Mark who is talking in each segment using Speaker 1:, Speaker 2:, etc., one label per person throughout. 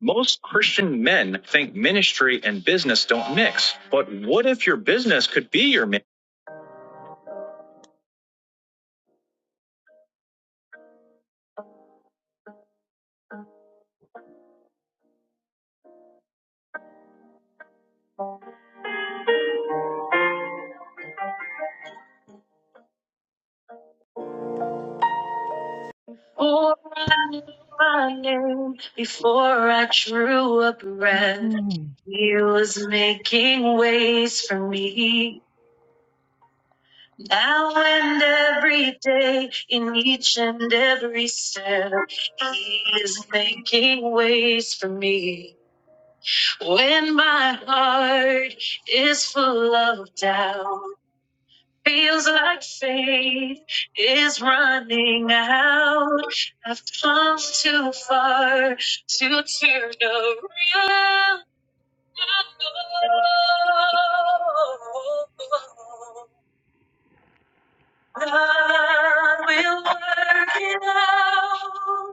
Speaker 1: Most Christian men think ministry and business don't mix. But what if your business could be your ministry? Before I knew my name, before I drew a breath,
Speaker 2: Hmm.
Speaker 1: he was making ways for me. Now and every day, in each and every step, he is making ways for me. When my heart is full of doubt. Feels like faith is running out. I've come too far to turn around. God will work it out.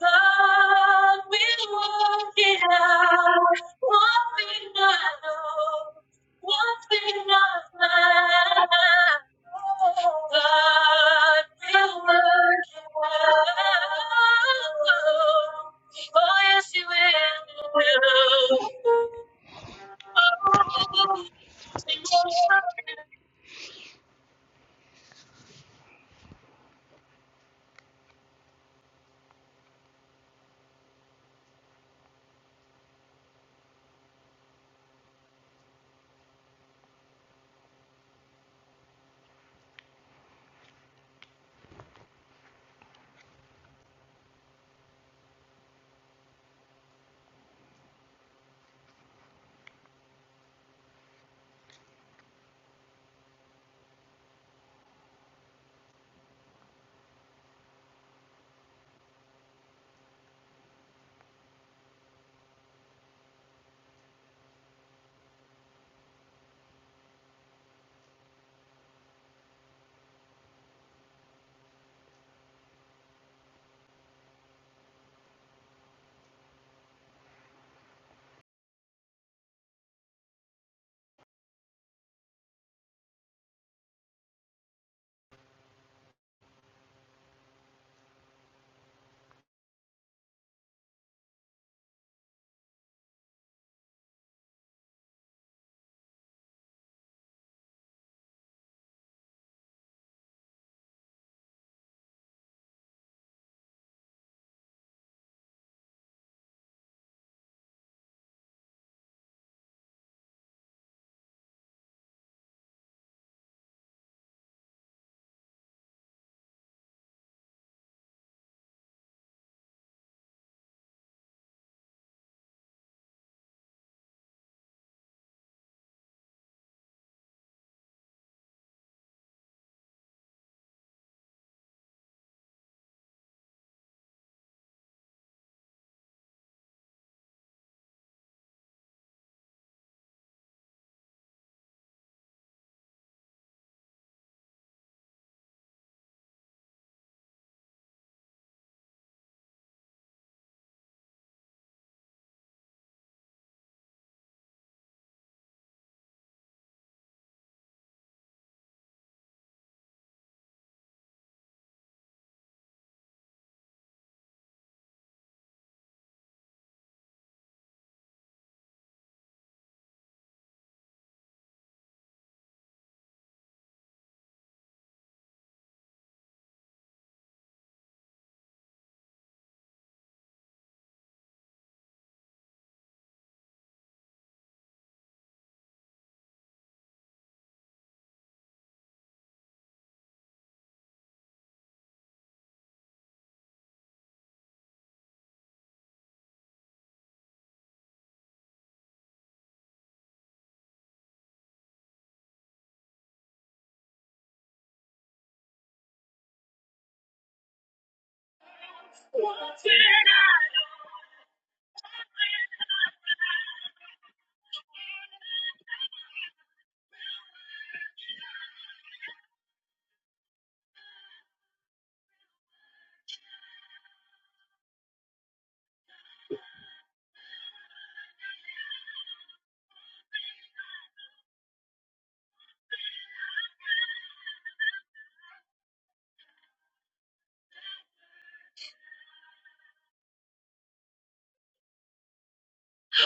Speaker 1: God will work it out. One thing I know, one thing I find. God will work it out. Oh, yes, He will. Oh, He will work it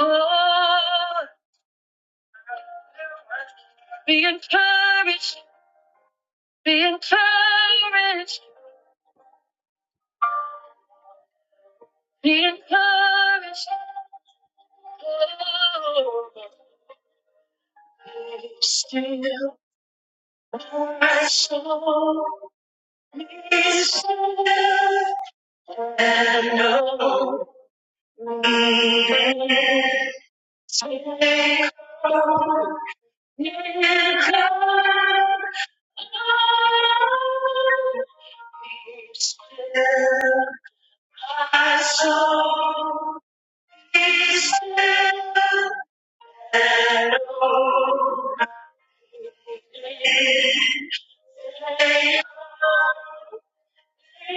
Speaker 1: Oh, be encouraged, be encouraged, be encouraged. Oh, be still, my soul be still. And no miracle, I saw is still and oh, Thank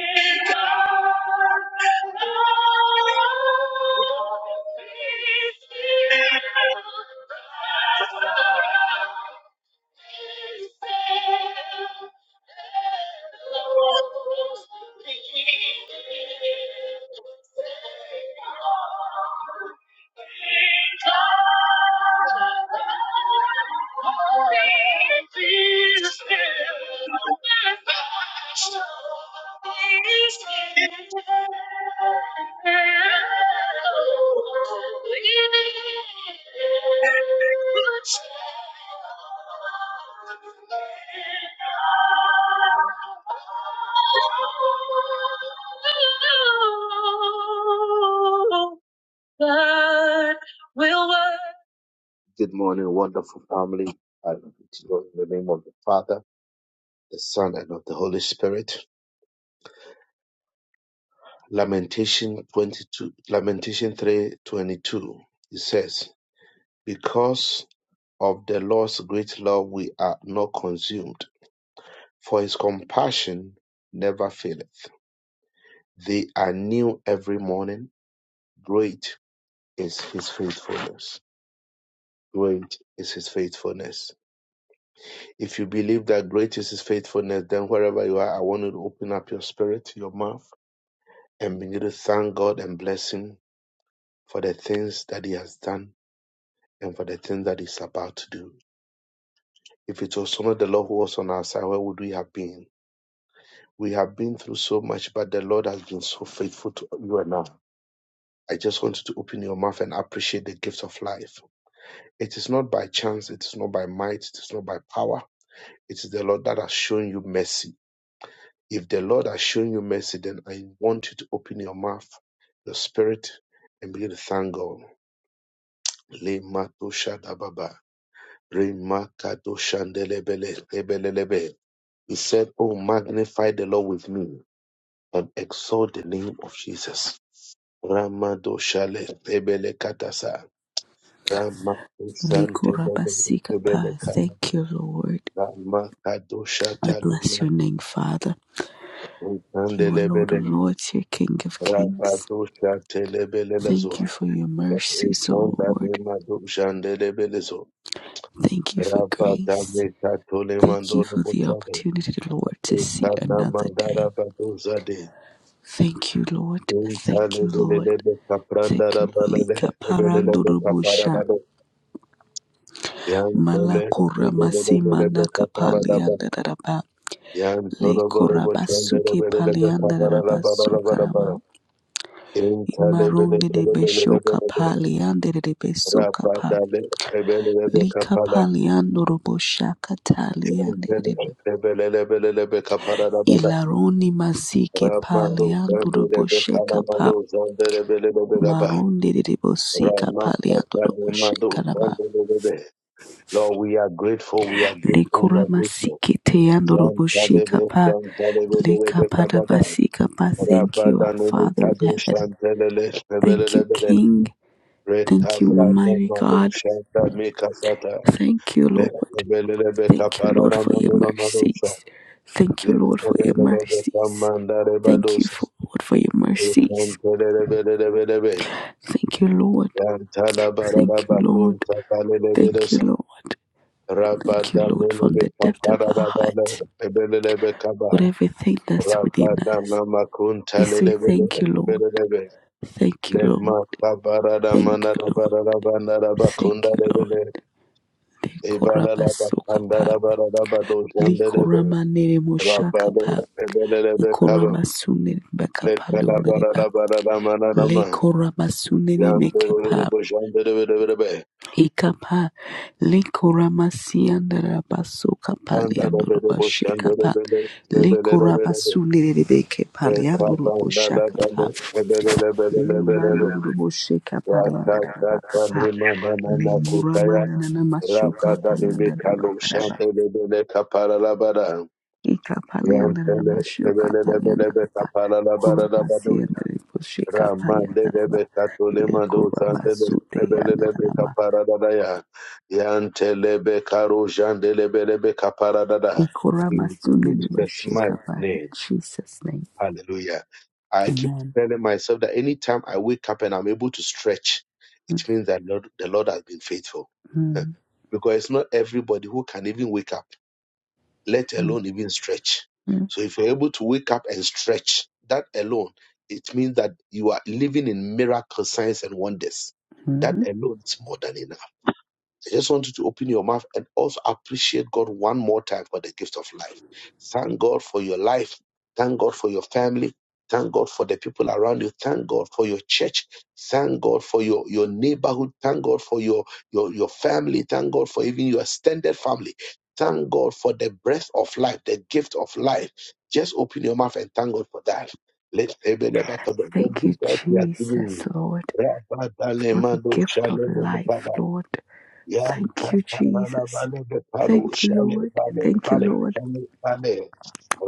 Speaker 1: you. Father, the Son, and of the Holy Spirit. Lamentation 22, Lamentation 3:22. It says. Because of the Lord's great love we are not consumed, for his compassion never faileth. They are new every morning. Great is his faithfulness. Great is his faithfulness. If you believe that great is his faithfulness, then wherever you are, I want you to open up your spirit, your mouth, and begin to thank God and bless him for the things that he has done and for the things that he's about to do. If it was not the Lord who was on our side, where would we have been? We have been through so much, but the Lord has been so faithful to you and I. I just want you to open your mouth and appreciate the gift of life. It is not by chance, it is not by might, it is not by power. It is the Lord that has shown you mercy. If the Lord has shown you mercy, then I want you to open your mouth, your spirit, and begin to thank God. Le mato shadababa, re makato shandelebele, lebelelebe. He said, Oh, magnify the Lord with me and exalt the name of Jesus. Ramadoshale Ebele Katasa Ramadoshante
Speaker 3: Likurabasika
Speaker 1: Ebele Kara
Speaker 3: Thank you, Lord. I
Speaker 1: Ramakadoshata
Speaker 3: bless your name, Father. You are Lord of
Speaker 1: Kandelebele
Speaker 3: Lords, you King of Kings.
Speaker 1: Rabadoshate Lebele
Speaker 3: Thank you
Speaker 1: Lazoa
Speaker 3: for your mercies, O
Speaker 1: Ekonda
Speaker 3: Lord.
Speaker 1: Lemadoshandelebele Zo
Speaker 3: Thank you for grace.
Speaker 1: Rabadame Katole
Speaker 3: Thank you
Speaker 1: Mandolo
Speaker 3: for the
Speaker 1: Bochade
Speaker 3: opportunity, Lord, to see
Speaker 1: Ekana
Speaker 3: another day.
Speaker 1: Mandara Badozade
Speaker 3: Thank you, Lord. Thank you, Lord.
Speaker 1: Intalebelebe Kapranda
Speaker 3: Thank you, Lord.
Speaker 1: Rabalele
Speaker 3: Lika parando
Speaker 1: Ebelebe
Speaker 3: rubusha.
Speaker 1: Kapara Lord,
Speaker 3: Malakura masimana kapalianda daraba. Le korabasuke palianda daraba karama. Imaronde de Beshoka Paliande de Besoka Pa Lika Paliando Roboshaka Taliande de Be Ilaroni Masike Paliando Robosheka Pa Maronde de Bosika Paliando Robosheka Raba
Speaker 1: we are grateful, we are grateful, we are
Speaker 3: Likura
Speaker 1: grateful.
Speaker 3: Masike Teando Robosheka
Speaker 1: Jantalebro,
Speaker 3: Pa Lika
Speaker 1: Jantalebelebe Kabada,
Speaker 3: Padabasika Pa Thank you, our
Speaker 1: Rabadanele
Speaker 3: Father in
Speaker 1: Kadu
Speaker 3: heaven.
Speaker 1: Shantelele,
Speaker 3: Thank you,
Speaker 1: Rebelelebele,
Speaker 3: King. Thank you,
Speaker 1: Retabra
Speaker 3: Almighty
Speaker 1: Namadu
Speaker 3: God.
Speaker 1: Shanta Mikasata,
Speaker 3: Thank you, Lord.
Speaker 1: Rebelelebe
Speaker 3: Thank you, Lord,
Speaker 1: Kaparana
Speaker 3: for your
Speaker 1: Manuna Madusha,
Speaker 3: mercies. Thank you, Lord, for your
Speaker 1: Rebelelebe
Speaker 3: mercies.
Speaker 1: Kamanda
Speaker 3: Thank you,
Speaker 1: Rebadus,
Speaker 3: for, Lord, for your mercies.
Speaker 1: Jantelebelebelebe,
Speaker 3: Thank you, Lord.
Speaker 1: Jantala Barada
Speaker 3: Thank you,
Speaker 1: Bakun
Speaker 3: Lord. Thank you,
Speaker 1: Tatalebelebelus,
Speaker 3: Lord. Thank you, Lord, from
Speaker 1: Rabadamelebe
Speaker 3: the depth of our
Speaker 1: Kaparada Bale,
Speaker 3: heart,
Speaker 1: Rebelelebe
Speaker 3: with
Speaker 1: Kabaha,
Speaker 3: everything that's within us. We say, Thank you, Lord.
Speaker 1: Rabadamakuntalelebelebelebe.
Speaker 3: Thank you, Lord. Thank you, Lord. Thank you, Lord.
Speaker 1: Lemakabaradamanabarabandarabakundarabele.
Speaker 3: Likoraba
Speaker 1: Ibalalabakandarabarabadojandelebe.
Speaker 3: Likorama nere moshakapa.
Speaker 1: Rabadabelebelebekaba.
Speaker 3: Likorama sunere bakapa lomeriba, Le
Speaker 1: Lekalabarabaramanarama.
Speaker 3: koramasunene mekepa
Speaker 1: Yamberereboshanderebelebe.
Speaker 3: ikapa le koramasiandara baso kapaliandoro bashekapa
Speaker 1: Andarereboshanderebele.
Speaker 3: le
Speaker 1: Rebelebelebe.
Speaker 3: koramasunene mekepaliandoro boshakapa
Speaker 1: Rekabandalabale.
Speaker 3: le
Speaker 1: Rebelebelebelebe.
Speaker 3: mandoro boshekapaliandara bakapa le
Speaker 1: Rakatatanimanamakutaya.
Speaker 3: muramanana mashuka
Speaker 1: Rapada de
Speaker 3: paliandara
Speaker 1: Mekalo
Speaker 3: bakaraba
Speaker 1: Shandele Caparalabara.
Speaker 3: ikapaliandara
Speaker 1: Yantele
Speaker 3: mashuka paliandara
Speaker 1: Ebelebe
Speaker 3: ba
Speaker 1: Caparalabara Labadocha.
Speaker 3: koramasiandara
Speaker 1: Ramande
Speaker 3: boshekapaliandara ba
Speaker 1: Bebe
Speaker 3: le
Speaker 1: Catolema Dosandele
Speaker 3: koramasute
Speaker 1: Ebelebe Caparadaya. Yantelebe Caro Jandelebelebe Caparadada.
Speaker 3: Ikorama
Speaker 1: In
Speaker 3: Sunday Liba
Speaker 1: Jesus' mighty
Speaker 3: Shekaba. In
Speaker 1: name.
Speaker 3: Jesus' name.
Speaker 1: Hallelujah. I keep
Speaker 3: Amen.
Speaker 1: telling myself that anytime I wake up and I'm able to stretch, it means that Lord, the Lord has been faithful.
Speaker 3: Mhm,
Speaker 1: because it's not everybody who can even wake up, let alone even stretch.
Speaker 3: mhm,
Speaker 1: So if you're able to wake up and stretch, that alone, it means that you are living in miracle signs and wonders. That
Speaker 3: mhm.
Speaker 1: alone is more than enough. I just want you to open your mouth and also appreciate God one more time for the gift of life. Thank God for your life. Thank God for your family. Thank God for the people around you. Thank God for your church. Thank God for your, your neighborhood. Thank God for your, your, your family. Thank God for even your extended family. Thank God for the breath of life, the gift of life. Just open your mouth and thank God for that. Let heaven ever come. The
Speaker 3: Thank you,
Speaker 1: good God He has given
Speaker 3: Jesus,
Speaker 1: you.
Speaker 3: Lord, for the gift of life, Lord.
Speaker 1: Yanta
Speaker 3: Thank you,
Speaker 1: parala
Speaker 3: Jesus.
Speaker 1: vale de paro
Speaker 3: Thank you,
Speaker 1: shale
Speaker 3: Lord.
Speaker 1: vale
Speaker 3: Thank you,
Speaker 1: vale
Speaker 3: Lord,
Speaker 1: vale vale.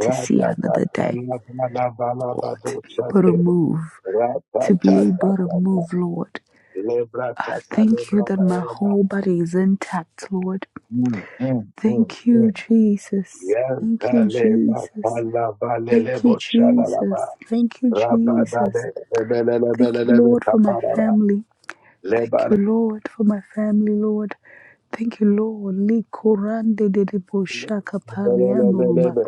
Speaker 3: to see
Speaker 1: da
Speaker 3: another day
Speaker 1: kana kana vala
Speaker 3: or to
Speaker 1: bado
Speaker 3: be able to
Speaker 1: chate.
Speaker 3: move,
Speaker 1: Rata
Speaker 3: to
Speaker 1: ta
Speaker 3: be
Speaker 1: ta
Speaker 3: able to
Speaker 1: ta ta.
Speaker 3: move, Lord.
Speaker 1: Lebra
Speaker 3: I
Speaker 1: ta ta
Speaker 3: thank you
Speaker 1: lebra
Speaker 3: that my
Speaker 1: vaela.
Speaker 3: whole body is intact, Lord.
Speaker 1: Mm mm mm
Speaker 3: Thank you,
Speaker 1: mm.
Speaker 3: Jesus. Thank
Speaker 1: Yanta
Speaker 3: you,
Speaker 1: leva
Speaker 3: Jesus.
Speaker 1: pala vale
Speaker 3: Thank you,
Speaker 1: lebo chala
Speaker 3: Jesus.
Speaker 1: lava.
Speaker 3: Thank you,
Speaker 1: Rabada de
Speaker 3: Jesus.
Speaker 1: lebe lebe
Speaker 3: Thank
Speaker 1: lebe
Speaker 3: you,
Speaker 1: lebe
Speaker 3: Lord, for my
Speaker 1: taparara.
Speaker 3: family.
Speaker 1: Leba
Speaker 3: Thank you, Lord, for my family, Lord. Thank you, Lord. Li korande de de boshaka
Speaker 1: lebe lebe
Speaker 3: palianuruma.
Speaker 1: lebe.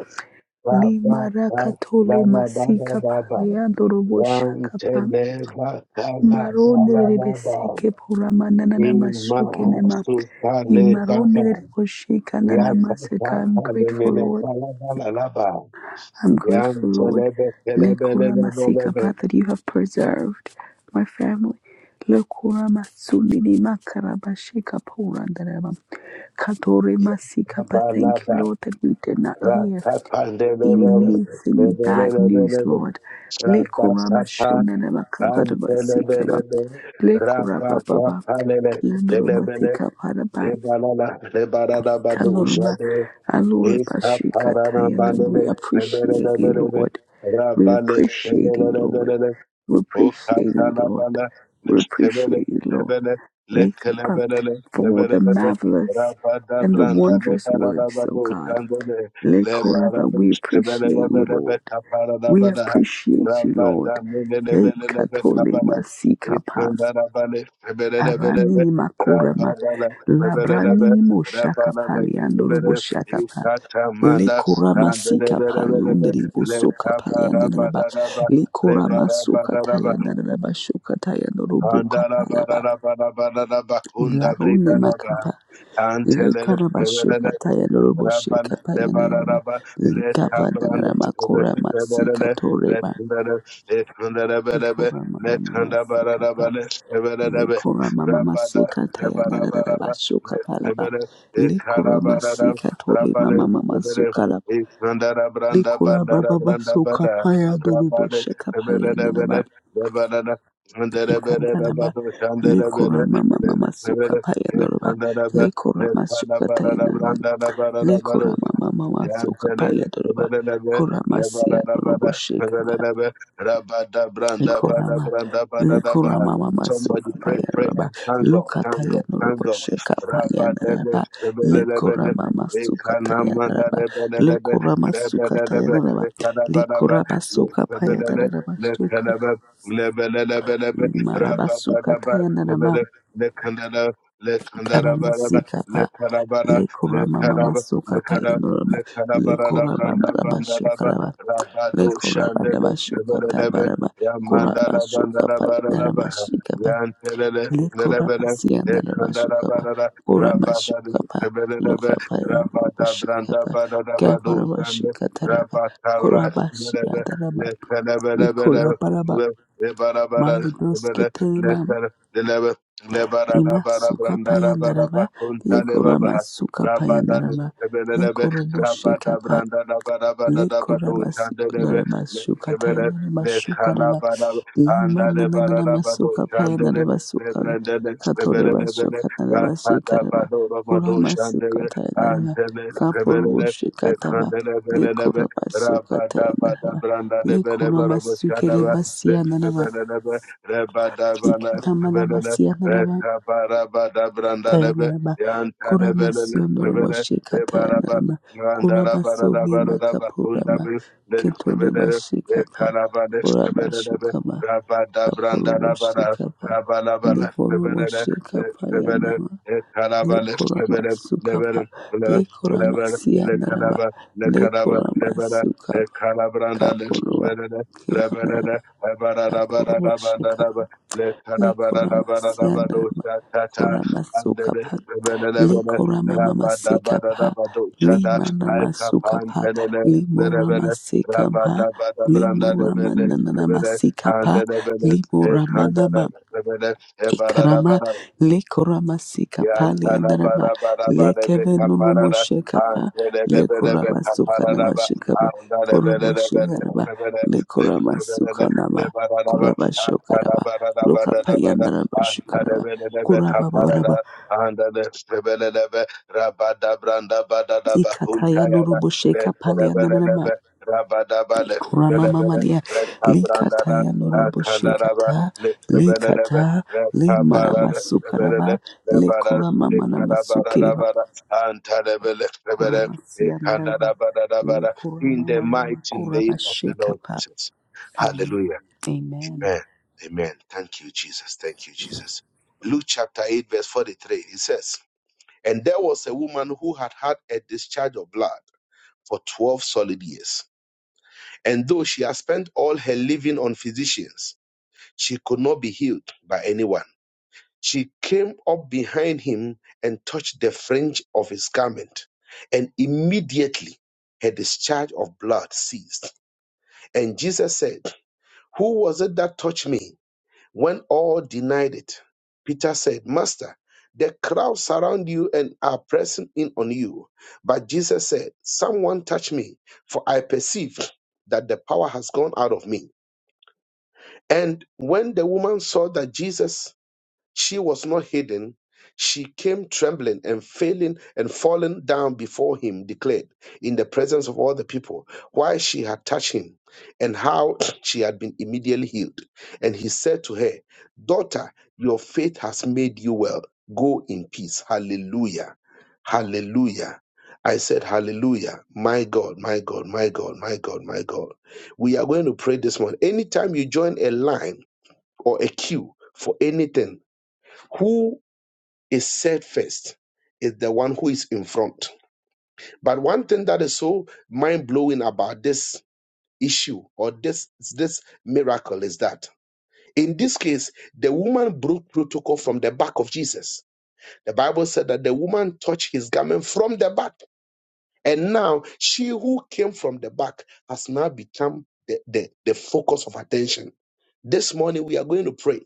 Speaker 1: ba
Speaker 3: Li
Speaker 1: ba ba ba
Speaker 3: marakatole
Speaker 1: la ba
Speaker 3: masika
Speaker 1: da ba ba
Speaker 3: palianurubo
Speaker 1: one
Speaker 3: shaka
Speaker 1: te
Speaker 3: pa.
Speaker 1: le ba ka la ba
Speaker 3: Marone
Speaker 1: la
Speaker 3: de de
Speaker 1: la ba
Speaker 3: beseke puramana
Speaker 1: i
Speaker 3: na
Speaker 1: ma
Speaker 3: masheke nema.
Speaker 1: su ka
Speaker 3: I
Speaker 1: ba
Speaker 3: Marone
Speaker 1: ba
Speaker 3: de de boshika na
Speaker 1: ya ta ta
Speaker 3: maseka. I'm
Speaker 1: ta le me
Speaker 3: grateful,
Speaker 1: le
Speaker 3: Lord.
Speaker 1: ka la ba la la ba
Speaker 3: I'm
Speaker 1: ya
Speaker 3: grateful,
Speaker 1: te le
Speaker 3: Lord,
Speaker 1: be te le le
Speaker 3: Lekura
Speaker 1: le le
Speaker 3: Masika Pat, that you have preserved my family. Lekura Masunini Makarabashika Purandarabam. Katore
Speaker 1: ya ta
Speaker 3: Masika
Speaker 1: ba
Speaker 3: Pat,
Speaker 1: la
Speaker 3: thank you,
Speaker 1: ba
Speaker 3: Lord, that we did not
Speaker 1: ra
Speaker 3: hear
Speaker 1: ka pa le le
Speaker 3: any
Speaker 1: be le
Speaker 3: news,
Speaker 1: le
Speaker 3: any
Speaker 1: be le
Speaker 3: bad
Speaker 1: le be
Speaker 3: news,
Speaker 1: le be
Speaker 3: Lord.
Speaker 1: ra ba
Speaker 3: Lekura
Speaker 1: ka pa
Speaker 3: Mashunanaba
Speaker 1: ra te le be le
Speaker 3: Kadarabasika
Speaker 1: ra
Speaker 3: Lekura
Speaker 1: ba ka
Speaker 3: Baba.
Speaker 1: pa le le te le
Speaker 3: Kiandorobasika
Speaker 1: Rebalala, rebalala bado
Speaker 3: Kanoruma,
Speaker 1: ushade,
Speaker 3: Alura
Speaker 1: eka
Speaker 3: Bashika
Speaker 1: parana
Speaker 3: Tayanam.
Speaker 1: bandele,
Speaker 3: We
Speaker 1: rebelele
Speaker 3: appreciate you,
Speaker 1: belele,
Speaker 3: Lord. We
Speaker 1: rabale,
Speaker 3: appreciate you, Lord. We
Speaker 1: O
Speaker 3: appreciate you, Lord.
Speaker 1: katalabala,
Speaker 3: We
Speaker 1: lebele,
Speaker 3: appreciate you, Lord.
Speaker 1: lebele,
Speaker 3: Wake up um,
Speaker 1: lekelebele,
Speaker 3: for
Speaker 1: lebele,
Speaker 3: the marvelous
Speaker 1: rabada,
Speaker 3: and the
Speaker 1: branda,
Speaker 3: wondrous
Speaker 1: lebara,
Speaker 3: works, oh
Speaker 1: rabado,
Speaker 3: God.
Speaker 1: shandele,
Speaker 3: Le
Speaker 1: lebara,
Speaker 3: koraba. we
Speaker 1: lebele,
Speaker 3: appreciate
Speaker 1: lebe,
Speaker 3: you,
Speaker 1: lebe,
Speaker 3: Lord.
Speaker 1: kapara,
Speaker 3: We
Speaker 1: rabada,
Speaker 3: appreciate you, Lord.
Speaker 1: rabada, mele,
Speaker 3: Hey,
Speaker 1: lebele, lebe,
Speaker 3: Katole
Speaker 1: kabala,
Speaker 3: Masika
Speaker 1: ikanda, rabale, lebele, lebe,
Speaker 3: aranini makorama
Speaker 1: rabada, le, lebele, lebe,
Speaker 3: labranini moshaka
Speaker 1: rabala, le,
Speaker 3: pali andoro
Speaker 1: lebele,
Speaker 3: boshaka pa
Speaker 1: ikata,
Speaker 3: le
Speaker 1: manda,
Speaker 3: korama sika pali undari bosoka pali andana ba
Speaker 1: Thank
Speaker 3: le korama soka
Speaker 1: Rebarabarabaraba.
Speaker 3: taya andana ba shoka taya andoro boka pala ba
Speaker 1: Andarabarabarabaraba. Kunda
Speaker 3: ilarone
Speaker 1: bredabaraba.
Speaker 3: makapa le
Speaker 1: Antele.
Speaker 3: karaba shoka taya andoro
Speaker 1: Rabban
Speaker 3: bosheka paya andana ba
Speaker 1: Lebaraba
Speaker 3: le
Speaker 1: Let
Speaker 3: kava
Speaker 1: Abrand
Speaker 3: andana ba korama sika
Speaker 1: Rebele Let
Speaker 3: torema
Speaker 1: Hundred Let Hundred
Speaker 3: korama
Speaker 1: Let
Speaker 3: mama masika
Speaker 1: Hundabaraba Lebarebe
Speaker 3: Lekora mama
Speaker 1: Rabada
Speaker 3: masika taya na na na na
Speaker 1: Lebarabaraba
Speaker 3: basuka
Speaker 1: let
Speaker 3: palaba.
Speaker 1: Lebere
Speaker 3: Lekora
Speaker 1: Ekarabarada
Speaker 3: masika tori
Speaker 1: Rabale
Speaker 3: mama mama
Speaker 1: Lebere
Speaker 3: suka laba.
Speaker 1: Isandara Branda
Speaker 3: Lekora
Speaker 1: Bandara
Speaker 3: mama
Speaker 1: Branda
Speaker 3: masuka
Speaker 1: Bada
Speaker 3: paya dorubo
Speaker 1: Rabale
Speaker 3: sheka palya
Speaker 1: Lebere
Speaker 3: na na ba.
Speaker 1: Lebere Lebarada Hundred Lebere
Speaker 3: Ikanta na ba.
Speaker 1: Rabado Shandere Lebere
Speaker 3: Lekora mama mama suka
Speaker 1: Lebere
Speaker 3: paya doruba. Lekora
Speaker 1: Lefana
Speaker 3: masuka taya
Speaker 1: barada
Speaker 3: na na na.
Speaker 1: branda da barada
Speaker 3: Lekora
Speaker 1: baro.
Speaker 3: mama mama
Speaker 1: Somebody
Speaker 3: suka paya doruba. Kora masia dorubo sheka Ikorama Likorama Mama
Speaker 1: pray, pray
Speaker 3: Sukapayanaba
Speaker 1: and thank God, thank God, thank
Speaker 3: Lukatayanuruba
Speaker 1: God. Rabadele,
Speaker 3: Shekapayanaba
Speaker 1: lebelelebele,
Speaker 3: Likorama Masukatayanaba
Speaker 1: ekanamandelebelelebe,
Speaker 3: Likorama
Speaker 1: rebelelebe,
Speaker 3: Sukatayanaba
Speaker 1: lekanabanaba,
Speaker 3: Likorama
Speaker 1: lebelele,
Speaker 3: Sukapayanaba Suka
Speaker 1: lekelebe, lebelelebelebe,
Speaker 3: Maraba
Speaker 1: rabadadaba,
Speaker 3: Sukatayanaba
Speaker 1: lebele, lekandala,
Speaker 3: Karama
Speaker 1: lekandarabarada,
Speaker 3: Sikapa
Speaker 1: lekanabana,
Speaker 3: Likorama Mama
Speaker 1: lekanaba,
Speaker 3: Sukapayanaba Likorama Maraba
Speaker 1: Lekalabaradabrandabandalaba,
Speaker 3: Sukaraba
Speaker 1: Rabado
Speaker 3: Likorama
Speaker 1: Shandele,
Speaker 3: Daba
Speaker 1: Telelebe,
Speaker 3: Sukatabaraba Kuraba
Speaker 1: Yamandalabandalabarabaha,
Speaker 3: Sukapayanaba
Speaker 1: Yantelele,
Speaker 3: le
Speaker 1: Lelebele,
Speaker 3: koramasianda la masukaba
Speaker 1: Ekandalabarada, Rabadale,
Speaker 3: koramashukaba
Speaker 1: Telelebe,
Speaker 3: lokaba yamurubushikaba
Speaker 1: Rabadabrandabadabado Shande,
Speaker 3: kaparamashikataraba
Speaker 1: Rabatabra, Lelebe,
Speaker 3: koramasianda lama
Speaker 1: Lekelebelebele,
Speaker 3: ikoraparaba
Speaker 1: Le- Lebarabara, Lebele,
Speaker 3: malibroskitarima
Speaker 1: Lekel- Lelebe,
Speaker 3: imasukapayanda lama le
Speaker 1: Lebarabarabrandarababakuntalebaba,
Speaker 3: koramasukapayanda
Speaker 1: Rabadale,
Speaker 3: lama
Speaker 1: Telelebe, Rabada
Speaker 3: le
Speaker 1: rabada rabada branda da bada bada da bado
Speaker 3: Lekorabasi
Speaker 1: chandelebe
Speaker 3: Naramashuka
Speaker 1: lebele le
Speaker 3: Tayanaramashuka Rava
Speaker 1: kalabada
Speaker 3: Lima
Speaker 1: anda le bara da bado
Speaker 3: Nananamasuka
Speaker 1: chandele le
Speaker 3: Payanarabasuka
Speaker 1: branda le lebele lebele
Speaker 3: Katorabashuka Narabashika
Speaker 1: rasada
Speaker 3: Rava
Speaker 1: bado ramado
Speaker 3: Kuramasuka
Speaker 1: chandele
Speaker 3: Tayanarava
Speaker 1: antele lebele le
Speaker 3: Kapurushika
Speaker 1: le
Speaker 3: Tava
Speaker 1: kandele bele lebe
Speaker 3: Lekorabasuka
Speaker 1: rabada bada
Speaker 3: Tayanarava
Speaker 1: branda lebele bara
Speaker 3: Lekoramasuka
Speaker 1: bochadaba le
Speaker 3: Rebasianarava
Speaker 1: lebele lebe rabada bana lebele le
Speaker 3: Ikatamalabasianarava
Speaker 1: kabara bada branda
Speaker 3: Tayanarama Kuramasionor Washika
Speaker 1: Rabba Yan
Speaker 3: Tayanarama Kuramasuni Makapurama Kitore Bashikapa Kuramashikama Kapuru Washikapa Likuru Washikapa Yanama Likurama Sukapa Likurama Siyanarama Likurama Sukapa Kapurua Kiyanarama Kapuru Washikapa le korama sianama korama sukapa le korama mama
Speaker 1: Rabba
Speaker 3: sikapa le manama sukapa
Speaker 1: Alkapantelele,
Speaker 3: le morama
Speaker 1: Berebele,
Speaker 3: sikapa
Speaker 1: Rabada Bada
Speaker 3: le
Speaker 1: Branda
Speaker 3: morama
Speaker 1: Lebele, Rabadabadabranda,
Speaker 3: nanama
Speaker 1: Lebele, and
Speaker 3: sikapa
Speaker 1: Lebele,
Speaker 3: le
Speaker 1: Andelebele,
Speaker 3: morama
Speaker 1: Ekandale,
Speaker 3: nama Ikarama
Speaker 1: Lebele,
Speaker 3: le koramasika pali
Speaker 1: antala
Speaker 3: andaraba
Speaker 1: bara bara
Speaker 3: le
Speaker 1: bara beka
Speaker 3: kevenurumo
Speaker 1: parada
Speaker 3: shekapa
Speaker 1: antele
Speaker 3: le
Speaker 1: bebe bebe
Speaker 3: koramasuka
Speaker 1: parada
Speaker 3: nama
Speaker 1: ba
Speaker 3: shekapa
Speaker 1: anda bebe
Speaker 3: koromo
Speaker 1: bebe
Speaker 3: shekaraba
Speaker 1: bebe
Speaker 3: le
Speaker 1: le bebe
Speaker 3: koramasuka nama
Speaker 1: le bara bara
Speaker 3: kuraba
Speaker 1: antala
Speaker 3: shokaraba
Speaker 1: bara
Speaker 3: lokapa
Speaker 1: bara bara
Speaker 3: yandaraba
Speaker 1: antele
Speaker 3: shikaraba
Speaker 1: bebe bebe
Speaker 3: kuraba baraba
Speaker 1: parada anda bebe bebe rabada branda bara bara Yantalabarabarabarabecaparada, Antelebelebelebecaparadaba, Andalebelebelebele, Lebelele, Lebaradaba, Antalabarabarabarabara, Antalebelelebecaparada, Andalebelelebe, Rabadabrandabadadaba,
Speaker 3: ikataya
Speaker 1: Untayada,
Speaker 3: nurubo sheka pali
Speaker 1: Lesorabelelebe,
Speaker 3: andarama
Speaker 1: Rabadaba,
Speaker 3: kurama
Speaker 1: Lesorabele,
Speaker 3: mamalia
Speaker 1: Rekabrandada,
Speaker 3: likataya nurubo
Speaker 1: Akandaraba,
Speaker 3: shekata
Speaker 1: Lesorabelelebe,
Speaker 3: likata le marama
Speaker 1: bara
Speaker 3: sukaraba le
Speaker 1: Lebara,
Speaker 3: korama manama
Speaker 1: Lekara, Bara, Bara,
Speaker 3: sukiriba
Speaker 1: Bara, Antalebele, Lebere,
Speaker 3: Kuramasia
Speaker 1: Lekanda,
Speaker 3: Naraba.
Speaker 1: Bara, Bara,
Speaker 3: Le
Speaker 1: Bara, In
Speaker 3: Kuramama
Speaker 1: the
Speaker 3: Mama mama
Speaker 1: mighty
Speaker 3: Kuraba
Speaker 1: name of the Lord
Speaker 3: Shekapa.
Speaker 1: Jesus.
Speaker 3: Amen.
Speaker 1: Hallelujah.
Speaker 3: Amen.
Speaker 1: Amen. Amen. Thank you, Jesus. Thank you, Jesus. Luke chapter 8, verse 43. It says, And there was a woman who had had a discharge of blood for 12 solid years. And though she had spent all her living on physicians, she could not be healed by anyone. She came up behind him and touched the fringe of his garment, and immediately her discharge of blood ceased. And Jesus said, Who was it that touched me? When all denied it, Peter said, Master, the crowd surround you and are pressing in on you. But Jesus said, Someone touched me, for I perceive that the power has gone out of me. And when the woman saw that Jesus she was not hidden. She came trembling and failing and falling down before him, declared in the presence of all the people why she had touched him and how she had been immediately healed. And he said to her, Daughter, your faith has made you well. Go in peace. Hallelujah. Hallelujah. I said, Hallelujah. My God, my God, my God, my God, my God. We are going to pray this morning. Anytime you join a line or a queue for anything, who is said first is the one who is in front. But one thing that is so mind blowing about this issue or this this miracle is that in this case the woman broke protocol from the back of Jesus. The Bible said that the woman touched his garment from the back, and now she who came from the back has now become the, the, the focus of attention This morning, we are going to pray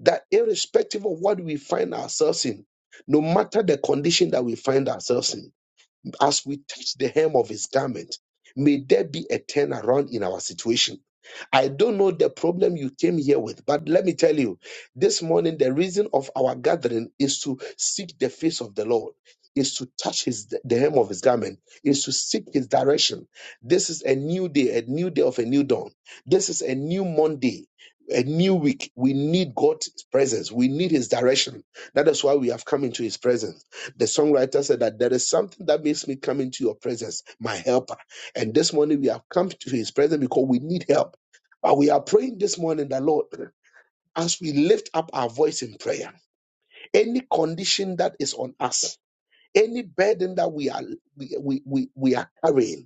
Speaker 1: that irrespective of what we find ourselves in, no matter the condition that we find ourselves in, as we touch the hem of his garment, may there be a turnaround in our situation. I don't know the problem you came here with, but let me tell you, this morning, the reason of our gathering is to seek the face of the Lord, is to touch his the hem of his garment, is to seek his direction. This is a new day, a new day of a new dawn. This is a new Monday. A new week, we need God's presence. We need His direction. That is why we have come into His presence. The songwriter said that there is something that makes me come into your presence, my helper. And this morning we have come to his presence because we need help. But we are praying this morning that Lord, as we lift up our voice in prayer, any condition that is on us, any burden that we are we, we, we, we are carrying,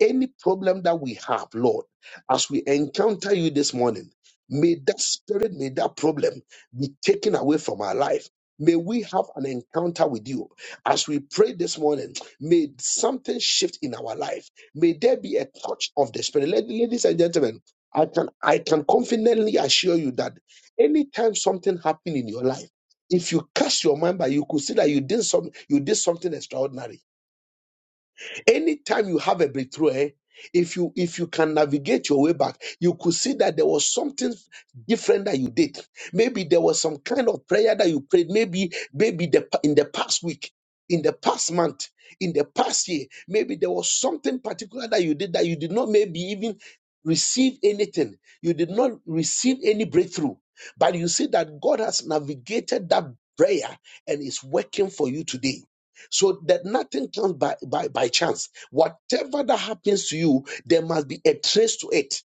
Speaker 1: any problem that we have, Lord, as we encounter you this morning, may that spirit, may that problem be taken away from our life. May we have an encounter with you. As we pray this morning, may something shift in our life. May there be a touch of the spirit. Lad- Ladies and gentlemen, I can I can confidently assure you that anytime something happened in your life, if you cast your mind by, you could see that you did some you did something extraordinary Anytime you have a breakthrough, eh, if you if you can navigate your way back, you could see that there was something different that you did. Maybe there was some kind of prayer that you prayed. Maybe maybe the in the past week, in the past month, in the past year, maybe there was something particular that you did that you did not maybe even receive anything. You did not receive any breakthrough, but you see that God has navigated that prayer and is working for you today so that nothing comes by, by, by chance. Whatever that happens to you, there must be a trace to it.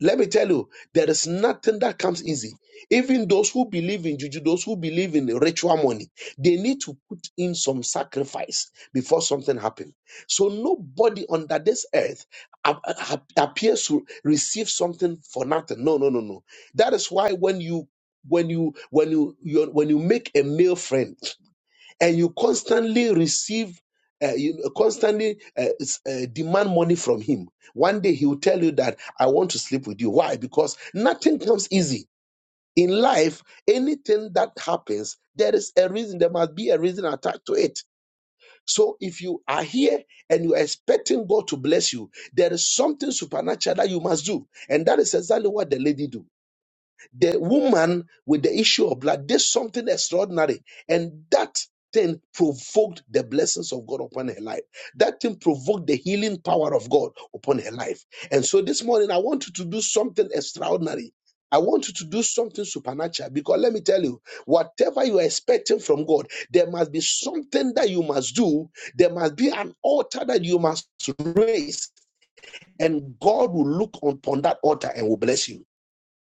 Speaker 1: Let me tell you, there is nothing that comes easy. Even those who believe in juju, those who believe in ritual money, they need to put in some sacrifice before something happens. So nobody under this earth ap- ap- appears to receive something for nothing. No, no, no, no. That is why when you when you when you you- when you make a male friend and you constantly receive, uh, you constantly uh, s- uh, demand money from him, one day he will tell you that I want to sleep with you. Why? Because nothing comes easy. In life, anything that happens, there is a reason. There must be a reason attached to it. So if you are here and you are expecting God to bless you, there is something supernatural that you must do. And that is exactly what the lady do. The woman with the issue of blood did something extraordinary, and that thing provoked the blessings of God upon her life. That thing provoked the healing power of God upon her life. And so this morning, I want you to do something extraordinary. I want you to do something supernatural because let me tell you, whatever you are expecting from God, there must be something that you must do. There must be an altar that you must raise, and God will look upon that altar and will bless you.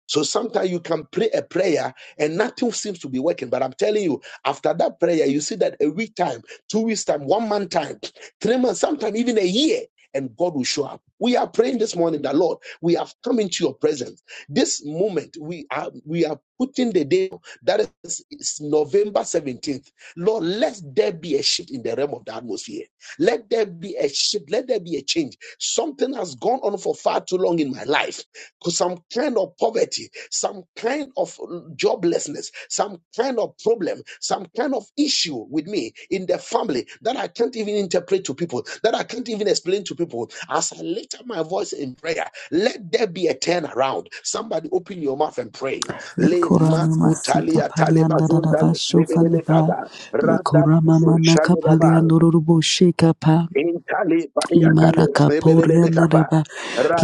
Speaker 1: So sometimes you can pray a prayer and nothing seems to be working. But I'm telling you, after that prayer, you see that a week time, two weeks time, one month time, three months, sometimes even a year, and God will show up. We are praying this morning that Lord, we have come into your presence. This moment, we are we are putting the day that is is November 17th. Lord, let there be a shift in the realm of the atmosphere. Let there be a shift, let there be a change. Something has gone on for far too long in my life some kind of poverty, some kind of uh, joblessness, some kind of problem, some kind of issue with me in the family that I can't even interpret to people, that I can't even explain to people. As I lift up my voice in prayer, let there be a turnaround. Somebody open your mouth and pray.
Speaker 3: Le
Speaker 1: Le
Speaker 3: Kuramama Sita
Speaker 1: makutalia
Speaker 3: Paliandaraba
Speaker 1: talebazondale lebelele
Speaker 3: Shokalaba.
Speaker 1: kaba.
Speaker 3: Le Kuramama
Speaker 1: Radabado
Speaker 3: Nakapaliandorubo Shekapa.
Speaker 1: Intali Pariatale
Speaker 3: Imaraka
Speaker 1: Sebelebekapa
Speaker 3: Poriandaraba.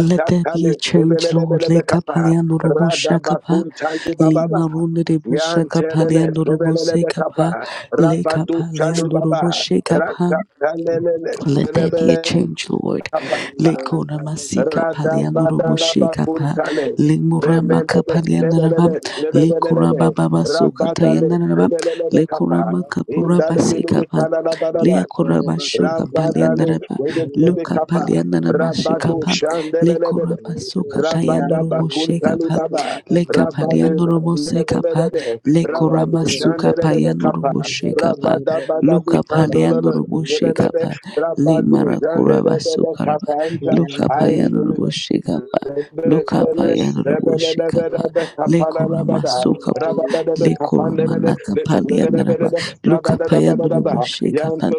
Speaker 3: Let there be a change, Lord. Le
Speaker 1: Sebelebekapa
Speaker 3: Kapaliandorubo Shakapa.
Speaker 1: Radabakuntali Bababa
Speaker 3: Lima Runda de
Speaker 1: Yantelele
Speaker 3: Bushakapaliandorubo
Speaker 1: Sebelebekapa
Speaker 3: Sekapa. Le
Speaker 1: Rabatu Chali
Speaker 3: Kapaliandorubo
Speaker 1: Baba
Speaker 4: Thank
Speaker 3: Shekapa.
Speaker 1: Ratatale
Speaker 3: Let there be a
Speaker 1: Sebelebe
Speaker 3: change, Lord. Le Kona masika paliano robo sheka pa
Speaker 1: Radabadalabakuntale
Speaker 3: limura maka
Speaker 1: Rebelebe
Speaker 3: paliana raba
Speaker 1: Lebelebe
Speaker 3: le
Speaker 1: Lebelebe
Speaker 3: Kuraba baba basuka
Speaker 1: Rabadale
Speaker 3: tayana raba lekura
Speaker 1: Sebelebekapa
Speaker 3: Kurama pura basika
Speaker 1: Indalubili
Speaker 3: pa
Speaker 1: Kanada
Speaker 3: lekura basuka paliana
Speaker 1: Rabadale,
Speaker 3: raba luka
Speaker 1: Lebekapa,
Speaker 3: paliana raba sheka
Speaker 1: Rabado
Speaker 3: pa le
Speaker 1: Shandelebe,
Speaker 3: Kuraba basuka tayano
Speaker 1: Rabadaba
Speaker 3: robo sheka pa
Speaker 1: kuntaludaba.
Speaker 3: leka
Speaker 1: Rabade
Speaker 3: paliano robo sheka pa
Speaker 1: lelelelele.
Speaker 3: le Kurama
Speaker 1: Rabado
Speaker 3: Suka
Speaker 1: shandelelele
Speaker 3: paliano
Speaker 1: kapa.
Speaker 3: robo sheka pa
Speaker 1: Rabadaba
Speaker 3: luka
Speaker 1: dabi kandololo.
Speaker 3: paliano robo
Speaker 4: you.
Speaker 3: sheka
Speaker 1: lelelele.
Speaker 3: pa
Speaker 1: Rabado
Speaker 3: Lemara Kuraba
Speaker 1: jandelelele
Speaker 3: Sukaraba
Speaker 1: kapa.
Speaker 4: Thank
Speaker 1: I'm
Speaker 3: Lukapayan Rubushikapa Lukapayan Rubushikapa Lekurama Sukapa Lekurama Nakapalia Naraba Lukapayan Rubushikapa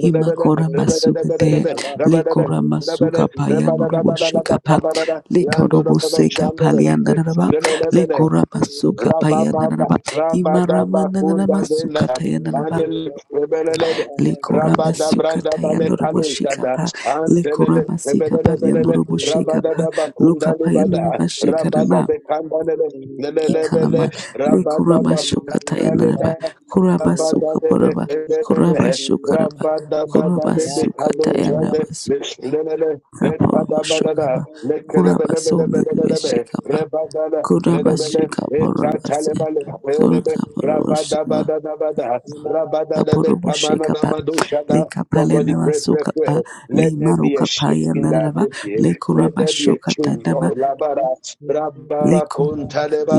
Speaker 3: Himakora Masuka De Lekurama
Speaker 1: Rabba
Speaker 3: Sukapayan Rubushikapa Lekorobuseka Palian Naraba
Speaker 1: Let's
Speaker 3: Lekora masuka Sukapayan
Speaker 1: Rabababa,
Speaker 3: Naraba Imarama
Speaker 1: Rabadaba Kunda
Speaker 3: Nanama
Speaker 1: Bela,
Speaker 3: Sukatayan
Speaker 1: Mandel Rebelelebe,
Speaker 3: Likuramba
Speaker 1: Rabada Branda
Speaker 3: sukata
Speaker 1: Bale
Speaker 3: yandorobo
Speaker 4: you.
Speaker 1: Kalunjada,
Speaker 3: shikapa.
Speaker 1: Antelele,
Speaker 3: Likuramba sikapa
Speaker 1: Rebelelebele,
Speaker 3: yandorobo shikapa.
Speaker 1: Rabadaba
Speaker 4: Baba
Speaker 1: Kunda
Speaker 3: Lukapa
Speaker 1: Libada,
Speaker 3: yandorobo
Speaker 1: Rabada
Speaker 3: shikaraba.
Speaker 1: Bekanda Lele, Lelebele,
Speaker 3: Ikarama.
Speaker 1: Rabada
Speaker 3: Likuramba
Speaker 1: Bakunda
Speaker 3: shukata yandorobo.
Speaker 1: Lebe,
Speaker 3: Kuraba
Speaker 1: Rabada Bebe,
Speaker 3: sukaporaba. Kuraba
Speaker 1: Lelebe,
Speaker 3: shukaraba.
Speaker 1: Rabada Bada
Speaker 3: Kuraba
Speaker 1: de
Speaker 3: sukata
Speaker 1: Betado Jande,
Speaker 3: yandorobo sukapa.
Speaker 1: Lele,
Speaker 3: Kaporobo
Speaker 1: Lekada Badada,
Speaker 3: shukapa. Kuraba sondorobo
Speaker 1: Lekelebelebelebelebe,
Speaker 3: shikapa.
Speaker 1: Rebada,
Speaker 3: Kuraba
Speaker 1: Lebele, eta
Speaker 3: shikaporoba se.
Speaker 1: talebale,
Speaker 3: Kuraba
Speaker 1: rabada
Speaker 3: shikapa,
Speaker 1: bada bada, rabada da
Speaker 3: kapurubu
Speaker 1: kamana na
Speaker 3: shekapa le kapalena
Speaker 1: Somebody pray, pray,
Speaker 3: masuka
Speaker 1: pray.
Speaker 3: pa le
Speaker 1: Let there be a
Speaker 3: maruka pa
Speaker 1: shift in the
Speaker 3: yanaraba
Speaker 1: atmosphere.
Speaker 3: le
Speaker 1: Let
Speaker 3: kuraba
Speaker 1: there be a
Speaker 3: shukata
Speaker 1: change. Lord, labara, rababa
Speaker 3: Leko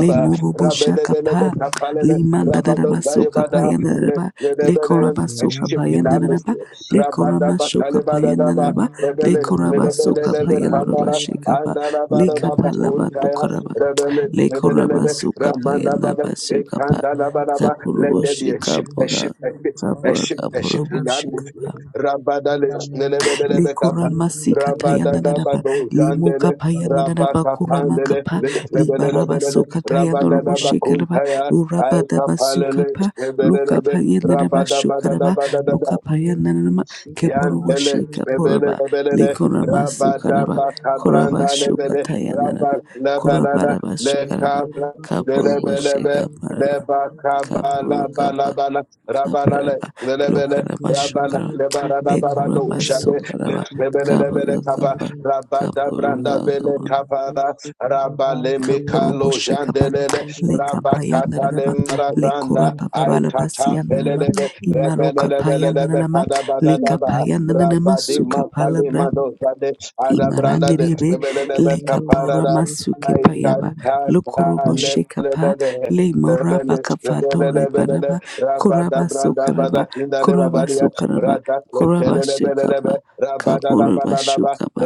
Speaker 3: le morobo
Speaker 1: rabelebele be
Speaker 3: shakapa
Speaker 1: kapalele,
Speaker 3: limanda
Speaker 1: rabado
Speaker 3: daraba soka
Speaker 1: dayebada,
Speaker 3: payanda daraba leko raba
Speaker 1: a
Speaker 3: soka
Speaker 1: shift in the
Speaker 3: payanda daraba
Speaker 1: atmosphere.
Speaker 3: leko
Speaker 1: Rabada
Speaker 3: rama
Speaker 1: ba
Speaker 3: soka payanda daraba
Speaker 1: rebele,
Speaker 3: leko raba soka
Speaker 1: lebelele be
Speaker 4: Ziban
Speaker 3: payanda daraba
Speaker 1: kabara,
Speaker 3: shikapa
Speaker 1: andala
Speaker 4: In
Speaker 1: bada
Speaker 4: the
Speaker 3: leka palava tokaraba
Speaker 4: name
Speaker 1: Rebele,
Speaker 3: leko raba
Speaker 1: rebelelebe,
Speaker 3: soka payanda
Speaker 1: ramandabada,
Speaker 3: daraba soka pa
Speaker 1: ekandalabalaba. Let
Speaker 3: kapurubo
Speaker 1: there be a shift, a
Speaker 3: shikapa
Speaker 1: shift, a shift, a
Speaker 3: kapura
Speaker 1: shift, a shift
Speaker 3: kapurubo
Speaker 1: in the
Speaker 3: shikapa
Speaker 1: atmosphere. Rabadale,
Speaker 4: of
Speaker 1: lelebelelebe
Speaker 4: Jesus,
Speaker 1: kapa,
Speaker 4: Libri,
Speaker 3: Likuramasika
Speaker 4: Libri,
Speaker 3: Tayananaba,
Speaker 4: Shiri,
Speaker 1: rabadadabado,
Speaker 4: Libri,
Speaker 3: Limuka
Speaker 1: jandele,
Speaker 3: Payananaba,
Speaker 4: Libri,
Speaker 1: rabakapandele,
Speaker 3: Kuramakapa,
Speaker 4: Libri, Libri,
Speaker 3: Libaraba
Speaker 4: Shika,
Speaker 1: lebelelebelele,
Speaker 3: Soka
Speaker 4: Libri, Libri, Libri,
Speaker 3: Tayanorabo
Speaker 4: Libri,
Speaker 3: Shikaraba,
Speaker 1: rabadadabakuntaya,
Speaker 3: Urabadaba
Speaker 1: aikapalele,
Speaker 3: Sukapa, Luka
Speaker 1: lebelelebe,
Speaker 3: Payananaba Shukaraba,
Speaker 1: rabadabadadabadadada.
Speaker 3: Luka
Speaker 4: Libri,
Speaker 3: Payananama,
Speaker 4: Shika, Libri,
Speaker 3: Keporobo
Speaker 4: Libri,
Speaker 1: Yantele,
Speaker 4: Libri,
Speaker 1: Rebele,
Speaker 3: Shikaporaba,
Speaker 1: Rebele,
Speaker 3: Likurama
Speaker 4: Libri,
Speaker 1: Rabada,
Speaker 3: Sukaraba,
Speaker 4: Libri,
Speaker 3: Koraba
Speaker 1: Bakabranda,
Speaker 4: Shika, Libri,
Speaker 3: Shuka
Speaker 1: Lebele,
Speaker 4: Libri,
Speaker 3: Tayananaba,
Speaker 1: Rabba,
Speaker 4: Libri,
Speaker 1: Lebanana,
Speaker 3: Korabaraba
Speaker 4: Thank
Speaker 3: Shukaraba,
Speaker 4: you.
Speaker 1: Lekabla,
Speaker 3: Kaporobo
Speaker 1: Lebelebe,
Speaker 3: Shikaparaba,
Speaker 1: Lebakabala,
Speaker 3: Kapurukapa.
Speaker 1: Balabana, Rabanale,
Speaker 3: Kaparaba,
Speaker 1: Lebele,
Speaker 3: Lukaraba,
Speaker 1: Rabana,
Speaker 3: Shukara.
Speaker 1: Lebanana, Barado,
Speaker 3: Legorama
Speaker 1: Shabe,
Speaker 3: Sokaraba
Speaker 1: Lebele, Lebele,
Speaker 3: Kabaga
Speaker 1: Kappa,
Speaker 3: Kaba
Speaker 1: Rabada, Branda,
Speaker 3: Kaburuga
Speaker 1: Bele, Kapara, Rabale,
Speaker 3: Kapurubu
Speaker 1: Mikalo,
Speaker 3: Shekaba
Speaker 1: Jandele, Rabakata,
Speaker 3: Lekapayandarama
Speaker 1: Lemrazanda,
Speaker 3: Lekorapa Babalaba
Speaker 1: Aikata,
Speaker 3: Siyandarama
Speaker 1: Pelele,
Speaker 3: Imaroka Payandarama
Speaker 1: Rebelebelebekadabadadaba.
Speaker 3: Lekapayandarama Sukapalabra
Speaker 1: Rabadimakalimadosade. Adabrandade.
Speaker 3: Imaranderebe lekapora
Speaker 1: Rebelebekaparada.
Speaker 3: masuke payaba
Speaker 1: Aitatata.
Speaker 3: lokorobo shekapa
Speaker 1: Lebelebe.
Speaker 3: le moraba
Speaker 1: Rebele-
Speaker 3: kafado
Speaker 1: rebelebelebe.
Speaker 3: rebaraba kuraba
Speaker 1: Rabadabrandabada.
Speaker 3: sokaraba kuraba
Speaker 1: Kindalebabadia.
Speaker 3: sokaraba kuraba shekaba
Speaker 1: Radakentelebelebe.
Speaker 3: kaburaba
Speaker 1: Rabadadabadadaba.
Speaker 3: shukaba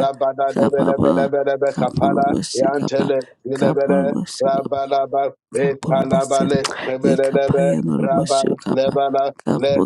Speaker 3: kababa
Speaker 1: Kapala.
Speaker 3: kaburaba shekapa
Speaker 1: Yantele. Lebele.
Speaker 3: kaburaba shekapa
Speaker 1: Rabalaba.
Speaker 3: kaburaba se
Speaker 1: Ekalabale. Rebelebe.
Speaker 3: lekapaya noraba shukaba
Speaker 1: Rabba
Speaker 3: kabu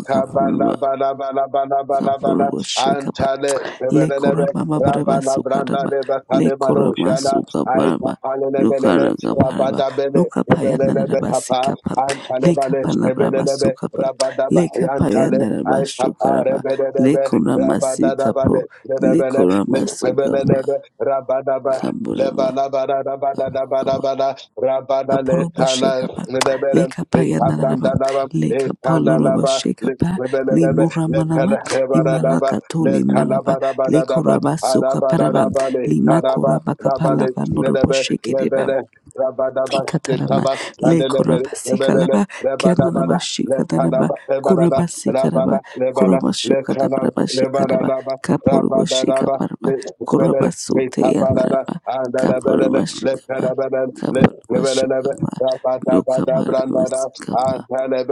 Speaker 3: Kapuru Shikaba
Speaker 1: Antale, lebelelebe,
Speaker 3: Lekurama Baraba
Speaker 1: rabalabranda,
Speaker 3: Sukaraba
Speaker 1: lebekalemaro,
Speaker 3: Lekurama
Speaker 1: shala,
Speaker 3: Sukabaraba
Speaker 1: aitapalelebelele,
Speaker 3: Lukaraga Baraba
Speaker 1: rabadabele,
Speaker 3: Luka Payana
Speaker 1: lebelelebe, kapa,
Speaker 3: Rabasikapa
Speaker 1: Antale
Speaker 3: Leka
Speaker 1: bale
Speaker 3: Palabraba
Speaker 1: lebelelebe,
Speaker 3: Sukapa
Speaker 1: rabadaba,
Speaker 3: Leka
Speaker 1: yantale,
Speaker 3: Payana
Speaker 1: aitapa,
Speaker 3: Rabashukaraba
Speaker 1: rebelelebe,
Speaker 3: Lekurama
Speaker 1: rabadadabale,
Speaker 3: Sikapo
Speaker 1: lebelele,
Speaker 3: Lekurama Sukapa
Speaker 1: lebelelebe, rabadaba,
Speaker 3: Kaburaba
Speaker 1: lebalabadabadabadabada, rabadale,
Speaker 3: Kapolobo Shekapa,
Speaker 1: tala,
Speaker 3: Lekapa Yanaraba,
Speaker 1: Lekabrandaraba,
Speaker 3: Lekapolobo
Speaker 1: Lekandalaba,
Speaker 3: Shekapa,
Speaker 1: Lekrebelebe,
Speaker 3: Limura Manama,
Speaker 1: Lekalabaradaba,
Speaker 3: Imalakatoli Malaba,
Speaker 1: Lekalabarabadadaba,
Speaker 3: Lekoraba Sukaparaba,
Speaker 1: Arabaradaba, Lekaraba,
Speaker 3: Limakoraba
Speaker 1: Rabale,
Speaker 3: Kapalaba, Norobo
Speaker 1: Lerebe, Lebele, Rabadaba,
Speaker 3: Ikatalama
Speaker 1: Sekaba,
Speaker 3: le
Speaker 1: Landelebe, Lebele,
Speaker 3: korabasikalaba
Speaker 1: Lebele, Rabadabana,
Speaker 3: kianalaba shikadanaba
Speaker 1: Lekalaba, Lebarada,
Speaker 3: korabasikalaba
Speaker 1: Rabana, Lebana, Lekala,
Speaker 3: korabashukadabraba shikaraba
Speaker 1: Lebaranaba,
Speaker 3: kaporuba
Speaker 1: Rabadadaba,
Speaker 3: shikabaraba
Speaker 1: Lekrebele,
Speaker 3: korabasute
Speaker 1: Lekabarada,
Speaker 3: yanaraba kaporuba
Speaker 1: Andalabele,
Speaker 3: shikaba
Speaker 1: Lekalabele,
Speaker 3: kaporuba
Speaker 1: Lekrebelebe,
Speaker 3: shukaba lukabaraba
Speaker 1: Rabadabadabrandada,
Speaker 3: sikaba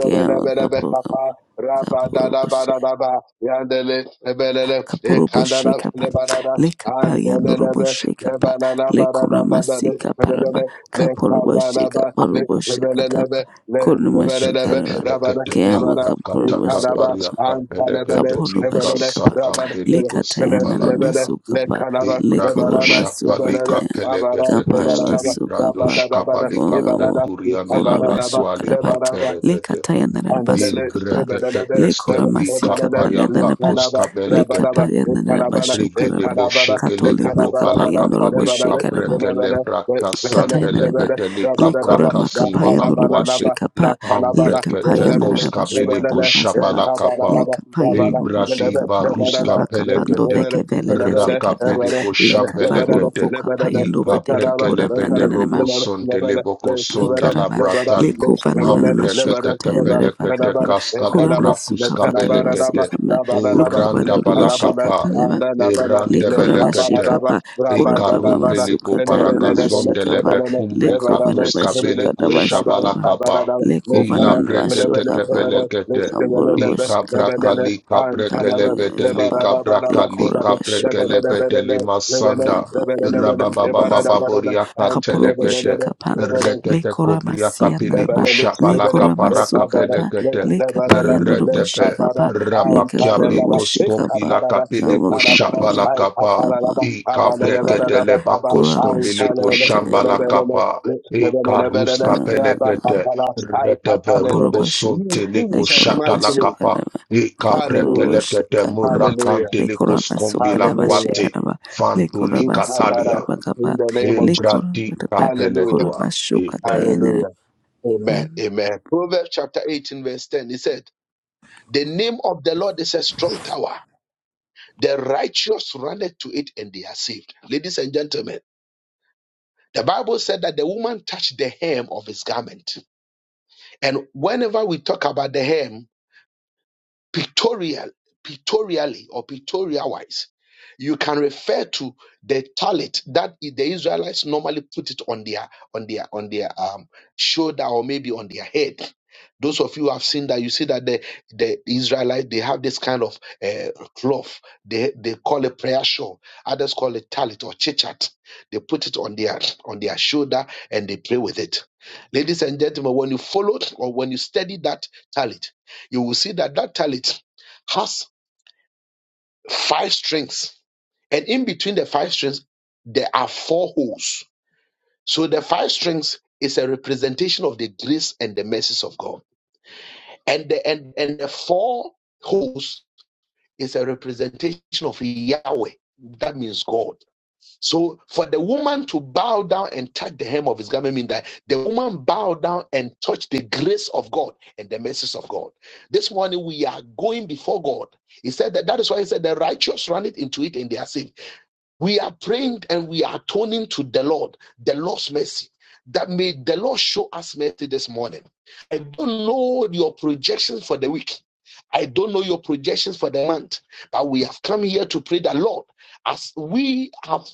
Speaker 3: kiama kapurgaba kaporuba
Speaker 1: Rabadadabadadaba, Yandele, Ebelele,
Speaker 3: kapurobo
Speaker 1: Ekandada,
Speaker 3: sheka pa
Speaker 1: Lebarada,
Speaker 3: le kapayandorobo
Speaker 1: Antelelebe,
Speaker 3: pa
Speaker 1: Lebanada,
Speaker 3: le
Speaker 1: Barada, Badade,
Speaker 3: koramasika parama
Speaker 1: Ebelele,
Speaker 3: kapurobo sheka
Speaker 1: Lekabalaba,
Speaker 3: parubo shekataba
Speaker 1: Lekebelelebe,
Speaker 3: koruma
Speaker 1: Lekebelelebe,
Speaker 3: shekaraba
Speaker 5: Ibrato
Speaker 1: Rabada,
Speaker 3: keamo
Speaker 1: Lebara,
Speaker 3: kapurobo sheka
Speaker 1: Ekadaba, Antelebele,
Speaker 3: Kaporoba
Speaker 1: Lebelele,
Speaker 3: shekapa
Speaker 1: Rabada,
Speaker 3: lekataya
Speaker 1: Lebele, Lebele,
Speaker 3: namasukapa
Speaker 1: Lekanaba, Lebarada, Lebelele,
Speaker 5: shapalika
Speaker 3: lekoramasukataya
Speaker 1: Abara,
Speaker 5: pelekete keste
Speaker 1: Lebaradaba,
Speaker 3: kaparamasuka
Speaker 5: librato
Speaker 1: Rabadadabada,
Speaker 5: shkapalika
Speaker 3: korabo
Speaker 1: Lebarada,
Speaker 5: pekuria melaka
Speaker 3: korabasukaraba
Speaker 5: tualika
Speaker 1: Lebarada,
Speaker 5: perekete.
Speaker 3: lekataya
Speaker 1: Lebana, Lebana,
Speaker 3: namasukapa
Speaker 1: Lebana,
Speaker 5: Imbrekete keste
Speaker 3: lekoramasikapa
Speaker 5: likapaya
Speaker 3: lenaraba
Speaker 5: pakuska Belegete
Speaker 3: lekapaya
Speaker 5: Rigede
Speaker 3: narabasukaraba
Speaker 5: boshekele
Speaker 3: katolima
Speaker 5: boko pala
Speaker 3: kapaya norobo
Speaker 5: kapali
Speaker 3: shekaraba
Speaker 5: kabrekele braka sandele
Speaker 3: Katayana
Speaker 5: peteli
Speaker 3: Lekora
Speaker 5: kabraka
Speaker 3: Makapaya
Speaker 5: simona
Speaker 3: Nurubu
Speaker 5: kwate
Speaker 3: Shekapa
Speaker 5: ambrekete
Speaker 3: Lekapaya
Speaker 5: koskabele
Speaker 3: Narabashuka Narabasaba
Speaker 5: koshabala kapa
Speaker 3: Lekapaya Nurubu
Speaker 5: ebradi
Speaker 3: Shekapaya
Speaker 5: baruska
Speaker 3: Nabakapando
Speaker 5: pelekete
Speaker 3: Vekevele Vezekeva
Speaker 5: rakabele koshambelekete
Speaker 3: Lekavaluvu Kapaya Nove de
Speaker 5: ikabrekele
Speaker 3: Kepura
Speaker 5: bede robo sondele boko sondala
Speaker 1: Lebana,
Speaker 3: Ikaraba
Speaker 1: Lebana,
Speaker 5: bratali
Speaker 3: lekova nanana
Speaker 1: Lebana,
Speaker 5: ambrekete
Speaker 3: mashuka
Speaker 1: Lebana, Lebana,
Speaker 3: tayandere
Speaker 5: kepelekete
Speaker 3: vakapa
Speaker 1: Radabada,
Speaker 5: kaskali
Speaker 3: kura
Speaker 1: Ekalaba,
Speaker 3: masuka
Speaker 5: brakuska
Speaker 3: fatare
Speaker 1: Letanabaraba,
Speaker 5: belekete
Speaker 3: vasuka ma
Speaker 1: Rabanaba,
Speaker 3: luka
Speaker 5: Uranda
Speaker 3: vandoro vashika
Speaker 1: Letanabana,
Speaker 5: balakapa
Speaker 3: paleva
Speaker 1: Andanabana,
Speaker 3: lekora vashika
Speaker 5: Irandebelekete.
Speaker 1: Letabanaba,
Speaker 3: pa kura mama
Speaker 1: Rabadabada,
Speaker 3: masuka
Speaker 5: Ikarumbeleko
Speaker 3: tamana
Speaker 5: paragazon
Speaker 1: Lenobelebele,
Speaker 3: mashika pa
Speaker 5: delebe
Speaker 1: Lebele,
Speaker 5: kumbri
Speaker 3: lekova
Speaker 1: Evarame,
Speaker 5: katus
Speaker 1: Lebele,
Speaker 3: ramashuka
Speaker 5: kabeleko
Speaker 1: Letaba,
Speaker 3: ramashuka pa
Speaker 5: shabalakaba.
Speaker 1: Abanaba,
Speaker 3: lekova
Speaker 5: Ila
Speaker 1: Letana,
Speaker 3: nanana
Speaker 5: brekete
Speaker 1: Lebele,
Speaker 3: mashuka pa
Speaker 1: Lebele,
Speaker 5: kepelekete.
Speaker 3: kamboro
Speaker 1: Lestanebe,
Speaker 3: vashika pa
Speaker 1: Lebele,
Speaker 5: Ikabrakali
Speaker 3: kapa
Speaker 1: Antanaba,
Speaker 5: kabrekelebedeli
Speaker 3: kapa
Speaker 1: Lebarabadaba,
Speaker 5: kabrakali
Speaker 3: lekora
Speaker 1: Kunabe,
Speaker 3: vashuka
Speaker 1: Lebele,
Speaker 3: pa
Speaker 5: kabrekelebedeli
Speaker 1: Lebele, Lebele,
Speaker 5: masanda.
Speaker 3: kapa
Speaker 1: Lebele, Lebele,
Speaker 3: kapa
Speaker 1: Ebarabadaba,
Speaker 5: Rabababababoriaka
Speaker 3: Kapuruba
Speaker 5: telekete.
Speaker 1: Antanabele,
Speaker 3: Shikapa,
Speaker 1: Lebele,
Speaker 3: Le
Speaker 5: Rekete
Speaker 3: Korama
Speaker 5: kobriaka piliko
Speaker 3: Sianaba,
Speaker 1: you
Speaker 3: Le
Speaker 5: shabalaka
Speaker 3: Korama Sukapa,
Speaker 5: parakapelekete.
Speaker 3: Le Kapayanuruba
Speaker 5: Retebe.
Speaker 3: Shikapa, Le
Speaker 5: Rabakia
Speaker 3: Kapuruba
Speaker 5: bekos
Speaker 3: Shikapa,
Speaker 5: kombila kapele
Speaker 3: Kava
Speaker 5: ko
Speaker 3: Kapuruba,
Speaker 5: shapala kapa.
Speaker 3: Kava
Speaker 5: E
Speaker 3: Kaparaba,
Speaker 5: kabreketele bakos
Speaker 3: Korama
Speaker 5: kombile ko shambala
Speaker 3: Shukata,
Speaker 5: kapa. E karus kapele kete. Retebe robo
Speaker 3: Kapuruba Shikapa.
Speaker 5: sontele ko
Speaker 1: Jesus
Speaker 3: Lekoraba
Speaker 5: shatala
Speaker 1: mighty name.
Speaker 5: kapa.
Speaker 3: Sukanaba
Speaker 5: E
Speaker 1: Hallelujah.
Speaker 3: Kapuruba
Speaker 5: kabrekele kete
Speaker 3: Shikanaba
Speaker 1: Hallelujah.
Speaker 5: murakantele ko
Speaker 3: Lekoraba
Speaker 5: skombila
Speaker 3: Sukanaba
Speaker 1: Hallelujah.
Speaker 5: kwate.
Speaker 3: Shikanaba
Speaker 5: Fantoli
Speaker 3: Lekoraba
Speaker 5: katalia.
Speaker 3: Sukanaba
Speaker 1: In
Speaker 3: Kaba
Speaker 1: the name of Jesus.
Speaker 5: Embrati
Speaker 3: Lekoraba
Speaker 5: kapele
Speaker 1: Hallelujah.
Speaker 5: doa.
Speaker 3: Koraba
Speaker 5: Amen.
Speaker 3: Shukatayanaba
Speaker 1: Hallelujah. Amen.
Speaker 3: Amen.
Speaker 1: Amen. Proverbs chapter 18, verse 10. It said. The name of the Lord is a strong tower. The righteous runneth to it and they are saved. Ladies and gentlemen, the Bible said that the woman touched the hem of his garment. And whenever we talk about the hem, pictorial, pictorially or pictorial wise, you can refer to the tallit that the Israelites normally put it on their on their on their um, shoulder or maybe on their head. Those of you who have seen that, you see that the the Israelites they have this kind of uh, cloth. They they call it prayer shawl. Others call it tallit or chichat. They put it on their on their shoulder and they pray with it. Ladies and gentlemen, when you follow or when you study that tallit you will see that that talent has five strings, and in between the five strings, there are four holes. So the five strings is a representation of the grace and the mercies of God, and the and, and the four holes is a representation of Yahweh. That means God. So for the woman to bow down and touch the hem of his garment means that the woman bowed down and touched the grace of God and the mercies of God. This morning we are going before God. He said that that is why he said the righteous run it into it and they are saved. We are praying and we are turning to the Lord, the Lord's mercy. That may the Lord show us mercy this morning. I don't know your projections for the week. I don't know your projections for the month, but we have come here to pray that Lord, as we have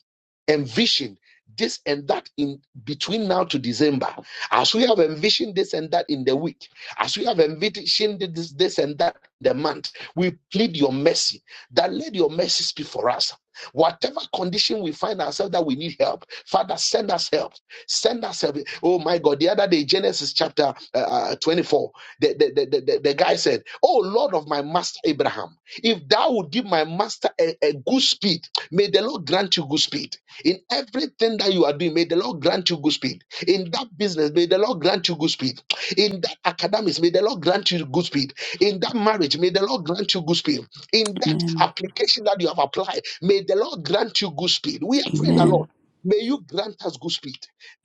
Speaker 1: envisioned this and that in between now to December, as we have envisioned this and that in the week, as we have envisioned this, this and that the month, we plead your mercy. That let your mercy speak for us Whatever condition we find ourselves that we need help, Father, send us help. Send us help. Oh my God. The other day, Genesis chapter uh, uh, 24, the, the, the, the, the guy said, Oh Lord of my master Abraham, if thou would give my master a, a good speed, may the Lord grant you good speed. In everything that you are doing, may the Lord grant you good speed. In that business, may the Lord grant you good speed. In that academics, may the Lord grant you good speed. In that marriage, may the Lord grant you good speed. In that
Speaker 3: Amen.
Speaker 1: application that you have applied, May the Lord grant you good speed. We are praying the
Speaker 3: Amen.
Speaker 1: Lord. May you grant us good speed.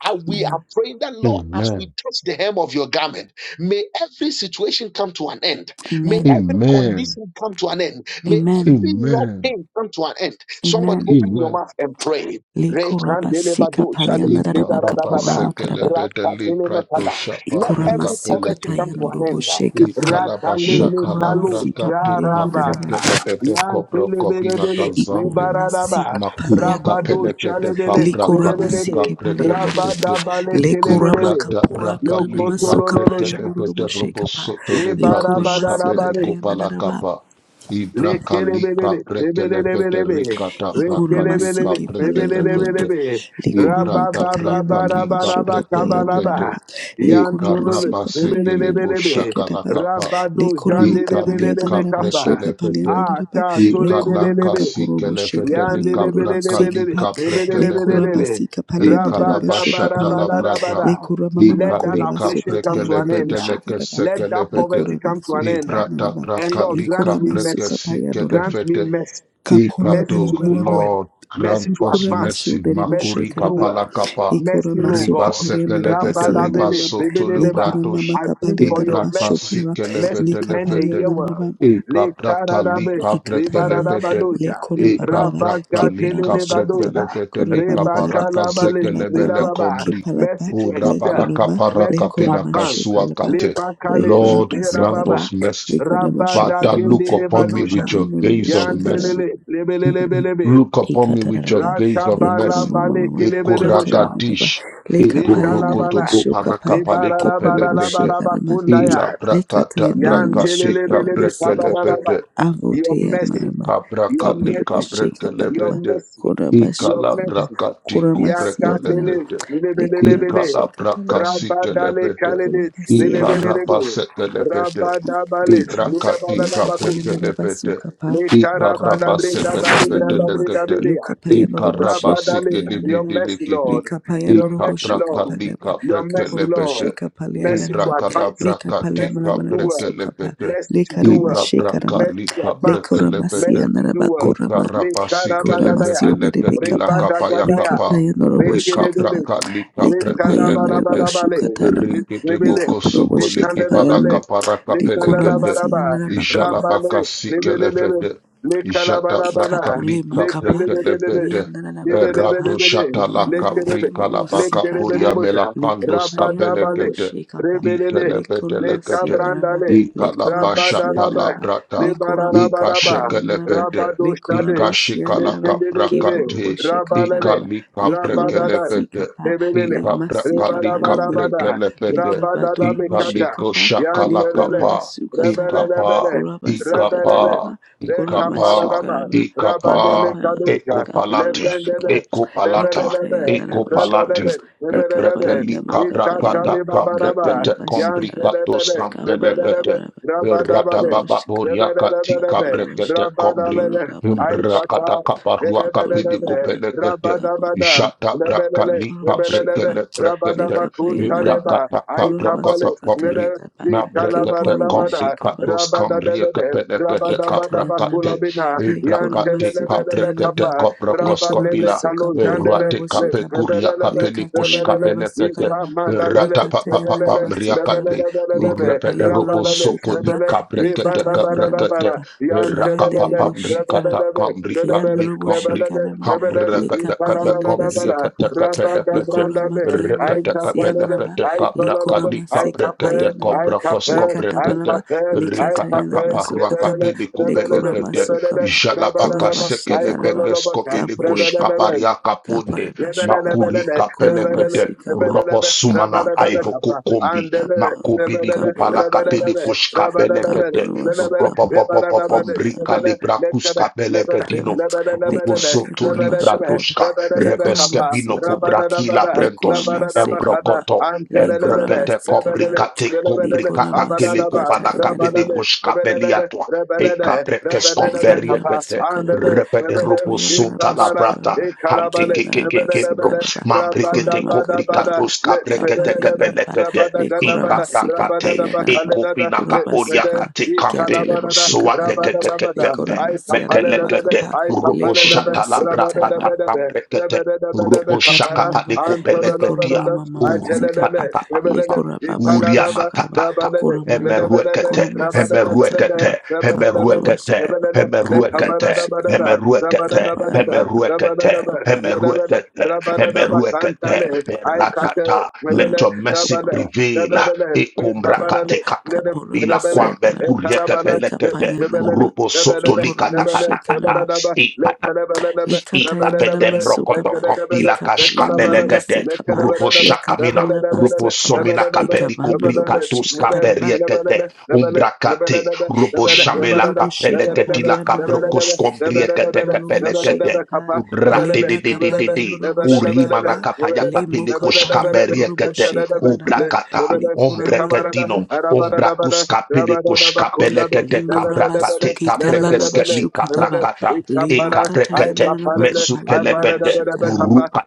Speaker 1: And we are
Speaker 3: Amen.
Speaker 1: praying that, Lord, as we
Speaker 5: Amen.
Speaker 1: touch the hem of your garment, may every situation come to an end. May
Speaker 3: Amen.
Speaker 1: every
Speaker 5: Amen.
Speaker 1: condition come to an end. May
Speaker 3: Amen.
Speaker 1: every law
Speaker 5: Amen.
Speaker 1: pain come to an end. Somebody
Speaker 3: Amen.
Speaker 1: open your
Speaker 5: Amen.
Speaker 1: mouth and pray.
Speaker 3: Likoraba sika paliana daraba kapora makaraba.
Speaker 5: Ikarabasekelebede librato
Speaker 1: Let
Speaker 3: Ikorama
Speaker 5: shaparuka
Speaker 1: every
Speaker 3: suka
Speaker 1: poverty come
Speaker 5: pelekete.
Speaker 1: to
Speaker 3: tayano
Speaker 1: an end.
Speaker 3: sheka pa.
Speaker 5: Ikalabashata
Speaker 3: Likorama sika
Speaker 5: labrakate
Speaker 3: paliana daraba.
Speaker 5: kabrekelebede
Speaker 1: Yan
Speaker 5: kobra kobina
Speaker 1: telebelebele,
Speaker 5: kazande.
Speaker 3: Ikoramasika sika
Speaker 1: lebaradaba,
Speaker 5: Makuri
Speaker 3: paliana robo.
Speaker 1: rabado
Speaker 5: kapelekete
Speaker 1: shalebele,
Speaker 5: kabraka
Speaker 3: Likorama
Speaker 5: lika
Speaker 1: lebelebele,
Speaker 3: sike paliana daraba.
Speaker 5: brekelebede.
Speaker 1: rabadabale
Speaker 3: Likorama
Speaker 1: telebelebe,
Speaker 5: Ibrata
Speaker 3: kapora
Speaker 5: braka
Speaker 3: nanana
Speaker 5: lika
Speaker 3: masuka
Speaker 1: lokotolololosha,
Speaker 3: paliana
Speaker 5: brekelebede
Speaker 3: sheka pa.
Speaker 5: robosoto librato
Speaker 3: Likorama suka
Speaker 5: shkapele
Speaker 1: lebarabadabale,
Speaker 3: tayana daraba.
Speaker 5: kopalakapa. Ibraka lika
Speaker 1: lekelebelele,
Speaker 5: brekelebede
Speaker 1: lebelebelebe,
Speaker 5: rikata braka
Speaker 3: Ikorama
Speaker 5: lika
Speaker 1: lekelebelele,
Speaker 3: sike palayananaba.
Speaker 5: brekelebede.
Speaker 1: lebelebelebe,
Speaker 3: Lekorama
Speaker 5: Ibrata brata
Speaker 3: katayananaba
Speaker 5: lika
Speaker 3: shoka
Speaker 5: prekele
Speaker 3: payananaba.
Speaker 5: pete.
Speaker 1: rababababarabarabakabalaba,
Speaker 5: E
Speaker 1: yan
Speaker 3: Lekorama
Speaker 1: tolole,
Speaker 5: karapa
Speaker 3: soka
Speaker 5: sekele bo
Speaker 3: payananaba
Speaker 1: lebelebelebe,
Speaker 5: shakala
Speaker 3: shikedaba.
Speaker 5: kapa.
Speaker 1: rabado
Speaker 3: Lekorama
Speaker 5: E kalika
Speaker 1: jandelebelebe
Speaker 3: kapalayananaba
Speaker 1: kapa,
Speaker 3: shoka
Speaker 5: prekele pete.
Speaker 3: palayananaba.
Speaker 1: ata
Speaker 5: E
Speaker 3: Lekorama
Speaker 5: kalaka
Speaker 3: kaporobo
Speaker 5: sikele
Speaker 3: sheka
Speaker 5: pete lika
Speaker 3: palayanoroba
Speaker 5: braka
Speaker 3: sika
Speaker 1: Yandelebelebelebe,
Speaker 3: pa.
Speaker 5: lika prekele
Speaker 3: Lekorama
Speaker 5: pete.
Speaker 1: lebelebelebe.
Speaker 3: sika
Speaker 5: E
Speaker 3: palayananaba
Speaker 5: kalapa
Speaker 3: shoka
Speaker 5: shatala
Speaker 3: palalaba.
Speaker 5: brata.
Speaker 1: Rabadabarabadabada.
Speaker 3: Lekorama
Speaker 5: E
Speaker 3: mama
Speaker 1: Let that
Speaker 3: koraba
Speaker 5: kalika
Speaker 3: soka
Speaker 1: affliction come to
Speaker 5: prekele
Speaker 1: an end.
Speaker 3: tayananaba
Speaker 5: pete leke
Speaker 3: shikedaba.
Speaker 1: Let
Speaker 5: sekele
Speaker 1: that
Speaker 5: pete.
Speaker 1: poverty
Speaker 3: Lekorama
Speaker 1: come to an
Speaker 3: soka
Speaker 5: E
Speaker 1: end.
Speaker 5: brata
Speaker 3: tayananaba.
Speaker 1: And
Speaker 5: braka
Speaker 1: Lord,
Speaker 5: lika
Speaker 1: grant me
Speaker 3: Lekorama
Speaker 5: preke
Speaker 1: mercy.
Speaker 3: soka
Speaker 5: sikele
Speaker 3: payanoroba.
Speaker 1: Grant me
Speaker 5: pete.
Speaker 1: mercy,
Speaker 3: Kapora
Speaker 1: mercy
Speaker 3: bara
Speaker 1: to
Speaker 5: Ikado,
Speaker 1: move
Speaker 3: bara ba
Speaker 1: forward,
Speaker 5: Lord,
Speaker 1: mercy
Speaker 5: grant
Speaker 1: to
Speaker 5: us
Speaker 1: advance,
Speaker 3: Kurabashu
Speaker 5: mercy.
Speaker 1: mercy
Speaker 3: dereboshe
Speaker 5: Makuri
Speaker 1: to do
Speaker 3: karaba.
Speaker 1: well.
Speaker 5: kapala kapa.
Speaker 3: Ikura
Speaker 1: Mercy, Lord
Speaker 3: masu
Speaker 5: Riba
Speaker 1: God.
Speaker 3: kapalia
Speaker 5: sekelefete
Speaker 3: narabasi
Speaker 5: riba
Speaker 1: Rabbanabele,
Speaker 3: andaraba.
Speaker 5: soto
Speaker 1: rebeleleba.
Speaker 3: Likura mama
Speaker 5: lubratos.
Speaker 1: I plead
Speaker 3: kapalia
Speaker 1: for your
Speaker 5: Ibraka
Speaker 3: darabashu
Speaker 1: mercy,
Speaker 3: karaba.
Speaker 1: mercy
Speaker 5: sikelefete
Speaker 1: to end the
Speaker 3: Likapalia
Speaker 5: lefete.
Speaker 1: year well.
Speaker 3: naraba.
Speaker 1: Le
Speaker 5: Ikabraka li
Speaker 1: karadabe,
Speaker 5: kabreke
Speaker 3: Ikatana.
Speaker 5: lefete.
Speaker 1: rebaradabadoja,
Speaker 3: Likura babaraba.
Speaker 5: Ikabraka li
Speaker 3: Kiparaba
Speaker 5: kabreke
Speaker 3: shukataba.
Speaker 1: rabakatelelebadoza,
Speaker 5: lefete li
Speaker 3: Kurabarabaraba.
Speaker 5: kaparaka
Speaker 1: rebakalabale,
Speaker 5: zekelebele
Speaker 3: Kipalabaraba.
Speaker 1: relababa.
Speaker 5: kombri.
Speaker 1: Mercy
Speaker 3: Kipalapa.
Speaker 1: to excel,
Speaker 5: Urabala
Speaker 3: Lekurama.
Speaker 5: kapara
Speaker 1: mercy to
Speaker 5: kapina
Speaker 3: Lekurama
Speaker 1: advance.
Speaker 5: kasua
Speaker 3: shukalaba.
Speaker 1: Le
Speaker 5: kate.
Speaker 1: bakale,
Speaker 5: Lord,
Speaker 3: Lekurama
Speaker 1: le
Speaker 5: grant
Speaker 1: rababa,
Speaker 3: sukaraba.
Speaker 5: us mercy.
Speaker 3: Likarama
Speaker 5: Father,
Speaker 3: shukaraba.
Speaker 5: look upon me
Speaker 1: rabadagendelebadosha.
Speaker 5: with
Speaker 3: Likapalia
Speaker 5: your
Speaker 3: nurubu
Speaker 5: gaze of mercy.
Speaker 1: Yantelele, lebelelebelebe,
Speaker 5: Look upon me with your
Speaker 3: Ikataraba,
Speaker 5: gaze of
Speaker 1: rakabala
Speaker 5: mercy.
Speaker 3: Likurama
Speaker 1: bale
Speaker 3: Mama,
Speaker 1: kelebele bosha,
Speaker 3: Katayanaba,
Speaker 5: Ekorakadish.
Speaker 3: Lekapayanaba,
Speaker 1: lekalabala,
Speaker 5: Ekorokotoko
Speaker 3: Shokapa,
Speaker 5: parakapaleko
Speaker 3: Kepurubu
Speaker 5: pelekete.
Speaker 3: Shekarama,
Speaker 5: Ila
Speaker 1: lebarabarabarabakundaya,
Speaker 5: brakata
Speaker 3: Lekatayanaba,
Speaker 5: brakate
Speaker 3: Shokalaba,
Speaker 1: yantelelebelebe
Speaker 3: Sikapa,
Speaker 1: kabaraba.
Speaker 5: kabrekelepete.
Speaker 1: Your
Speaker 3: Avotea
Speaker 1: mercy,
Speaker 3: Marama,
Speaker 1: your
Speaker 5: Kabrakali
Speaker 3: Kapurubu
Speaker 1: mercy, your
Speaker 3: Shekapanaba,
Speaker 5: kabrekelepete.
Speaker 1: mercy,
Speaker 3: Koraba
Speaker 1: your
Speaker 5: Ikala
Speaker 3: Shokalaba,
Speaker 1: mercy.
Speaker 3: Kurama
Speaker 5: brakatiko
Speaker 3: Siatana,
Speaker 1: Yakatele,
Speaker 5: brekelepete.
Speaker 3: Likurama
Speaker 5: Ikala
Speaker 1: lebelelebele,
Speaker 5: braka
Speaker 3: Shekatanaba,
Speaker 1: rabadale
Speaker 5: sikelebede.
Speaker 1: kalele,
Speaker 3: Kurama
Speaker 5: Ikaraba
Speaker 1: lebelelebe,
Speaker 5: sekelebede,
Speaker 1: rabadabale,
Speaker 3: Sama,
Speaker 5: Ibrakati
Speaker 3: Yakapaya
Speaker 1: lebarabakusha,
Speaker 5: kabrekelebede.
Speaker 3: Nanabasukapa,
Speaker 1: letarabada
Speaker 5: Ikaraba
Speaker 1: brinda bari
Speaker 3: Lekoramasukapaya
Speaker 5: sekelebede
Speaker 1: branda
Speaker 3: Noruba,
Speaker 5: lekede.
Speaker 1: brinda
Speaker 3: Lukapaya Norubu
Speaker 5: Ikaraba
Speaker 3: Sheka
Speaker 1: Rabadali, your
Speaker 3: Kayananama,
Speaker 1: mercy, Lord.
Speaker 5: sekelebede ibrakati
Speaker 3: Likapaya
Speaker 1: Your
Speaker 3: Norubu
Speaker 1: mercy,
Speaker 3: Sheka
Speaker 1: Lord.
Speaker 3: Panama,
Speaker 1: Your mercy,
Speaker 3: Kipurubu
Speaker 1: Lord.
Speaker 3: Sheka
Speaker 1: Mercy to
Speaker 3: Paliananama,
Speaker 5: ibrakala
Speaker 1: advance.
Speaker 3: Leka
Speaker 5: brakati
Speaker 1: Mercy to do well.
Speaker 3: Paliamanabasukapa,
Speaker 5: Ikalabrakasikelepete.
Speaker 1: Mercy to
Speaker 5: Ikarabasekelepete.
Speaker 1: do
Speaker 3: Lekarama
Speaker 1: well.
Speaker 5: Ibrakatikabrekelepete.
Speaker 3: Shekarama,
Speaker 1: Mercy to advance.
Speaker 5: Ikarabasekelepetelekete. Ikarabasikelibidilikiti. Ikabrakabrekkelepete. Ibrakalabrakatikabrekkelepete. Ikabrakalikabrekkelepete.
Speaker 3: Lekoramasia
Speaker 1: Mercy to do well.
Speaker 3: korama. Kuna
Speaker 1: Lekarabadadaya.
Speaker 3: masione rebeka pa leka
Speaker 1: Rebadagadaya.
Speaker 5: Ikarabasikelepeteleketi
Speaker 3: pa ya norobo
Speaker 5: Eh,
Speaker 3: sheka
Speaker 5: Kabra
Speaker 3: pa
Speaker 1: Rekeledole.
Speaker 5: kali
Speaker 3: leka
Speaker 5: kabra
Speaker 3: pa ya norobo
Speaker 5: kelekete.
Speaker 3: shuka
Speaker 1: Rekalabalabalabale.
Speaker 3: tanama
Speaker 5: Rikiti
Speaker 1: Rebele.
Speaker 3: leka
Speaker 5: boko
Speaker 3: probo
Speaker 5: soko
Speaker 3: sheka
Speaker 5: liki
Speaker 3: pa ya
Speaker 5: pala
Speaker 1: Lekandelebele.
Speaker 3: norobo.
Speaker 5: kapara
Speaker 3: Dekona
Speaker 5: kapelekete.
Speaker 3: masia
Speaker 1: Lekandalabalaba.
Speaker 3: narabaka
Speaker 5: Ijala baka
Speaker 1: Rabale.
Speaker 5: si
Speaker 1: Rebelelebe.
Speaker 5: kelefete. Ijata bra
Speaker 1: Lekalabalabala.
Speaker 3: Ikatole
Speaker 5: kali kabra
Speaker 3: makapa
Speaker 1: Lekandelebelele.
Speaker 5: kelefete.
Speaker 3: liyanana
Speaker 5: Erato
Speaker 3: makapa
Speaker 1: Lebelebelebele,
Speaker 5: shata la
Speaker 3: limuru
Speaker 5: kapri
Speaker 1: lekelebe,
Speaker 3: kurubo
Speaker 5: kalabaka puria
Speaker 3: sikata
Speaker 1: lekelebelebosha,
Speaker 5: mela kandos
Speaker 3: likapa
Speaker 1: rabadabale,
Speaker 3: yandurubo
Speaker 5: kapelekete.
Speaker 3: shekapa
Speaker 1: rebelele,
Speaker 5: Ikelefete
Speaker 3: lekorabasi
Speaker 5: lekete.
Speaker 3: yandaraba
Speaker 1: lekabrandale,
Speaker 5: Ikalaba
Speaker 3: lekorabasi
Speaker 5: shata
Speaker 1: rabadalaba,
Speaker 5: la
Speaker 3: yandaraba
Speaker 5: brata.
Speaker 3: lekoramakapa
Speaker 1: lebararabaraba,
Speaker 3: yandaraba
Speaker 5: Ikashekelefete.
Speaker 1: rabadoshade,
Speaker 3: lekoramasi
Speaker 5: Ikashikala
Speaker 3: yandaraba
Speaker 1: lekendelebele,
Speaker 5: kaprakate.
Speaker 3: keporubo shekapa
Speaker 1: rabalele,
Speaker 3: lava,
Speaker 1: rabadada,
Speaker 3: likurabasi
Speaker 5: Ikalikabrekelebede.
Speaker 3: kapa
Speaker 1: lebelele,
Speaker 3: lemasi kapa
Speaker 1: rebarabarabada,
Speaker 3: yondoriba
Speaker 5: Ikabrakalikabrekelebede.
Speaker 3: likapa dorubo
Speaker 1: rabadadabekata,
Speaker 3: shekapa
Speaker 1: yantelele,
Speaker 5: Ikalikoshakalakapa.
Speaker 3: lekorabasukataba
Speaker 1: rebelelebele,
Speaker 5: Ikapa. Ikapa.
Speaker 1: rebelele,
Speaker 3: korabasukatelema
Speaker 5: Ikapa.
Speaker 1: lekapararaba,
Speaker 3: Kuramashukaraba,
Speaker 5: Ikapa.
Speaker 1: rabadele
Speaker 3: Korakapara,
Speaker 1: kadosha,
Speaker 5: Ekopalate.
Speaker 3: Kaporabashika,
Speaker 1: Lebendele,
Speaker 5: Ekopalata.
Speaker 1: lebelelebe,
Speaker 3: Lekatayandarabashika,
Speaker 5: Ekopalate.
Speaker 1: rebelele, lebelelebe,
Speaker 5: Ebrekelikabrakata
Speaker 3: Lekapayandamakapayama,
Speaker 1: ikatalibabaraba,
Speaker 5: kambrekete
Speaker 3: Kaporabashikaraba,
Speaker 5: kombrikatos
Speaker 1: yantelebele,
Speaker 5: kampelekete.
Speaker 1: lebelelebe,
Speaker 3: Kaporakaparaba,
Speaker 5: Berata
Speaker 1: rabadabade,
Speaker 5: baba
Speaker 3: Kaporabashika,
Speaker 5: boria katika
Speaker 1: lebelelebelebe,
Speaker 3: Kaporabashi,
Speaker 5: brekete kombri.
Speaker 1: rabadalele,
Speaker 3: Korokaparabashika,
Speaker 1: aikata,
Speaker 5: Rakata kapa ruaka pidi
Speaker 1: lebelelebe,
Speaker 3: Kaporabagaraba,
Speaker 5: kupele kete.
Speaker 1: rabadabadam,
Speaker 5: Jata braka
Speaker 1: lebelele,
Speaker 5: lika
Speaker 1: lebelelebe,
Speaker 3: Kaporabashikaba,
Speaker 5: brekele brekete.
Speaker 3: Lekapayandaraba,
Speaker 1: rabadabakuntaleba,
Speaker 5: Ibrakata kapra
Speaker 1: aitabale,
Speaker 5: kota komri.
Speaker 1: lele,
Speaker 3: Korabasukatayadaba,
Speaker 5: Na brekete komri
Speaker 1: ikalabaradabada,
Speaker 3: Keporubushikaba,
Speaker 5: katos kamri
Speaker 1: rabadadebede,
Speaker 5: kepele kete
Speaker 3: Ikatayanaba,
Speaker 5: kabrakate.
Speaker 1: rabadabadabakulabina,
Speaker 5: kate. Ibrakate
Speaker 3: Lekoramasu
Speaker 5: kapre
Speaker 1: yantelelebelele
Speaker 5: kete
Speaker 3: Katayanaba,
Speaker 1: kapa,
Speaker 5: kopra
Speaker 1: Rabanele
Speaker 5: koskopila.
Speaker 3: Lekoramasuka
Speaker 1: Kalozandele,
Speaker 5: Ruate
Speaker 1: Le
Speaker 5: kape
Speaker 3: Payandaruboshikaba,
Speaker 5: kuria
Speaker 1: Rebelelebe,
Speaker 5: kapeli kush
Speaker 1: Rebelele,
Speaker 3: Likatayanaba
Speaker 5: kapene kete.
Speaker 3: Sukaraba,
Speaker 1: Ipamandalele,
Speaker 5: Rata papa papa
Speaker 1: Rebelele,
Speaker 3: Likatayanaba Sukaraba,
Speaker 5: mriakate.
Speaker 3: Lika
Speaker 1: Lebelelebelelebe,
Speaker 5: Repede robo
Speaker 1: Rabalele,
Speaker 5: sokoli
Speaker 3: Payandaruboshikapa,
Speaker 1: Rebele,
Speaker 5: kabre kete
Speaker 1: Libanda
Speaker 5: kabre
Speaker 3: Likatayanaba
Speaker 1: Barabara,
Speaker 3: Kapa,
Speaker 1: Yantelele,
Speaker 3: Kiandariboshikara.
Speaker 5: Rikata
Speaker 1: Rebelelebe, Lebele, Lebelele,
Speaker 3: Kiandoroboshikanaba,
Speaker 1: Rebele,
Speaker 3: Lekapa
Speaker 1: Ipanabarabara,
Speaker 3: Yandanabasikapa,
Speaker 1: Rabada
Speaker 3: Nikorama
Speaker 1: Brandabe,
Speaker 3: Kiandanaba,
Speaker 1: Aikapelele,
Speaker 3: Siandanaba,
Speaker 1: Aitololobe,
Speaker 3: Lekorama
Speaker 1: Aikape,
Speaker 3: Sikapayandanaba,
Speaker 1: Aikape,
Speaker 3: Lekatabalaba,
Speaker 1: Aikape, Aikape,
Speaker 3: Lekatayanabasukataba
Speaker 1: Rebelele,
Speaker 3: le
Speaker 1: Rebelele,
Speaker 3: korama
Speaker 1: Rebelele,
Speaker 3: sukapa korama
Speaker 1: Rabadababa, I call
Speaker 3: shikarama kapurukapa
Speaker 1: Rabadababa,
Speaker 3: kaparama shukapa
Speaker 5: Makurika
Speaker 3: korama
Speaker 5: pelekete
Speaker 3: sikapa kapa
Speaker 5: robosumana
Speaker 3: kapa
Speaker 5: aivo kukombi
Speaker 3: kapa
Speaker 5: makubili kupala
Speaker 3: kapurama
Speaker 5: kapili kushka Benekete
Speaker 3: kapurama shukapa
Speaker 5: Ropopopopopobrika
Speaker 3: kapurama
Speaker 5: librakuska
Speaker 3: prema
Speaker 5: beleketino.
Speaker 3: le kapa
Speaker 5: Robosoto
Speaker 3: ingarama shukarama
Speaker 5: libratoska.
Speaker 3: le korama
Speaker 5: Rebeskebino
Speaker 3: sikapa
Speaker 5: kubrakila
Speaker 3: le
Speaker 5: brentos.
Speaker 3: korama sikapa
Speaker 5: Embrokoto.
Speaker 3: le korama
Speaker 5: Embrekete
Speaker 3: sikapa
Speaker 5: komplikate
Speaker 3: le
Speaker 5: kombrikata
Speaker 3: korama sukata
Speaker 5: telekopalakate de
Speaker 3: inaraba
Speaker 5: kuskapeliatwa. Eka brekes
Speaker 3: ikanaraba
Speaker 5: komberiekete.
Speaker 3: sukaraba
Speaker 5: Repede robosonta
Speaker 3: katoyanaraba
Speaker 1: Rabba
Speaker 5: labrata.
Speaker 3: sukaraba
Speaker 5: Hante
Speaker 1: Ekalabale,
Speaker 3: kiyanaraba
Speaker 5: kekeke kembro.
Speaker 1: lebelelebele,
Speaker 3: sukaraba
Speaker 5: Mambrikete
Speaker 3: kurama
Speaker 1: rabadabadabada,
Speaker 3: kaporaba
Speaker 5: kombrikatoska
Speaker 1: le-
Speaker 5: brekete
Speaker 1: lebelelebe,
Speaker 3: kapalyanaraba
Speaker 5: kepelekete.
Speaker 3: le kurama
Speaker 1: rabadagadabada,
Speaker 5: Ika
Speaker 3: sika payanaraba
Speaker 1: rabadadabakalelada,
Speaker 5: Ekopina
Speaker 1: le-
Speaker 3: kuraba
Speaker 5: kaporia
Speaker 1: lebe-
Speaker 3: suka
Speaker 5: kate kambe
Speaker 3: kiatalebo
Speaker 1: ikalabarada,
Speaker 3: shuka
Speaker 5: swate
Speaker 3: paraba
Speaker 5: kete
Speaker 3: le
Speaker 5: kete
Speaker 1: rabadadabada,
Speaker 5: me
Speaker 3: kurama
Speaker 5: metele
Speaker 3: siyanaraba
Speaker 1: aitapalelebele,
Speaker 5: kete
Speaker 3: kapa le
Speaker 5: robo
Speaker 1: aitapalelebe,
Speaker 3: kurama
Speaker 5: shata la braka takam
Speaker 1: rabadadabedebe,
Speaker 5: rekete
Speaker 1: rebedebedebe
Speaker 5: robo
Speaker 3: Ikata
Speaker 5: shaka
Speaker 1: kapara,
Speaker 5: pa de
Speaker 3: Ikatayanaba,
Speaker 5: kopele
Speaker 3: Lekora
Speaker 5: ketia
Speaker 1: antolelebelebe,
Speaker 3: Mama Mama
Speaker 5: uru pata
Speaker 1: aitelelele,
Speaker 3: Sikapa,
Speaker 5: papa
Speaker 1: lebelele,
Speaker 5: papa
Speaker 3: Lekora Babaraba
Speaker 5: uria
Speaker 1: italaraba,
Speaker 3: Shakaraba,
Speaker 5: matatata
Speaker 1: rabadede,
Speaker 3: Kora Malama,
Speaker 1: lebelebe,
Speaker 3: Kora
Speaker 5: emeruekete
Speaker 1: rabadadabedebe,
Speaker 3: Masikatanaba,
Speaker 5: emeruekete
Speaker 1: rebedebedebe,
Speaker 3: Kaparaba
Speaker 5: emeruekete
Speaker 3: Shikapa,
Speaker 1: lebelele,
Speaker 3: Kaparaba
Speaker 5: emeruekete
Speaker 3: Shikapa,
Speaker 1: lekabaradabadada,
Speaker 5: emeruekete
Speaker 3: Kapar
Speaker 1: rabadadabadada,
Speaker 3: Kapa,
Speaker 5: emeruekete
Speaker 1: Rabadadaba, dadabada,
Speaker 5: emeruekete
Speaker 3: Kapar
Speaker 1: rabadadaba,
Speaker 5: emeruekete
Speaker 1: santale,
Speaker 3: Kapar Kaparaba
Speaker 1: aikate,
Speaker 5: eratata
Speaker 3: Shikora
Speaker 5: let
Speaker 1: mebele,
Speaker 5: your mercy
Speaker 1: rabada,
Speaker 5: prevail
Speaker 1: dadadada, rekabarale,
Speaker 3: Kaporaba,
Speaker 1: nede,
Speaker 3: Kaporama
Speaker 5: Ikumbrakatekatakambila
Speaker 1: nebele,
Speaker 5: kwambe
Speaker 3: Sianaba,
Speaker 1: etarabada, ne-
Speaker 5: kuriekefelekete
Speaker 1: nebele,
Speaker 3: Lekapayanaba,
Speaker 5: robo
Speaker 1: nebelele,
Speaker 5: sotolika kata.
Speaker 1: nebele,
Speaker 5: kata
Speaker 3: Kiporomo
Speaker 1: nebadadaba,
Speaker 5: kata
Speaker 1: lekelebelelebe,
Speaker 3: likatayana la
Speaker 5: Itapedem
Speaker 1: rabadadabada,
Speaker 3: masuka
Speaker 5: rokoto
Speaker 3: pa
Speaker 1: lekelebele,
Speaker 5: kompila
Speaker 3: ikapa le
Speaker 5: kashka
Speaker 3: mala
Speaker 1: lekelebelele,
Speaker 5: belegede
Speaker 3: maseka pa
Speaker 5: rubo
Speaker 3: le
Speaker 1: lekelebelelebe,
Speaker 5: shakamina
Speaker 3: kapala
Speaker 5: rubo
Speaker 1: nebadadabadada,
Speaker 3: basuka pa
Speaker 5: somina
Speaker 1: nebadadabada,
Speaker 5: kapeliko
Speaker 3: ikabando robo
Speaker 5: brika
Speaker 1: nebadadabada,
Speaker 3: shika
Speaker 5: tuska
Speaker 1: nede,
Speaker 3: taraba
Speaker 5: periekete
Speaker 1: nebelele,
Speaker 5: umbrakate rubo
Speaker 3: imando
Speaker 5: shamela
Speaker 3: robo shika
Speaker 5: kapelegeti
Speaker 3: pali
Speaker 5: la
Speaker 3: andaraba
Speaker 5: kaprokos kombriekete
Speaker 3: likatolo mo
Speaker 1: Rabba
Speaker 5: kepelegete
Speaker 3: shika pa le
Speaker 5: Urate de de de de
Speaker 3: makapali
Speaker 5: de
Speaker 3: andorobo shika
Speaker 5: urima
Speaker 3: pa
Speaker 5: na kapaya
Speaker 3: le
Speaker 5: kapeliko
Speaker 3: mokapali andorobo
Speaker 5: shkaberiekete
Speaker 3: shika naraba
Speaker 5: ubrakata
Speaker 3: likorama kapa
Speaker 5: ombrekedino umbrakus kapeliko shkabelegete
Speaker 3: limora
Speaker 5: kabrakate
Speaker 3: basuke talala
Speaker 5: kabrekeske li
Speaker 3: bashuka taba
Speaker 5: kabrakata
Speaker 3: le
Speaker 5: e
Speaker 3: makatayana
Speaker 5: kabrekete
Speaker 3: naraba kapali andaraba
Speaker 5: mesukelepete
Speaker 3: shika
Speaker 5: puruka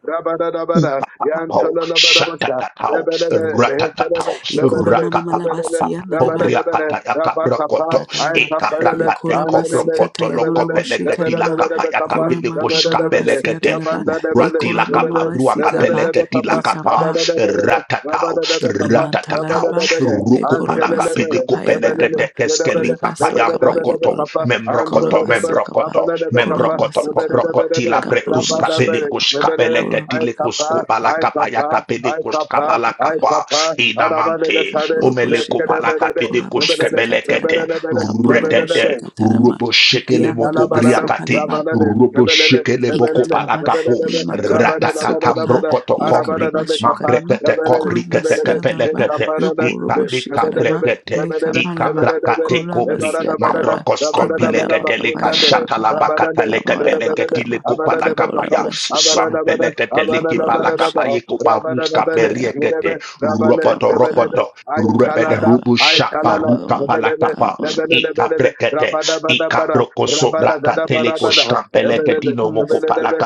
Speaker 5: Upapapapau, shatatatau, ratatatau,
Speaker 3: Ikora mama malabasia
Speaker 5: rakapapapapa,
Speaker 3: naraba
Speaker 5: obriakatayakabrakoto,
Speaker 1: I
Speaker 3: ikatanaba
Speaker 1: kapalele,
Speaker 3: lekora
Speaker 5: ikabrakate
Speaker 1: andelele,
Speaker 3: masikata
Speaker 5: kobrokoto,
Speaker 3: ya
Speaker 1: lebelele,
Speaker 3: norobo
Speaker 1: I kapa, I
Speaker 5: lokopelegeti lokopeleketi
Speaker 3: shekanaba
Speaker 1: kapa,
Speaker 3: kora makapanabasia
Speaker 5: lakapayakapilikushkapelekete,
Speaker 3: talaba le kora mama masikapa
Speaker 5: ratilakaparuakapeleketi lakapa,
Speaker 3: likapa
Speaker 5: ratatau, ratatatau,
Speaker 3: imantalaraba lekora masokapa ya naraba
Speaker 5: rukupalakapilikupenekete
Speaker 3: kore masokapa ya
Speaker 5: keskelikapayambrokoto,
Speaker 3: noraba kora
Speaker 5: membrokoto,
Speaker 3: masokapa
Speaker 5: membrokoto,
Speaker 3: kora
Speaker 5: membrokoto
Speaker 3: masokapa
Speaker 5: pobrokoti la
Speaker 3: kaporo
Speaker 5: prekuska
Speaker 3: moshekapa
Speaker 5: pelekuska
Speaker 3: kora
Speaker 5: peleketile kusku
Speaker 3: makaporo
Speaker 5: palaka payaka
Speaker 1: I
Speaker 5: pelekuska
Speaker 1: kapa, I
Speaker 3: kapapa
Speaker 5: palaka pa
Speaker 1: kapa, Arabale le
Speaker 5: inamante
Speaker 1: kare,
Speaker 3: Kapuru
Speaker 1: le
Speaker 5: omeleku
Speaker 1: kere
Speaker 3: Moshikaba,
Speaker 1: bele
Speaker 5: palaka
Speaker 1: de, le
Speaker 3: Kurama
Speaker 1: bele
Speaker 5: pelekuska
Speaker 1: de,
Speaker 5: pelekete
Speaker 3: Sikatarama,
Speaker 1: le
Speaker 3: Kapuru
Speaker 1: bele de bele,
Speaker 5: retete
Speaker 3: Moshikatarama,
Speaker 5: robo shekele moko
Speaker 3: Kianarama
Speaker 1: Intalabarada,
Speaker 5: briakate
Speaker 3: Sukalama,
Speaker 1: Rabanade,
Speaker 5: robo
Speaker 1: Rebelele,
Speaker 5: shekele boko
Speaker 1: Rebelele,
Speaker 3: Ikatarama,
Speaker 5: palaka po
Speaker 1: Rebelele,
Speaker 3: Lima
Speaker 1: Rabada,
Speaker 3: Korama
Speaker 1: Rabada,
Speaker 3: Sukapa,
Speaker 1: Rabada,
Speaker 5: ratatambrokoto
Speaker 1: Arabada,
Speaker 5: kombri
Speaker 3: Likurama
Speaker 1: Rabekapa,
Speaker 3: Shukalama,
Speaker 5: mambrekete
Speaker 1: Rebelele,
Speaker 5: kopri
Speaker 3: Kurama
Speaker 5: kete
Speaker 1: Rebelele,
Speaker 3: Sianarama,
Speaker 5: kepelekete
Speaker 1: Ekaparada,
Speaker 5: ika
Speaker 3: Lukurubo
Speaker 5: ika
Speaker 3: Shikarama,
Speaker 1: Rebelele,
Speaker 5: plekete
Speaker 1: Rebelele,
Speaker 5: ika
Speaker 3: Likamarama,
Speaker 1: Rebelele,
Speaker 5: brakate
Speaker 3: Kurama
Speaker 5: kopri
Speaker 1: Ebarada, Barada,
Speaker 3: Siatarama,
Speaker 5: Mabrokos
Speaker 1: Rabada, Rabada,
Speaker 5: kombileke
Speaker 3: Kipalama
Speaker 5: teleka
Speaker 1: Bakunda,
Speaker 3: Kapayama
Speaker 5: shatala
Speaker 3: Kaba,
Speaker 1: Rabada,
Speaker 5: bakata leke
Speaker 3: Kamarama
Speaker 5: peleke
Speaker 1: Rebelele,
Speaker 5: tile
Speaker 3: Kama,
Speaker 1: Abada,
Speaker 5: kupala
Speaker 1: Rebekapa,
Speaker 5: kapaya
Speaker 3: Kapurama
Speaker 1: Abada,
Speaker 3: Shukatama,
Speaker 1: Rabada,
Speaker 5: sampeleke
Speaker 1: Abada,
Speaker 5: teleki bala
Speaker 3: Kapurama
Speaker 1: Rabada,
Speaker 3: Shikama
Speaker 5: kapaye
Speaker 1: Rabada,
Speaker 5: kubaruska
Speaker 1: Rebele,
Speaker 3: kapaya maka
Speaker 5: beriekete
Speaker 1: Rebele, Rabale,
Speaker 5: roboto
Speaker 3: kapa kapa
Speaker 1: Rebelele,
Speaker 5: roboto
Speaker 1: I
Speaker 5: rebede
Speaker 3: kapaya
Speaker 1: Talada,
Speaker 3: ba
Speaker 5: rubu
Speaker 1: I
Speaker 5: shapa
Speaker 1: Talala,
Speaker 3: kapa
Speaker 5: ruka
Speaker 3: kapa
Speaker 1: Rebelele,
Speaker 5: palakapa. ika kapa
Speaker 3: kapa
Speaker 1: Rebelele,
Speaker 5: ikaprekete
Speaker 1: Rabada, Bada, Bara,
Speaker 5: ikabroko sobra
Speaker 1: Rabada
Speaker 3: kapaya ba
Speaker 5: kateleko
Speaker 3: shi
Speaker 1: Gadabada,
Speaker 5: skampeleke
Speaker 3: kapa
Speaker 5: tino
Speaker 3: mas
Speaker 5: moko pala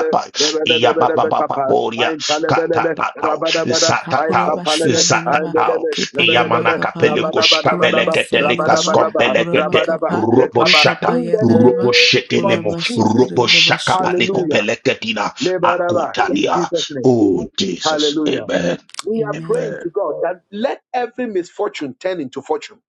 Speaker 5: iya baba baba boria
Speaker 1: I'm Palene,
Speaker 5: katatatao
Speaker 1: Rabada, I
Speaker 3: kapura ba
Speaker 5: satatao
Speaker 1: Papalene,
Speaker 3: siyanda na
Speaker 1: I'm
Speaker 3: ba
Speaker 5: satatao
Speaker 1: Benele,
Speaker 3: kepa
Speaker 5: iya
Speaker 3: na mara
Speaker 1: Nebelebe,
Speaker 5: manaka
Speaker 3: kapa ba
Speaker 1: Rabada
Speaker 5: peleko
Speaker 3: kura ma
Speaker 1: Badabadaba,
Speaker 5: skapeleke
Speaker 3: siyanda
Speaker 5: deleka
Speaker 3: na
Speaker 1: Rabada
Speaker 3: ba
Speaker 1: Badaba,
Speaker 3: kura ma
Speaker 1: Rabadaba,
Speaker 3: kapa lu
Speaker 1: Lekaba,
Speaker 5: Roboshata,
Speaker 3: kapa
Speaker 1: in the
Speaker 3: yanda
Speaker 1: name
Speaker 3: na ba
Speaker 1: of
Speaker 3: kura
Speaker 5: Roboshetelemo,
Speaker 3: ma sokere ba
Speaker 5: Roboshaka
Speaker 3: shi kapa
Speaker 5: Paleko Pelekatina,
Speaker 1: Lebaraba, in
Speaker 5: Akotalia.
Speaker 1: Jesus' name.
Speaker 5: Oh, Jesus.
Speaker 1: Hallelujah.
Speaker 5: Amen.
Speaker 1: We are praying
Speaker 3: amen
Speaker 1: to
Speaker 5: Amen.
Speaker 1: God that let every misfortune turn into fortune.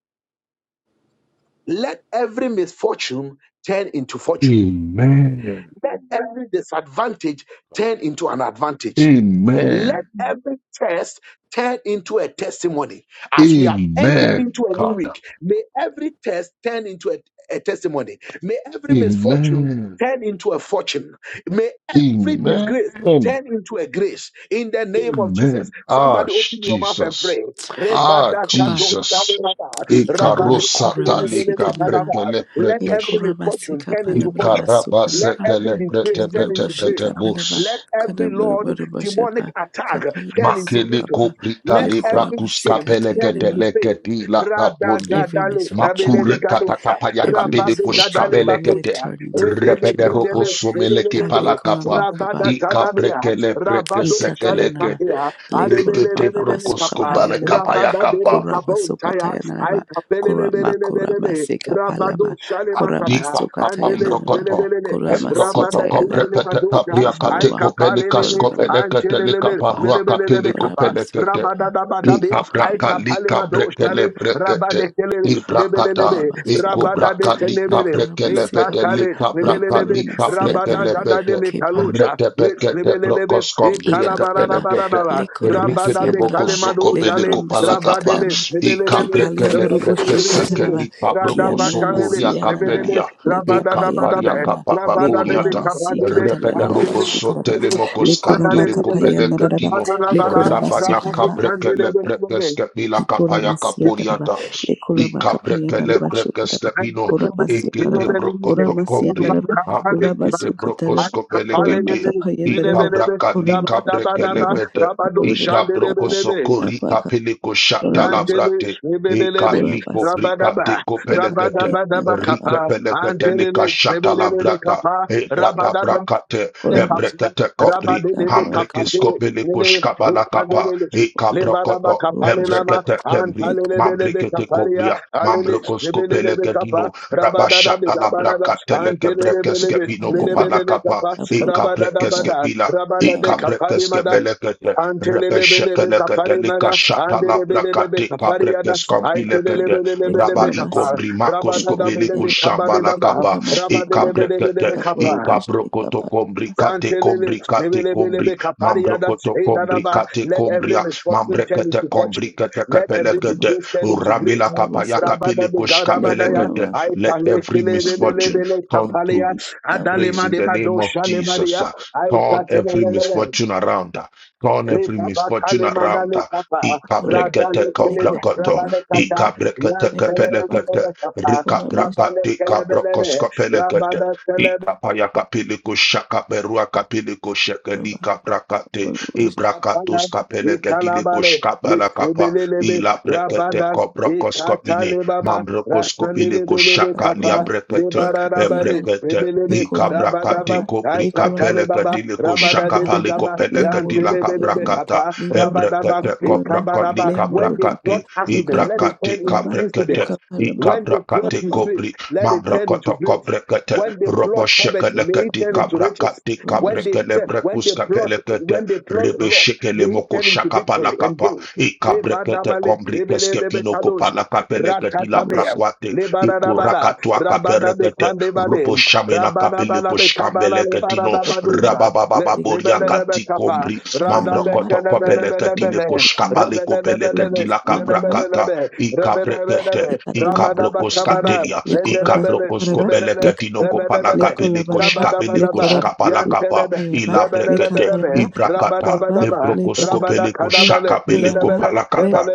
Speaker 1: Let every misfortune turn into fortune.
Speaker 5: Amen.
Speaker 1: Let every disadvantage turn into an advantage. Let
Speaker 5: Amen.
Speaker 1: every test turn into a testimony. As we have entered
Speaker 5: Amen.
Speaker 1: into a new
Speaker 5: Kata.
Speaker 1: week, may every test turn into a, a testimony. May every misfortune
Speaker 5: Amen.
Speaker 1: turn into a fortune. May every disgrace
Speaker 5: Amen.
Speaker 1: turn into a grace in the name of Jesus.
Speaker 5: Amen. Ah,
Speaker 1: Somebody open your mouth and
Speaker 5: Jesus.
Speaker 1: pray.
Speaker 5: Ah,
Speaker 3: kobam
Speaker 5: Jesus.
Speaker 1: Rebadakatoskatata, rabadakatata.
Speaker 3: Ikalama
Speaker 5: Ikarosata
Speaker 3: kurama
Speaker 5: leka
Speaker 3: sikalama.
Speaker 1: Let
Speaker 5: brekele
Speaker 1: every
Speaker 3: Likurama
Speaker 1: misfortune turn into
Speaker 3: palamalaba
Speaker 1: fortune. Let
Speaker 3: sukalama.
Speaker 1: every
Speaker 5: Ikarabasekele brete
Speaker 1: disgrace turn
Speaker 5: pete
Speaker 3: Kianurba
Speaker 1: into
Speaker 5: pete
Speaker 1: grace.
Speaker 5: bus.
Speaker 3: malaba.
Speaker 1: Let every Lord
Speaker 3: Kanamurba
Speaker 1: demonic attack
Speaker 3: Kapalaba
Speaker 1: turn into
Speaker 5: Makele
Speaker 1: victory.
Speaker 3: sukapa.
Speaker 5: kobrita
Speaker 1: Let
Speaker 5: le
Speaker 1: every
Speaker 3: Likurama
Speaker 5: brakus
Speaker 1: shame
Speaker 5: kapele
Speaker 1: turn
Speaker 5: kete
Speaker 3: tainema.
Speaker 1: into faith.
Speaker 5: leketi la
Speaker 1: Rada
Speaker 5: kaponde.
Speaker 3: Every
Speaker 1: gadale
Speaker 3: misfortune,
Speaker 1: kabelele
Speaker 5: Makure
Speaker 3: Lord.
Speaker 1: gadocha.
Speaker 5: katakapaya
Speaker 3: Every
Speaker 5: kapede
Speaker 1: Rabade
Speaker 5: kush
Speaker 3: misfortune,
Speaker 1: gadale
Speaker 5: kapele
Speaker 3: Lord, let it
Speaker 5: kete.
Speaker 1: bakocha.
Speaker 3: turn into
Speaker 1: Redele
Speaker 5: Repede
Speaker 3: fortune, O
Speaker 5: robo
Speaker 1: kendele
Speaker 3: God.
Speaker 5: somele ke
Speaker 3: Ali
Speaker 5: pala
Speaker 1: rebelelele.
Speaker 5: kapa.
Speaker 1: Rabada
Speaker 5: Ika
Speaker 1: gadalia.
Speaker 5: brekele breke
Speaker 1: Rabado
Speaker 5: sekele
Speaker 1: shale
Speaker 3: Ikatayanaba,
Speaker 5: kete.
Speaker 1: tapia.
Speaker 3: Le Koraba
Speaker 5: Rikete
Speaker 3: Baba
Speaker 1: Arebelelelele
Speaker 3: Soka
Speaker 5: brokosko
Speaker 1: kapa.
Speaker 5: bale
Speaker 3: Payanaba,
Speaker 5: kapaya
Speaker 1: Rabada
Speaker 5: kapa.
Speaker 1: dele
Speaker 3: Koraba Soka
Speaker 1: kabontaya. Ay
Speaker 3: Tayanaba, Korama Korama
Speaker 1: kapelelelelelele.
Speaker 3: Seka
Speaker 1: Rabado
Speaker 3: Palama,
Speaker 1: shale
Speaker 3: Korama
Speaker 5: Adi
Speaker 1: makata.
Speaker 3: Soka
Speaker 5: papa
Speaker 1: Andele
Speaker 3: Tayanaba,
Speaker 5: mrokoto.
Speaker 1: lelelele.
Speaker 3: Korama
Speaker 5: Embrokoto
Speaker 1: Rabada kindele
Speaker 3: Sutayanaba,
Speaker 5: kobrekete
Speaker 1: madocha.
Speaker 5: kabria
Speaker 1: I
Speaker 5: kate
Speaker 3: Kaboba,
Speaker 5: kopelika
Speaker 1: kapalele,
Speaker 3: Korama,
Speaker 5: skopelekete lika
Speaker 1: antelele,
Speaker 5: parua
Speaker 3: Kaparaba,
Speaker 5: kapili
Speaker 1: lebelele
Speaker 3: Korama
Speaker 1: kapa,
Speaker 5: kopelekete.
Speaker 1: rabada
Speaker 3: Sukapa,
Speaker 1: dabadabe,
Speaker 5: Lika
Speaker 1: I
Speaker 5: braka
Speaker 3: Kaporaba,
Speaker 1: kapale
Speaker 5: lika brekele
Speaker 1: madoshale,
Speaker 3: Kaporaba,
Speaker 5: brekete.
Speaker 1: rabade kele,
Speaker 5: Ibrakata.
Speaker 1: lebelele,
Speaker 3: Kaporaba
Speaker 5: Iko
Speaker 3: Sukapa,
Speaker 1: rabada de
Speaker 5: braka
Speaker 3: Le
Speaker 5: lika
Speaker 1: tenebele,
Speaker 3: Korama
Speaker 1: le
Speaker 5: brekele bete
Speaker 3: Sikapa,
Speaker 1: kakale,
Speaker 5: lika
Speaker 3: Le
Speaker 5: braka
Speaker 1: lebelele,
Speaker 3: Korama
Speaker 5: lika
Speaker 1: rabada
Speaker 5: brekele
Speaker 3: Sianaba,
Speaker 1: gada de
Speaker 5: bete.
Speaker 3: Kepa
Speaker 1: mekalocha,
Speaker 5: Rete
Speaker 1: le
Speaker 5: bekete
Speaker 1: lebelele,
Speaker 5: brokos
Speaker 1: e
Speaker 5: kombria
Speaker 1: kalabara
Speaker 3: Ikatalama,
Speaker 1: rabada,
Speaker 5: kapelekete. Rike
Speaker 1: rabada
Speaker 5: de
Speaker 1: de
Speaker 5: boko
Speaker 1: kale
Speaker 3: Lekoramasianalaba,
Speaker 5: soko
Speaker 1: madojale, rabadele,
Speaker 3: Lekoramasicatalama,
Speaker 1: lebelele,
Speaker 5: Ikaprekele
Speaker 3: Kipalianurubushukatanaba,
Speaker 5: prekesekeli pabroko
Speaker 1: Radabakalele,
Speaker 5: sokoria
Speaker 3: Kianamasianaba,
Speaker 1: lebelele,
Speaker 5: kapedia.
Speaker 1: rabada
Speaker 5: Ikaparia
Speaker 1: dabadabe,
Speaker 3: Lekapayananama,
Speaker 1: rabada de
Speaker 5: kapapapuriata. Repede
Speaker 3: Lekoramasicatalaba,
Speaker 1: kabandele,
Speaker 5: roboso
Speaker 3: Sukaraba,
Speaker 1: Rabba
Speaker 5: telemokos katele kopeleketino. Rabaya
Speaker 3: Lekoramakapayanaraba,
Speaker 5: kaprekele prekeskepila
Speaker 3: Ikola
Speaker 5: kapaya
Speaker 3: masia daraba,
Speaker 5: kapuriata.
Speaker 3: lekola makapaya
Speaker 5: Ikaprekele
Speaker 3: daraba shuka daraba,
Speaker 5: prekeskepino.
Speaker 3: kola masia
Speaker 5: Ekete
Speaker 3: daraba, kola
Speaker 5: brokoto
Speaker 3: masia
Speaker 5: komri.
Speaker 3: daraba, kola
Speaker 5: Aprekete
Speaker 3: masuka daraba, kola
Speaker 5: brokoskopelekete.
Speaker 3: makapaya daraba, kola
Speaker 5: Ikabrakali
Speaker 3: makapaya daraba,
Speaker 5: bede.
Speaker 3: kapolo
Speaker 5: Ika broko
Speaker 3: boshaba,
Speaker 5: soko
Speaker 3: kapa
Speaker 5: rika
Speaker 3: kapa,
Speaker 5: peliko
Speaker 3: kola
Speaker 5: shata la
Speaker 3: masu,
Speaker 5: brate. Ika
Speaker 3: kola
Speaker 5: liko
Speaker 3: masu,
Speaker 5: brika teko pelekete.
Speaker 3: lekapaya nakapa,
Speaker 5: Rike pelekete lika shata la brata. E brata brakate. E
Speaker 3: kola masu,
Speaker 5: brekete kopri.
Speaker 1: Rabadele
Speaker 3: kapa
Speaker 5: Hambreke
Speaker 1: kapate
Speaker 3: kapa,
Speaker 5: skope liko
Speaker 1: lele
Speaker 5: shkaba la kapa.
Speaker 1: lepanele
Speaker 5: Ika
Speaker 1: le baraba
Speaker 5: brokoto.
Speaker 3: kola
Speaker 1: kapale
Speaker 3: bosha,
Speaker 1: lama
Speaker 5: Hembrekete kembri.
Speaker 3: lekapa,
Speaker 1: antalele bele be
Speaker 5: Mambrekete
Speaker 1: kapalia
Speaker 5: kobria.
Speaker 1: alele
Speaker 5: Mambreko
Speaker 1: lebele
Speaker 5: skope
Speaker 1: lebe kapa
Speaker 5: leketino.
Speaker 1: rabada da be
Speaker 5: Rabashata la
Speaker 1: barada
Speaker 5: brakate leke
Speaker 1: antelele bele
Speaker 5: brekeske
Speaker 1: be
Speaker 5: bino
Speaker 3: lekapaya
Speaker 1: lele
Speaker 5: kopa
Speaker 3: daraba,
Speaker 1: bele le
Speaker 5: kapa.
Speaker 1: kapa
Speaker 3: kapolo
Speaker 5: Ika
Speaker 1: rabada da
Speaker 5: brekeske
Speaker 3: boshaba,
Speaker 1: bada
Speaker 5: bila.
Speaker 1: rabada de
Speaker 5: Ika
Speaker 3: yama,
Speaker 1: kapadi
Speaker 5: brekeske
Speaker 1: mada
Speaker 5: belekete.
Speaker 1: Antelelebelebe
Speaker 5: Rebeshekelekete
Speaker 1: kapari nana,
Speaker 5: likashatala
Speaker 1: andelebelebe
Speaker 5: brakate
Speaker 1: kapari yada,
Speaker 5: kabrekes
Speaker 3: lekapa,
Speaker 5: kampilekete raba
Speaker 3: lekola
Speaker 1: aitelebelebe
Speaker 3: masia,
Speaker 1: kapa,
Speaker 5: ikombrimakos
Speaker 1: rabada da
Speaker 3: lekapaya
Speaker 5: kopeliko
Speaker 1: belebe kabade daba,
Speaker 3: Likura
Speaker 5: shambalakaba
Speaker 1: rabade
Speaker 3: makapala
Speaker 1: de
Speaker 5: ikabrekete
Speaker 1: belebe
Speaker 3: makaporo
Speaker 1: kapa,
Speaker 3: boshte
Speaker 5: ikabrokoto
Speaker 3: kapala
Speaker 5: kombrikate
Speaker 1: Zantelele,
Speaker 5: kombrikate kombri
Speaker 1: nebelebelebe, kapariada,
Speaker 5: mambrokoto
Speaker 1: eidadaba.
Speaker 5: kombrikate
Speaker 1: Let every
Speaker 5: kombria
Speaker 1: misfortune turn
Speaker 5: mambrekete
Speaker 1: into fortune.
Speaker 5: kombrikete
Speaker 1: Let every
Speaker 3: makaporo
Speaker 5: kepelekete
Speaker 3: boshte
Speaker 1: disgrace turn into
Speaker 5: uramila
Speaker 1: grace.
Speaker 3: kaporo
Speaker 5: kapaya
Speaker 3: boshte
Speaker 1: Rabada de
Speaker 5: kapiliko
Speaker 1: Gadabadaya,
Speaker 3: likura
Speaker 5: shkabelekete
Speaker 1: I
Speaker 5: let every
Speaker 3: makaporo
Speaker 5: misfortune
Speaker 1: Palekele,
Speaker 3: boshte
Speaker 5: turn to
Speaker 1: Kapalia,
Speaker 3: kaporo
Speaker 5: grace
Speaker 1: Adalema
Speaker 5: in
Speaker 1: de
Speaker 5: the
Speaker 1: Bado
Speaker 5: name of Jesus.
Speaker 1: Shalemadia, I
Speaker 5: Turn every
Speaker 1: Katelele,
Speaker 5: misfortune around. Turn every
Speaker 1: Rebaba
Speaker 5: misfortune
Speaker 1: Kalemanda
Speaker 5: around.
Speaker 1: le Kapa,
Speaker 3: kaporo boshte
Speaker 5: Ikabrekete
Speaker 1: Radale Kele,
Speaker 3: kaporo
Speaker 5: kobrakoto.
Speaker 1: Rabada
Speaker 3: boshte
Speaker 1: Kata,
Speaker 5: Ikabrekete
Speaker 1: Yan
Speaker 3: likura
Speaker 5: kepelekete.
Speaker 1: Telele, Kapa,
Speaker 3: makaporo boshte
Speaker 1: Rabale
Speaker 5: Rikabrakate
Speaker 1: Kelebele,
Speaker 5: kabrokoskopelekete.
Speaker 1: Rabada
Speaker 5: Ikapaya kapiliko shaka berua kapiliko
Speaker 3: kaporo
Speaker 5: shekeli kabrakate.
Speaker 3: makaporo boshte
Speaker 5: Ibrakatos kapelekete liko
Speaker 1: Ikalabale,
Speaker 5: shkabala kapa.
Speaker 1: Misrebelebe,
Speaker 5: Ila brekete
Speaker 1: Rabada,
Speaker 5: kobrokoskopine.
Speaker 1: Ikatalebaba,
Speaker 5: Mambrokoskopiliko
Speaker 1: Rasandelebelebe
Speaker 5: shaka
Speaker 3: kaporo
Speaker 1: Kapa,
Speaker 3: boshte
Speaker 5: liabrekete.
Speaker 3: likapaya na
Speaker 1: Lebarabale,
Speaker 5: Ebrekete.
Speaker 1: Rebelele,
Speaker 5: I
Speaker 3: likura
Speaker 5: kabra
Speaker 3: makura
Speaker 5: kate
Speaker 1: Rabadaba,
Speaker 3: ma
Speaker 5: ko brika
Speaker 3: likura
Speaker 5: pele
Speaker 1: Aikatalebaba,
Speaker 3: makapa
Speaker 5: katile ko
Speaker 1: Rabada
Speaker 5: shaka
Speaker 3: likapala
Speaker 5: pale
Speaker 3: ba
Speaker 5: ko
Speaker 1: Debegaba,
Speaker 5: pele
Speaker 3: lemuru
Speaker 5: katila
Speaker 3: boshte
Speaker 5: kabra
Speaker 1: Yantelebelebe
Speaker 3: karan
Speaker 5: kata
Speaker 1: Kapa,
Speaker 3: lemuru
Speaker 5: ebre
Speaker 1: Rabadaba,
Speaker 5: kate
Speaker 3: makaporo
Speaker 5: ko
Speaker 3: ma
Speaker 5: braka li
Speaker 1: Ikabaraba.
Speaker 3: lemuru
Speaker 1: When
Speaker 5: kabra
Speaker 1: they
Speaker 3: kapa
Speaker 1: plot
Speaker 5: kate i
Speaker 1: accident,
Speaker 3: lukara
Speaker 1: let it
Speaker 3: boshte
Speaker 1: turn
Speaker 5: brakate
Speaker 1: into
Speaker 3: kapa
Speaker 5: kabre kate
Speaker 1: incident.
Speaker 3: lukapala
Speaker 5: i
Speaker 3: ma
Speaker 1: When they
Speaker 5: kabra
Speaker 1: plot
Speaker 5: kate ko
Speaker 1: disgrace, let it turn into grace. When they plot poverty, may it turn into riches. When they
Speaker 3: Lekorobo
Speaker 1: te- when they plot when they plot loss, may it
Speaker 5: moko
Speaker 1: turn into
Speaker 5: shaka pala
Speaker 1: victory and
Speaker 5: kapa
Speaker 1: gain.
Speaker 5: i kabre kate
Speaker 1: Lebadabale,
Speaker 5: kombri
Speaker 1: lebele,
Speaker 5: keske pino ko
Speaker 1: lebekadosha,
Speaker 5: pala kapele
Speaker 1: ratatabeya, lebarabada, rabadabekandebale,
Speaker 5: Robo Shamela Kapele
Speaker 1: rabanabadabekabala,
Speaker 5: Koshkambele Katino
Speaker 1: lebarabadosha, le-
Speaker 5: Rabababa Boria Kati
Speaker 1: lebelelebekapa,
Speaker 5: Kombri Mambra Koto Kopele Katile
Speaker 1: radabekele- Rabba
Speaker 5: Koshkabale Kopele Katila Kaprakata Ikabrekete Ikabrokos Katelia Ikabrokos Kobele Katino Kopala Kapele Koshkabele Koshkabala Kapa Ilabrekete Ibrakata Ebrokos Kopele Koshakabele Kopala Kapa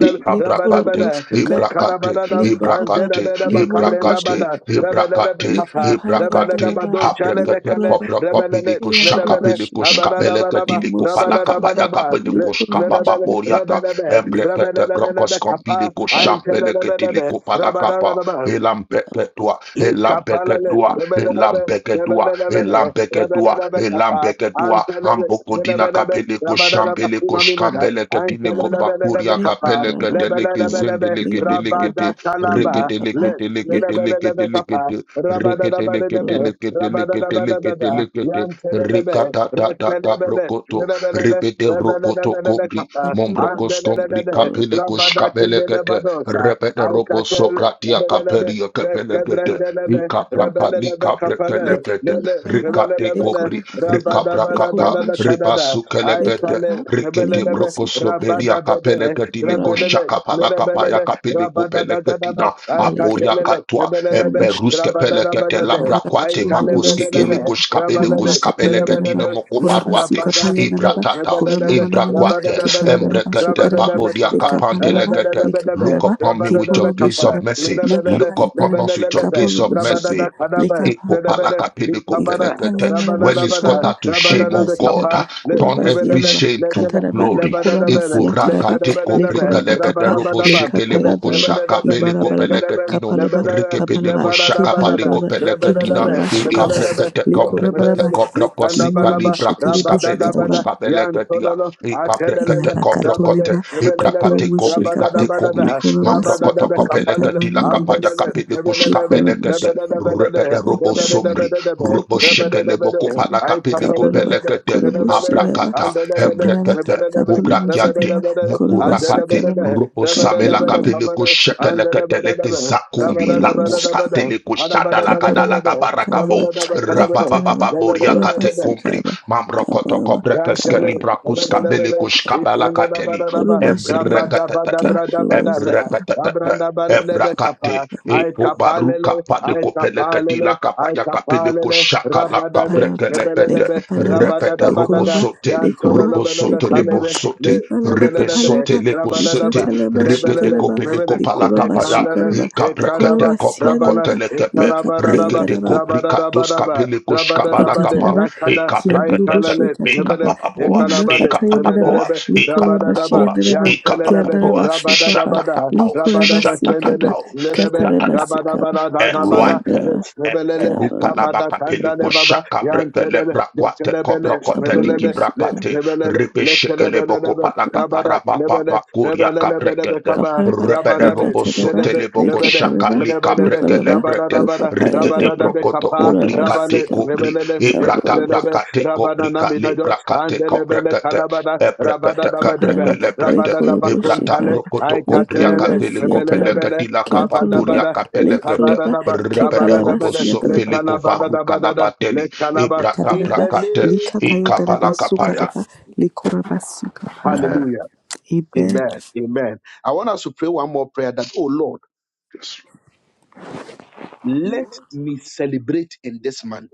Speaker 5: Ibrakate,
Speaker 1: bada le
Speaker 3: sukapa
Speaker 1: kana
Speaker 5: Ibrakate,
Speaker 1: bada da
Speaker 3: libaraba
Speaker 1: andele
Speaker 5: Ibrakate,
Speaker 1: bada ba kabrenda
Speaker 5: Ibrakate,
Speaker 3: liboroboshe
Speaker 1: bada rebele le be
Speaker 5: Hibrakate,
Speaker 3: Lika
Speaker 1: kapa
Speaker 3: Likapale
Speaker 1: rebele le
Speaker 5: Hibrakate,
Speaker 3: yadereba
Speaker 1: bado chale le
Speaker 5: Habrakate,
Speaker 1: kale
Speaker 3: likuraba
Speaker 5: Kobrako,
Speaker 1: rebele le
Speaker 3: sikite
Speaker 5: Piliko,
Speaker 1: rebele
Speaker 5: Shaka,
Speaker 3: yadereba
Speaker 1: bele
Speaker 5: Piliko,
Speaker 1: abada
Speaker 3: shikapa
Speaker 1: da
Speaker 5: Skapeleka,
Speaker 1: bada ba
Speaker 5: Tiliko,
Speaker 1: rabada da
Speaker 5: Panakapa,
Speaker 3: imosekapa
Speaker 1: bada ba le
Speaker 5: Yakapeliko,
Speaker 3: likuraba
Speaker 5: Skapa,
Speaker 1: rebele bele
Speaker 3: shikapa
Speaker 5: Baboriata,
Speaker 1: rebele be rebele
Speaker 5: Embrekete,
Speaker 1: le bele
Speaker 5: Brokos,
Speaker 1: be kapa
Speaker 5: Kompiliko,
Speaker 1: aintele
Speaker 3: likapakuraba
Speaker 1: le
Speaker 5: Shampeleke,
Speaker 1: bele be
Speaker 5: Tiliko,
Speaker 1: rabada
Speaker 5: Panakapa,
Speaker 1: da ba
Speaker 5: Elampeketua,
Speaker 1: Likapalale,
Speaker 5: Elampeketua,
Speaker 1: nebelelebe,
Speaker 5: Elampeketua,
Speaker 1: nebelelebe,
Speaker 5: Elampeketua,
Speaker 1: rebelelebe kapa,
Speaker 5: Elampeketua,
Speaker 1: antelebe,
Speaker 5: Ambokodina,
Speaker 1: nebelelebe,
Speaker 5: Kapeliko,
Speaker 1: rabadadaba
Speaker 5: Shampeleko,
Speaker 1: kulaminada,
Speaker 5: Skambeleke, Tiniko,
Speaker 1: antelelebelelebe
Speaker 5: Pakuria,
Speaker 1: kapa,
Speaker 5: Kapeleke,
Speaker 3: likaparaba
Speaker 5: Deleke,
Speaker 3: shikapa
Speaker 1: lebelelebelebe,
Speaker 5: Zendeleke, Deleke,
Speaker 3: limokaraba
Speaker 1: rabadatalaba,
Speaker 5: Rekete
Speaker 3: limokapa
Speaker 1: le-
Speaker 5: lekete lekete
Speaker 1: lebelelebe
Speaker 5: lekete
Speaker 1: kapa,
Speaker 5: lekete. Rekete lekete
Speaker 1: rabadadabadebe,
Speaker 3: likapakuraba
Speaker 5: lekete lekete lekete
Speaker 1: rabadadabadabada,
Speaker 5: lekete.
Speaker 1: yantelelebe,
Speaker 5: Rekata ta ta ta
Speaker 1: retelebele,
Speaker 5: brokoto.
Speaker 1: nebelele,
Speaker 5: Repete brokoto
Speaker 1: rebelelebelele
Speaker 5: kombri.
Speaker 1: kapa,
Speaker 5: Mombrokos kombri
Speaker 1: andelelebe,
Speaker 5: kapele
Speaker 1: rabadakindelebe
Speaker 5: koshkabelekete.
Speaker 1: dosa,
Speaker 5: Repete robo sokratia
Speaker 1: aikatel,
Speaker 5: kaperia kapelekete.
Speaker 1: Rekebrendelebe,
Speaker 5: Ikapraka likabrekelepete.
Speaker 3: likapale yadereba
Speaker 5: Rikate kobri.
Speaker 3: likuraba kapa
Speaker 5: Rikabrakata.
Speaker 3: likuraba shu
Speaker 5: Ribasukelepete.
Speaker 3: likapa
Speaker 5: Rikete
Speaker 3: limosekapa
Speaker 5: brokosloperia
Speaker 3: yadereba
Speaker 5: kapele katile ko
Speaker 3: likuraba
Speaker 5: shaka
Speaker 3: shikapa
Speaker 5: pala kapaya kapele ko pele katina aporia
Speaker 3: malikadereba
Speaker 5: katwa
Speaker 3: keromoshi
Speaker 5: eperus kepele kete
Speaker 3: Ipalala
Speaker 5: prakwate
Speaker 3: bashundiri
Speaker 5: makos kekele
Speaker 3: basiyana
Speaker 5: ko shkapele ko
Speaker 3: kurama
Speaker 5: skapele
Speaker 3: kapaya naraba
Speaker 5: katine moko
Speaker 3: kurama
Speaker 5: paruate
Speaker 3: suka paya naraba
Speaker 5: ibratata
Speaker 3: kurama mana manaba
Speaker 5: imbrakwate
Speaker 3: kipalala naraba shuka
Speaker 5: embrekete
Speaker 3: naraba
Speaker 5: babodia
Speaker 3: leka
Speaker 5: kapantele
Speaker 3: palaraba
Speaker 5: kete
Speaker 3: leka
Speaker 5: look
Speaker 3: palaba
Speaker 5: upon me with
Speaker 3: kiporo
Speaker 5: your gaze of
Speaker 3: boshikaba
Speaker 5: mercy
Speaker 3: maka
Speaker 5: look
Speaker 3: paya
Speaker 5: upon
Speaker 3: naraba
Speaker 5: us with your
Speaker 1: Lebelelebe,
Speaker 3: kaporo
Speaker 5: gaze of mercy
Speaker 3: boshikaba
Speaker 1: Rabadada Kadaba, Lebele, Likabada,
Speaker 5: Ikopalakapidikopelekete.
Speaker 3: Ikapalianaraba
Speaker 5: When it's cut
Speaker 1: Rabadabada,
Speaker 3: shukaraba
Speaker 5: out to shame, oh
Speaker 1: Rabadada
Speaker 5: God,
Speaker 3: korabasigaraba
Speaker 1: Kapa,
Speaker 5: ah,
Speaker 1: Let
Speaker 5: turn every
Speaker 1: Mebele,
Speaker 3: kurabasiyanaba
Speaker 5: shame to
Speaker 1: Lekene,
Speaker 3: kataraba
Speaker 5: glory.
Speaker 1: Lebanana Bele,
Speaker 3: kuramasiyataraba
Speaker 1: Lekana
Speaker 3: le
Speaker 1: Banana,
Speaker 3: koraba kapa
Speaker 1: Rabana
Speaker 3: le
Speaker 1: Banaba,
Speaker 3: kapayadaraba
Speaker 1: Lebanebe,
Speaker 3: ibarabaraba
Speaker 1: Lekanebe,
Speaker 5: Ikorakatikoprikalebederoboshekelebokosakabelekopeleketino,
Speaker 3: kapalaba
Speaker 1: Lebana,
Speaker 3: kapalaba
Speaker 1: Lebana Banana,
Speaker 3: kepalabaraba
Speaker 5: rikepedekosakapalekopeleketina,
Speaker 1: Lebanebe,
Speaker 3: kimarabaraba shukaraba
Speaker 1: Lebanebe, Lebele, Lekele. Lebadadabe, lekedabadadabe, rabadabadaba, lebe- lebadadabe, lekedebe, lebedebe, lebadadabadada, lebedebe, lebedebe,
Speaker 3: le
Speaker 1: le-
Speaker 3: korabaraba
Speaker 1: lebedebe, ikandabalaba,
Speaker 3: kimoromushetere bushekaraba
Speaker 1: rabadadabada,
Speaker 5: ikabreketekomreketekobrokosikalibrakuzkabelekuskabeleketia,
Speaker 1: yantololo, atelelele, rabale,
Speaker 5: ikabreketekobrokote,
Speaker 3: ilarakatoleba
Speaker 1: lebelelebe,
Speaker 3: kiporomushekapa
Speaker 1: rabadadabadada,
Speaker 3: le
Speaker 5: ibrakatekobrikatekombri,
Speaker 1: rabadadabe,
Speaker 3: koramasukaba
Speaker 1: kapalele,
Speaker 3: kataba
Speaker 5: mambrokotokopeleketila,
Speaker 1: Rabba
Speaker 3: nerebesia le
Speaker 5: kapayakapelekuskabelekete,
Speaker 3: koromushekaba
Speaker 5: Repede robo
Speaker 3: kapalaba
Speaker 5: somri, robo
Speaker 3: kapalaba
Speaker 5: shekele moko
Speaker 3: Kaba
Speaker 5: la kapele
Speaker 3: kabaraba
Speaker 5: kopelekete,
Speaker 3: korobo shigaba
Speaker 5: abrakata,
Speaker 3: kabaraba
Speaker 5: hembrekete,
Speaker 3: kaporobo shigaba
Speaker 5: ubrakyate, moko
Speaker 3: koroba
Speaker 5: rapate,
Speaker 3: shigaraba
Speaker 5: robo same la
Speaker 3: kaporoba
Speaker 5: kapele ko shekelekete leke zakumbi,
Speaker 3: kaporobo
Speaker 5: lakos
Speaker 3: shi
Speaker 5: katele ko shada lakada
Speaker 3: kaporoba kalaba
Speaker 5: lakabarakabo,
Speaker 3: ekataraba
Speaker 5: rababababoria
Speaker 3: koroba
Speaker 5: kate kumbri,
Speaker 3: shigaraba
Speaker 5: mamrokoto
Speaker 3: kabaraba
Speaker 5: kobrekeske
Speaker 3: kaba
Speaker 1: Yantele,
Speaker 5: librakus kapele
Speaker 1: lebelebelebe,
Speaker 5: ko shkabala kateli,
Speaker 1: ikandadabadadaba,
Speaker 3: korobo shigaba
Speaker 5: embrekete,
Speaker 3: kaporobo
Speaker 1: rabadabadabradabadabra,
Speaker 5: embrekete,
Speaker 1: abrandabelelebe
Speaker 5: embrakate,
Speaker 1: kapa, ay
Speaker 5: Eko
Speaker 1: kapalele,
Speaker 5: baruka pade
Speaker 1: ay
Speaker 5: kopele
Speaker 1: kapalele,
Speaker 5: kadila
Speaker 1: ay
Speaker 5: kapaya kapele ko
Speaker 1: kapalele,
Speaker 5: shaka la
Speaker 1: rabadade,
Speaker 3: Palaba,
Speaker 5: kapreke lepete
Speaker 3: Leka
Speaker 1: lebelelebe,
Speaker 3: Palaba,
Speaker 5: repete robo
Speaker 1: rabadadabadada,
Speaker 3: Lekoroba,
Speaker 5: sote
Speaker 3: Lekoroba,
Speaker 5: robo
Speaker 1: yantololobelele
Speaker 5: sote
Speaker 3: Lekoroba,
Speaker 5: lebo
Speaker 1: salebe,
Speaker 5: sote
Speaker 1: le-
Speaker 3: Lipalaba
Speaker 5: repe
Speaker 1: lebelelebe,
Speaker 5: sote
Speaker 3: Kapalaba,
Speaker 5: leko
Speaker 1: rabadadaba,
Speaker 5: sote
Speaker 3: Likatalaba
Speaker 5: rekete
Speaker 1: lebelele,
Speaker 3: Shikaraba,
Speaker 5: kopele
Speaker 1: lebele,
Speaker 5: kopala
Speaker 3: Lekoraba
Speaker 5: kapaya
Speaker 1: lekandale,
Speaker 5: e
Speaker 3: Shikaraba,
Speaker 5: kapreke de
Speaker 1: ekadaba,
Speaker 3: Ikoraba
Speaker 5: kopre
Speaker 1: rabala,
Speaker 5: kote
Speaker 3: Siadaraba,
Speaker 5: lekepe
Speaker 3: Leka
Speaker 1: ekadabadadaba,
Speaker 5: rekete
Speaker 3: Payadaraba,
Speaker 5: kobrika tos
Speaker 1: rabadadabadaba,
Speaker 5: kapele ko shkabala
Speaker 1: rabadadabade,
Speaker 5: kapa
Speaker 3: Ikataraba,
Speaker 5: e
Speaker 1: yakada, I
Speaker 5: kapreke de
Speaker 3: Kianurubo
Speaker 1: talalet,
Speaker 5: e
Speaker 1: nebele,
Speaker 3: Shekataraba,
Speaker 5: kapapaboa
Speaker 3: Lima
Speaker 5: e
Speaker 1: ekalabalet,
Speaker 3: Katayadaraba,
Speaker 5: kapapaboa
Speaker 1: nebelebe,
Speaker 3: Likoraba
Speaker 5: e
Speaker 1: rabadadaba,
Speaker 3: Shiandaraba,
Speaker 1: yantelebe,
Speaker 3: Kiandaraba
Speaker 5: Ikapapapoa,
Speaker 3: Sikapa,
Speaker 1: rabadadabada,
Speaker 5: shatatatao,
Speaker 3: Likoraba
Speaker 1: rabadada
Speaker 3: Sikaba,
Speaker 1: sendeles,
Speaker 5: shatatatao,
Speaker 1: nedebe,
Speaker 3: Kataraba
Speaker 5: shatatatao,
Speaker 3: Sikaba,
Speaker 1: rabadabadadabada,
Speaker 5: eruate,
Speaker 3: Kiandaraba
Speaker 1: let's nebelele,
Speaker 3: Kaba,
Speaker 5: eperuka labaka peliko
Speaker 1: rabadakandale baba,
Speaker 5: shaka brekele
Speaker 1: yantele,
Speaker 5: brakwate
Speaker 1: detelebele,
Speaker 5: koprokote liki
Speaker 3: Aborubo
Speaker 1: nebelele, let
Speaker 5: brakate,
Speaker 1: nebelele,
Speaker 5: ripe shekele boko
Speaker 1: lekelebelebe,
Speaker 5: palaka
Speaker 1: rabada,
Speaker 5: parababa
Speaker 1: nebele,
Speaker 5: papa kuria
Speaker 1: nebelelebelebe
Speaker 5: kabrekete,
Speaker 1: kaba,
Speaker 3: Kaparaba,
Speaker 5: repede
Speaker 1: rabadanet,
Speaker 5: robo
Speaker 3: Likatereba,
Speaker 1: nedebe,
Speaker 5: sotele boko
Speaker 1: Rebele,
Speaker 5: shaka
Speaker 3: Likaparaba,
Speaker 1: nebele,
Speaker 5: lika
Speaker 1: nebelele,
Speaker 5: brekele
Speaker 3: Lukaraba,
Speaker 5: breke,
Speaker 1: rabadadabada,
Speaker 5: rikede
Speaker 3: Lukapayadaba,
Speaker 1: rabadadabe
Speaker 5: brokoto
Speaker 1: kapa,
Speaker 3: Kurava
Speaker 5: kobrikate
Speaker 1: rabale,
Speaker 3: Sikaba,
Speaker 5: kobri, ibrata
Speaker 3: Kabul,
Speaker 1: nebelele,
Speaker 5: brakate
Speaker 1: Rabada
Speaker 5: kobrika le
Speaker 1: Naminado,
Speaker 5: brakate
Speaker 1: Andelebele
Speaker 5: kobrekete,
Speaker 1: Calabada, Rabada
Speaker 5: Eprekete kepreke
Speaker 3: Kaparaba,
Speaker 1: Dabadebe,
Speaker 5: leprete.
Speaker 1: Rabada
Speaker 3: Lekurubu
Speaker 5: Iprata
Speaker 1: Dabakuntale,
Speaker 3: Shikaraba,
Speaker 5: prokoto
Speaker 1: I
Speaker 5: kobria
Speaker 1: Catele,
Speaker 3: Lekuruba
Speaker 5: katele kopele
Speaker 3: Siadraba,
Speaker 1: Rebelebele,
Speaker 5: ketila kapa
Speaker 1: Rabada
Speaker 3: Keltuluba,
Speaker 5: kuria
Speaker 1: Bada,
Speaker 5: kapele kete.
Speaker 1: Ekabada
Speaker 3: Lekuruba,
Speaker 5: Repete
Speaker 3: Kipalaba
Speaker 5: ropo
Speaker 1: Le
Speaker 3: Siadraba,
Speaker 5: sofele
Speaker 1: Calabada
Speaker 5: kovaru
Speaker 1: Dabada, Le Calaba, in
Speaker 3: Kadaraba,
Speaker 1: the name
Speaker 5: Ikapala
Speaker 3: Likatayadaraba,
Speaker 1: of Jesus.
Speaker 5: kapaya.
Speaker 3: Sukaraba, Likuraba Sukapa.
Speaker 5: Amen.
Speaker 1: Hallelujah.
Speaker 3: Amen.
Speaker 1: Amen. Amen. I want us to pray one more prayer that, oh Lord, let me celebrate in this month.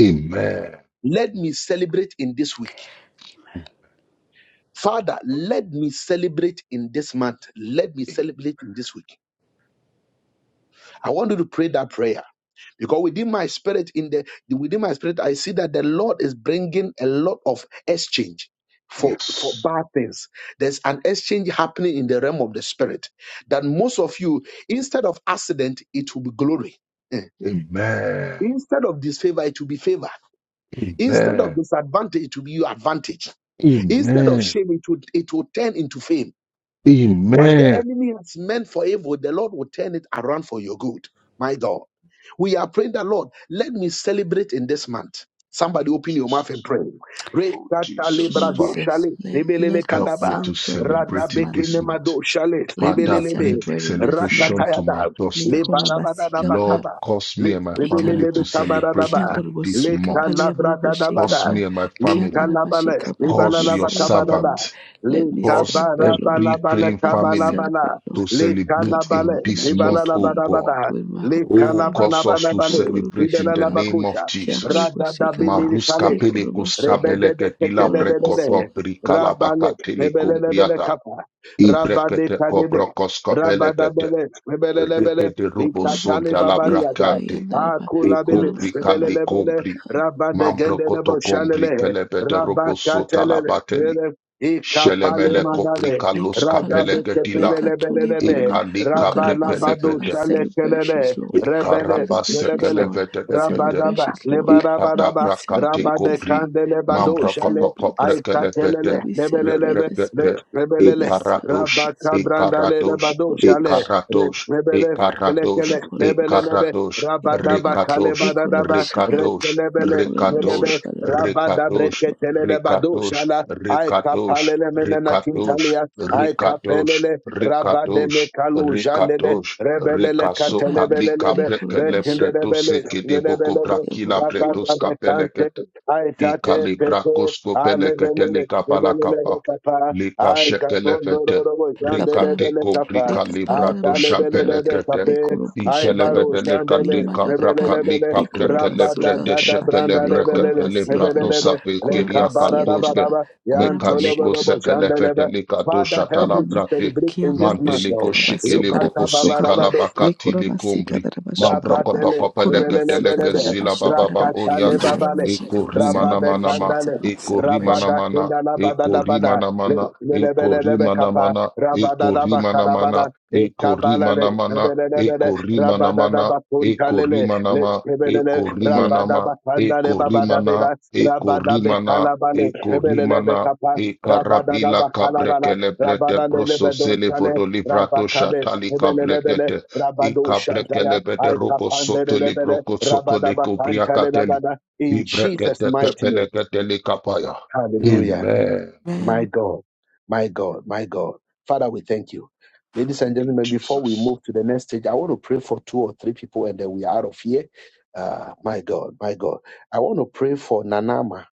Speaker 5: Amen.
Speaker 1: Let me celebrate in this week. Father, let me celebrate in this month. Let me celebrate in this week. I want you to pray that prayer because within my spirit, in the within my spirit, I see that the Lord is bringing a lot of exchange for for
Speaker 5: Yes.
Speaker 1: bad things. There's an exchange happening in the realm of the spirit that most of you, instead of accident, it will be glory. Eh.
Speaker 5: Amen.
Speaker 1: Instead of disfavor, it will be favor. Instead of
Speaker 5: Amen.
Speaker 1: disadvantage, it will be your advantage. Instead of
Speaker 5: Amen.
Speaker 1: shame, it will, it will turn into fame What the
Speaker 5: Amen.
Speaker 1: enemy has meant for evil, the Lord will turn it around for your good. My God. We are praying that, Lord, let me celebrate in this month. Somebody open your mouth and
Speaker 5: Jesus.
Speaker 1: pray.
Speaker 5: Oh, Jesus,
Speaker 1: Rekatalebrado
Speaker 5: Father,
Speaker 3: Jesus,
Speaker 1: shale,
Speaker 3: let,
Speaker 1: rebelele
Speaker 3: let me
Speaker 5: help me
Speaker 1: kadaba,
Speaker 5: to
Speaker 3: celebrate in this
Speaker 5: celebrate in
Speaker 3: month,
Speaker 5: this
Speaker 3: Lord.
Speaker 5: month.
Speaker 1: radabekenemado shale,
Speaker 3: Let me
Speaker 5: Father, bring
Speaker 1: rebelelebe,
Speaker 3: celebrate in this
Speaker 5: celebration
Speaker 3: month.
Speaker 5: to my
Speaker 1: ratatayada,
Speaker 5: doorstep.
Speaker 3: Likora Basika pa
Speaker 5: Lord,
Speaker 1: lebarabadadabakaba,
Speaker 5: cause me
Speaker 1: le-
Speaker 5: and my
Speaker 3: Lekorabasikapa.
Speaker 5: family
Speaker 1: rebelelebe
Speaker 5: to
Speaker 3: Ikaraba.
Speaker 5: celebrate
Speaker 1: tabaradaba,
Speaker 5: in this
Speaker 3: Kianorobosikapa.
Speaker 5: month.
Speaker 3: Basika
Speaker 5: Cause
Speaker 1: lekalabradadabada,
Speaker 3: pa?
Speaker 5: me and my family,
Speaker 3: Kiantara
Speaker 1: lekalabale,
Speaker 3: basika pa. Let me
Speaker 5: cause your
Speaker 3: celebrate,
Speaker 1: lebalalabakabadada.
Speaker 3: Lord.
Speaker 5: servant,
Speaker 3: Let
Speaker 1: Le
Speaker 3: me
Speaker 5: cause
Speaker 1: kabara
Speaker 3: celebrate, Lord.
Speaker 5: every
Speaker 1: bala bala
Speaker 5: praying
Speaker 3: Let me
Speaker 1: kabala
Speaker 5: family
Speaker 1: bala.
Speaker 3: celebrate,
Speaker 5: to
Speaker 3: Lord.
Speaker 1: Le kala
Speaker 5: celebrate
Speaker 1: bala.
Speaker 5: in
Speaker 3: Kaporobo,
Speaker 5: this
Speaker 1: Le
Speaker 3: not
Speaker 1: bala
Speaker 5: month,
Speaker 3: just
Speaker 1: la
Speaker 5: O
Speaker 3: me,
Speaker 1: bala
Speaker 5: God.
Speaker 1: bala.
Speaker 3: with my
Speaker 1: Le
Speaker 3: whole
Speaker 5: Oh,
Speaker 1: kala
Speaker 3: family.
Speaker 1: bala
Speaker 5: cause us
Speaker 1: bala
Speaker 5: to
Speaker 1: bala.
Speaker 3: Kapuru
Speaker 1: Le
Speaker 5: celebrate in
Speaker 1: bala
Speaker 5: the
Speaker 1: la
Speaker 3: Basika pa.
Speaker 5: name of
Speaker 1: bakusa.
Speaker 3: Kiantara
Speaker 5: Jesus.
Speaker 1: Rada da
Speaker 3: Basika pa?
Speaker 1: bili
Speaker 5: Maruska
Speaker 1: le
Speaker 3: Likora
Speaker 5: pelekus
Speaker 3: basika pa? Kaporobosikapa.
Speaker 5: kabeleke
Speaker 3: Kiamorobosikapa. Lekorobosikapa.
Speaker 5: pila
Speaker 1: Rebedebeketebebebe.
Speaker 5: prekoto
Speaker 3: Koramasuka.
Speaker 5: brikala
Speaker 1: Rabale,
Speaker 5: bakatele
Speaker 1: lebelebele
Speaker 5: kumbriata.
Speaker 1: kapa. Rabade
Speaker 5: Ibrekete
Speaker 1: kadebe.
Speaker 5: kobrokos kabelekete.
Speaker 1: Rabadabele, lebelebele.
Speaker 5: Repete robo
Speaker 3: Kaporoba.
Speaker 5: son
Speaker 1: Likatale
Speaker 5: dalla
Speaker 1: babariyada.
Speaker 3: Likapa
Speaker 5: bracante
Speaker 3: yandaraba.
Speaker 5: e
Speaker 1: Akulabele,
Speaker 3: Korama
Speaker 5: compri
Speaker 3: Kapa.
Speaker 5: calli
Speaker 1: lebelebele.
Speaker 5: compri. Mambro
Speaker 1: Rabadegendenebo
Speaker 5: coto compri che
Speaker 1: shalele.
Speaker 5: le vede robo sotto la
Speaker 1: Rabakatelele,
Speaker 5: bateli.
Speaker 1: lele. Ikapale
Speaker 5: Scelemele
Speaker 3: Kapalaba,
Speaker 5: copri
Speaker 1: mandale.
Speaker 5: callo
Speaker 3: Leka
Speaker 5: scapele
Speaker 3: Palaba,
Speaker 5: che di là.
Speaker 3: Leka Tuli
Speaker 5: E
Speaker 1: Radabekepelelebelelebe.
Speaker 3: Balaba,
Speaker 5: calli capre
Speaker 3: Lukaraba
Speaker 5: che le
Speaker 1: Rabalabado
Speaker 3: Sekaba,
Speaker 5: vede.
Speaker 1: shalekelele.
Speaker 3: celebrations, Lord,
Speaker 5: E
Speaker 1: Rebele,
Speaker 5: carabasse che
Speaker 3: celebrations,
Speaker 1: lebele.
Speaker 5: le
Speaker 3: Lord,
Speaker 5: vede
Speaker 1: Rabadaba,
Speaker 3: celebrations, Lord. Let
Speaker 5: Ipata
Speaker 1: lebarabaraba
Speaker 3: me
Speaker 5: prakate
Speaker 3: celebrate
Speaker 1: Rabade
Speaker 3: this
Speaker 5: kopri,
Speaker 3: month.
Speaker 1: Candele
Speaker 3: Let
Speaker 1: Bado
Speaker 3: me
Speaker 5: mambrakoto
Speaker 1: Shale,
Speaker 3: celebrate this month.
Speaker 5: koprekelepe,
Speaker 3: Let
Speaker 1: Aikatelele,
Speaker 3: me celebrate
Speaker 1: Nebelelebe,
Speaker 3: this
Speaker 5: rekete,
Speaker 3: month.
Speaker 1: Re-
Speaker 3: Let me
Speaker 1: Rebelele,
Speaker 5: ikaratos,
Speaker 3: celebrate this
Speaker 1: Rabaka
Speaker 3: month.
Speaker 1: Brandale
Speaker 5: ikaratos,
Speaker 1: Bado Shale,
Speaker 3: Kapolubush,
Speaker 1: Re-
Speaker 5: ikaratos,
Speaker 1: Rebele,
Speaker 5: ikaratos,
Speaker 1: Lekele,
Speaker 3: Kapolubush,
Speaker 1: Nebelelebe,
Speaker 5: ikaratos,
Speaker 1: Rabadaba
Speaker 3: Kapoluba,
Speaker 5: rikatos,
Speaker 3: Likoraba
Speaker 1: Kalebadadaba,
Speaker 3: Shika,
Speaker 5: rikatos,
Speaker 1: Rekelebele,
Speaker 3: Likoraba
Speaker 5: rikatos,
Speaker 1: Nelebe,
Speaker 3: Shokaraba,
Speaker 1: Rabada
Speaker 5: rikatos,
Speaker 3: Kapalaba,
Speaker 1: Breketele Bado
Speaker 5: rikatos,
Speaker 1: Shala,
Speaker 5: rikatos,
Speaker 1: Aikapalele Menena
Speaker 5: rikatos,
Speaker 1: Kintalia,
Speaker 5: rikatos,
Speaker 1: Aikapelele,
Speaker 5: rikatos,
Speaker 1: Rabadene Kalu Jandele,
Speaker 5: Rikatosh,
Speaker 1: Rebelele
Speaker 3: Kapalaba,
Speaker 5: Rikasoka, Lika
Speaker 1: Katelebelebe,
Speaker 5: Prekele
Speaker 3: Likoraba
Speaker 5: Preto Seke de Boko
Speaker 1: Rekendelebele,
Speaker 3: Shokaraba.
Speaker 5: Brakila Pretos
Speaker 1: Rabababasante,
Speaker 5: Kapeleket,
Speaker 1: aitate
Speaker 5: Ikali
Speaker 1: pepe,
Speaker 5: brakosko pelekete
Speaker 1: alebelele,
Speaker 5: lika
Speaker 1: lebelele
Speaker 5: palakapa.
Speaker 1: kapa,
Speaker 5: Lika shekelefete.
Speaker 1: aikazondororo,
Speaker 5: Rikate
Speaker 3: Kapalama,
Speaker 1: jandelebele kapa,
Speaker 3: le
Speaker 5: kobrika
Speaker 3: kapalana
Speaker 5: librato
Speaker 3: mashugalo,
Speaker 1: atalebelelebe
Speaker 5: shapelekete.
Speaker 3: le
Speaker 1: kape,
Speaker 3: korobushigalo,
Speaker 1: aibaro
Speaker 5: Ikelebete lekate
Speaker 1: shandele,
Speaker 3: limana kapa,
Speaker 5: kabraka
Speaker 1: lebelelebele,
Speaker 5: lika
Speaker 3: le
Speaker 1: rabada
Speaker 5: brekelebrete
Speaker 1: gada
Speaker 3: koramasukataba,
Speaker 1: branda
Speaker 3: le
Speaker 5: shekelebrekete
Speaker 1: lebelele,
Speaker 5: librato
Speaker 3: koramasiyanaraba,
Speaker 1: lebelelebe,
Speaker 5: sape kiriakatoske.
Speaker 3: koramasiyanaraba,
Speaker 1: lekabarabarabaraba,
Speaker 5: Mekaliko
Speaker 1: yantoloborobo
Speaker 3: koramashukinima.
Speaker 5: sekelefete
Speaker 1: jandelebe.
Speaker 5: likato
Speaker 1: Father, help
Speaker 5: shatala
Speaker 1: me to
Speaker 3: Kanama
Speaker 5: brate.
Speaker 1: celebrate in this month. Lord.
Speaker 5: Manteliko
Speaker 3: kiyarobushigalo, sukaraba
Speaker 5: shekeleboko
Speaker 3: sukapa, le
Speaker 5: sikalabakati likombri.
Speaker 3: koramasikanaraba shukaraba,
Speaker 1: Rabatele,
Speaker 5: Mambrokotoko pelekete leke
Speaker 1: lebelelebelebe,
Speaker 3: koramasikanaraba
Speaker 5: zila bababa
Speaker 3: shukaraba, le
Speaker 1: rakatale
Speaker 5: boriate.
Speaker 1: babale,
Speaker 5: Eko
Speaker 3: koramashikaba
Speaker 5: rimana
Speaker 1: rababe
Speaker 5: mana ma,
Speaker 3: celebration,
Speaker 1: kandale,
Speaker 5: eko rimana
Speaker 3: celebration.
Speaker 1: rabada
Speaker 5: mana,
Speaker 1: kindala
Speaker 5: eko
Speaker 1: badada bada,
Speaker 5: rimana mana,
Speaker 1: le-
Speaker 5: eko
Speaker 1: lelebelelebe
Speaker 5: rimana
Speaker 1: kapa,
Speaker 5: mana,
Speaker 1: rabada
Speaker 5: eko
Speaker 1: daba
Speaker 5: rimana
Speaker 1: karabada,
Speaker 5: mana, eko
Speaker 1: ekabala le,
Speaker 5: rimana mana,
Speaker 1: lebelelebele,
Speaker 5: eko rimana
Speaker 1: rabada
Speaker 5: mana,
Speaker 1: daba
Speaker 5: eko rimana ma,
Speaker 1: lebelele,
Speaker 5: eko rimana
Speaker 1: rabada
Speaker 5: ma,
Speaker 1: bakandale
Speaker 5: eko
Speaker 1: babada
Speaker 5: rimana,
Speaker 1: beda,
Speaker 5: eko
Speaker 1: rabada
Speaker 5: rimana,
Speaker 1: bekalabale,
Speaker 5: eko
Speaker 1: lebelelebe
Speaker 5: rimana,
Speaker 1: kapa,
Speaker 5: eka
Speaker 1: rabada
Speaker 5: rabila
Speaker 1: daba kalabala,
Speaker 5: kabrekele brete
Speaker 1: rabada
Speaker 5: proso sele
Speaker 1: lelebedontale,
Speaker 5: vodo livrato
Speaker 1: rabakale,
Speaker 5: shatali
Speaker 1: Lebelebele
Speaker 5: kabrekete,
Speaker 1: Rabado
Speaker 5: eka
Speaker 1: Shantaya,
Speaker 5: brekele bete robo soto
Speaker 1: Aikapandelebele,
Speaker 5: libroko soko de
Speaker 1: Rabadabakantalebada, in Jesus' mighty name.
Speaker 5: Ibreketekepeneketelekapaya.
Speaker 1: Hallelujah.
Speaker 5: Amen.
Speaker 1: My God, my God, my God. Father, we thank you. Ladies and
Speaker 5: Thank you,
Speaker 1: gentlemen, before we
Speaker 5: Jesus.
Speaker 1: move to the next stage, I want to pray for two or three people and then we are out of here. Uh, my God, my God. I want to pray for Nanama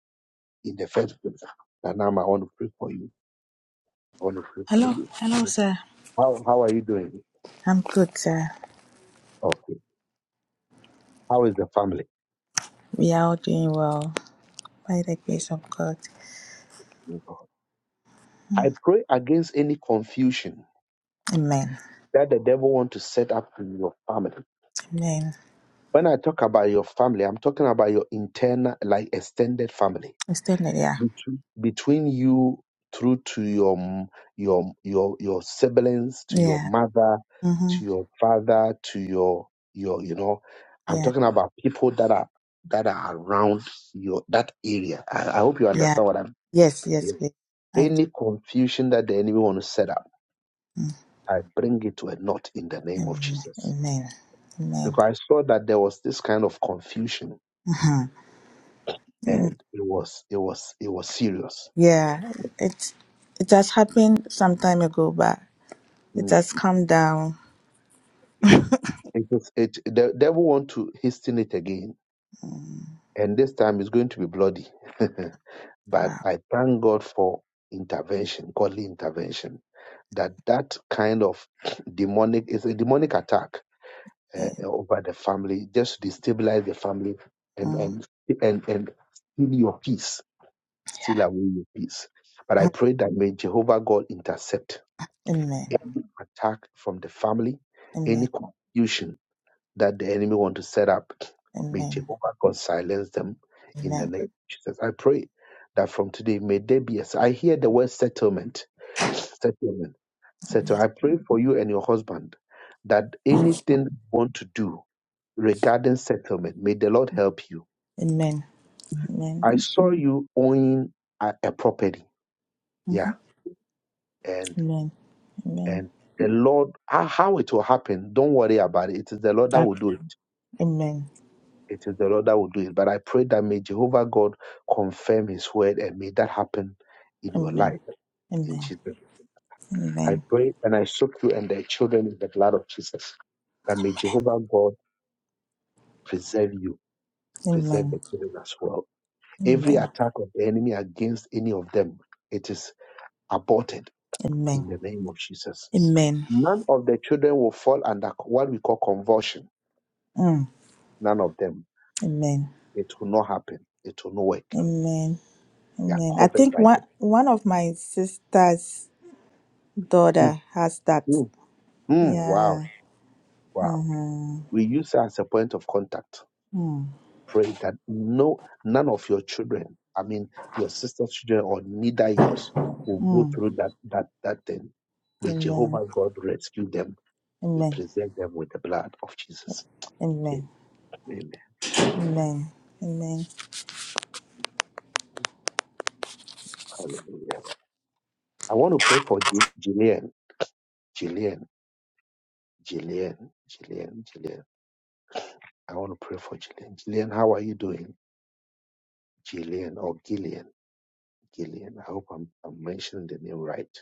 Speaker 1: in the first place. Nanama, I want to pray for you. I want to pray for
Speaker 6: Hello,
Speaker 1: you.
Speaker 6: hello, sir.
Speaker 1: How, how are you doing?
Speaker 6: I'm good, sir.
Speaker 1: Okay. How is the family?
Speaker 6: We are all doing well by the grace of God. Mm.
Speaker 1: I pray against any confusion
Speaker 6: Amen.
Speaker 1: that the devil want to set up in your family.
Speaker 6: Amen.
Speaker 1: When I talk about your family, I'm talking about your internal, like extended family
Speaker 6: It's still there. Yeah.
Speaker 1: between, between you through to your m- your your your siblings, to your
Speaker 6: Yeah.
Speaker 1: mother,
Speaker 6: Mm-hmm.
Speaker 1: to your father, to your your you know. I'm
Speaker 6: Yeah.
Speaker 1: talking about people that are that are around your that area. I, I hope you
Speaker 6: Yeah.
Speaker 1: understand what I'm
Speaker 6: Yes. Yes,
Speaker 1: saying.
Speaker 6: please. I do.
Speaker 1: Any confusion that the enemy want to set up.
Speaker 6: Mm.
Speaker 1: I bring it to a knot in the name of
Speaker 6: Amen.
Speaker 1: Jesus.
Speaker 6: Amen. Amen.
Speaker 1: Because I saw that there was this kind of confusion
Speaker 6: Mm-hmm. Mm.
Speaker 1: and it was it was it was serious.
Speaker 6: Yeah. It it has happened some time ago, but it
Speaker 1: Mm.
Speaker 6: has come down.
Speaker 1: It is it the devil want to hasten it again
Speaker 6: Mm.
Speaker 1: and this time it's going to be bloody. but
Speaker 6: Wow.
Speaker 1: I thank God for intervention, godly intervention. That that kind of demonic is a demonic attack uh,
Speaker 6: Mm.
Speaker 1: over the family, just to destabilize the family and
Speaker 6: Mhm.
Speaker 1: and and and steal your peace Still, I will your peace. But I pray that may Jehovah God intercept
Speaker 6: Amen.
Speaker 1: attack from the family,
Speaker 6: Amen.
Speaker 1: any confusion that the enemy want to set up. May
Speaker 6: Amen.
Speaker 1: Jehovah God silence them in the
Speaker 6: Amen.
Speaker 1: name of Jesus. I pray that from today may there be. A, I hear the word settlement, settlement, settle. I pray for you and your husband that anything you want to do regarding settlement, may the Lord help you.
Speaker 6: Amen. Amen.
Speaker 1: I saw you owning a, a property,
Speaker 6: Mm-hmm.
Speaker 1: yeah, and
Speaker 6: Amen. Amen.
Speaker 1: And the Lord, how how it will happen, don't worry about it. It is the Lord that
Speaker 6: I
Speaker 1: will do it.
Speaker 6: Amen.
Speaker 1: It is the Lord that will do it. But I pray that may Jehovah God confirm his word and may that happen in your
Speaker 6: Amen.
Speaker 1: life in
Speaker 6: Amen.
Speaker 1: Jesus. name. I
Speaker 6: Amen.
Speaker 1: pray and I soak you and the children in the blood of Jesus. That may Jehovah God save you, preserve
Speaker 6: Amen.
Speaker 1: the children as well. Every
Speaker 6: Amen.
Speaker 1: attack of the enemy against any of them, it is aborted
Speaker 6: Amen.
Speaker 1: in the name of Jesus.
Speaker 6: Amen.
Speaker 1: None of the children will fall under what we call convulsion.
Speaker 6: Mm.
Speaker 1: None of them
Speaker 6: Amen.
Speaker 1: It will not happen. It will not work.
Speaker 6: Amen.
Speaker 1: You are
Speaker 6: Amen. I
Speaker 1: covered
Speaker 6: think
Speaker 1: by
Speaker 6: one one of my sister's
Speaker 1: them.
Speaker 6: daughter has
Speaker 1: Mm,
Speaker 6: that.
Speaker 1: mm, mm. Wow,
Speaker 6: Yeah.
Speaker 1: wow.
Speaker 6: Uh-huh.
Speaker 1: We use her as a point of contact.
Speaker 6: Mm.
Speaker 1: Pray that no, none of your children, I mean, your sister's children or neither yours, will go
Speaker 6: Mm.
Speaker 1: through that that that thing. May
Speaker 6: Amen.
Speaker 1: Jehovah God rescue them and we
Speaker 6: Amen.
Speaker 1: present them with the blood of Jesus.
Speaker 6: Amen.
Speaker 1: Amen. Amen.
Speaker 6: Amen. Amen.
Speaker 1: Hallelujah. I want to pray for Ji- Jillian. Jillian. Jillian. Jillian. Jillian. I want to pray for Jillian. Jillian, how are you doing? Gillian or Gillian. Gillian. I hope I'm, I'm mentioning the name right.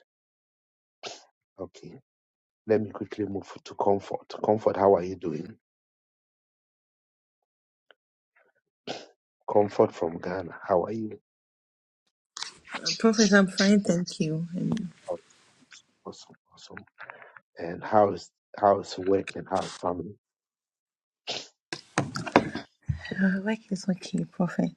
Speaker 1: Okay.
Speaker 7: Prophet, I'm fine, thank you. And uh, work is okay, Prophet.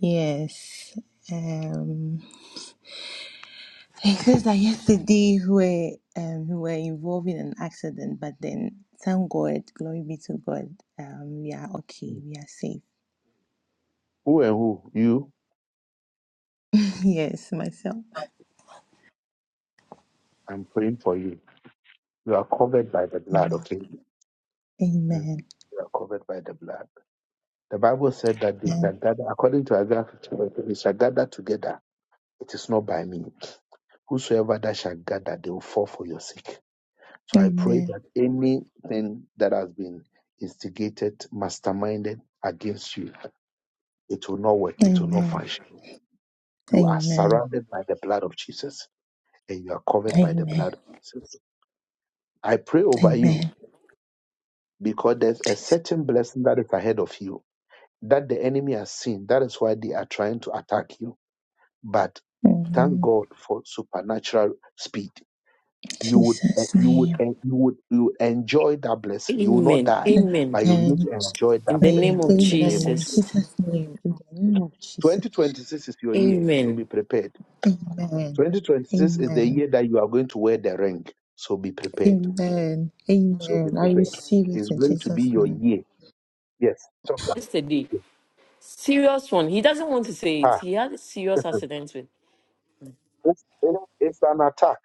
Speaker 7: Yes. Um, it says that yesterday we were, um, we were involved in an accident, but then thank God, glory be to God, um, we are okay,
Speaker 1: Mm.
Speaker 7: we are safe.
Speaker 1: Who and who? You?
Speaker 7: yes, myself.
Speaker 1: I'm praying for you. You are covered by the blood,
Speaker 7: Amen.
Speaker 1: okay? Mm.
Speaker 7: Amen.
Speaker 1: You are covered by the blood. The Bible said that they shall gather, according to Isaiah 50, they shall gather together. It is not by me. Whosoever that shall gather, they will fall for your sake. So I pray
Speaker 7: Amen.
Speaker 1: that anything that has been instigated, masterminded against you, it will not work, it will not
Speaker 7: Amen.
Speaker 1: function You are
Speaker 7: Amen.
Speaker 1: surrounded by the blood of Jesus and you are covered by the
Speaker 7: Amen.
Speaker 1: blood of Jesus. I pray over you
Speaker 7: Amen.
Speaker 1: because there's a
Speaker 7: Jesus.
Speaker 1: certain blessing that is ahead of you that the enemy has seen. That is why they are trying to attack you. But thank
Speaker 7: Amen.
Speaker 1: God for supernatural speed. You would,
Speaker 7: Jesus'
Speaker 1: you would,
Speaker 7: name.
Speaker 1: you would, you would enjoy that blessing. You will not
Speaker 8: Amen.
Speaker 1: die,
Speaker 8: Amen.
Speaker 1: but you need
Speaker 7: Amen.
Speaker 1: to enjoy
Speaker 8: In
Speaker 1: that
Speaker 8: the name
Speaker 7: name.
Speaker 1: blessing
Speaker 8: of
Speaker 1: in the
Speaker 7: Amen.
Speaker 1: name of
Speaker 7: In
Speaker 1: Jesus.
Speaker 8: Jesus.
Speaker 7: Jesus' name. In the name of Jesus.
Speaker 1: 2026 is your year, so be
Speaker 8: Amen.
Speaker 1: prepared.
Speaker 7: Amen.
Speaker 1: 2026 is the
Speaker 7: Amen.
Speaker 1: year that you are going to wear the ring, so be prepared.
Speaker 7: Amen.
Speaker 1: So be
Speaker 7: Amen. I
Speaker 1: prepared.
Speaker 7: receive
Speaker 1: It's
Speaker 7: it in
Speaker 1: going to be
Speaker 7: Jesus'
Speaker 1: your
Speaker 7: name.
Speaker 1: year. Yes, talk to
Speaker 8: Yesterday,
Speaker 1: me.
Speaker 8: serious one. He doesn't want to say it.
Speaker 1: Ah,
Speaker 8: He had a serious accident with.
Speaker 1: it's, you know, it's an attack.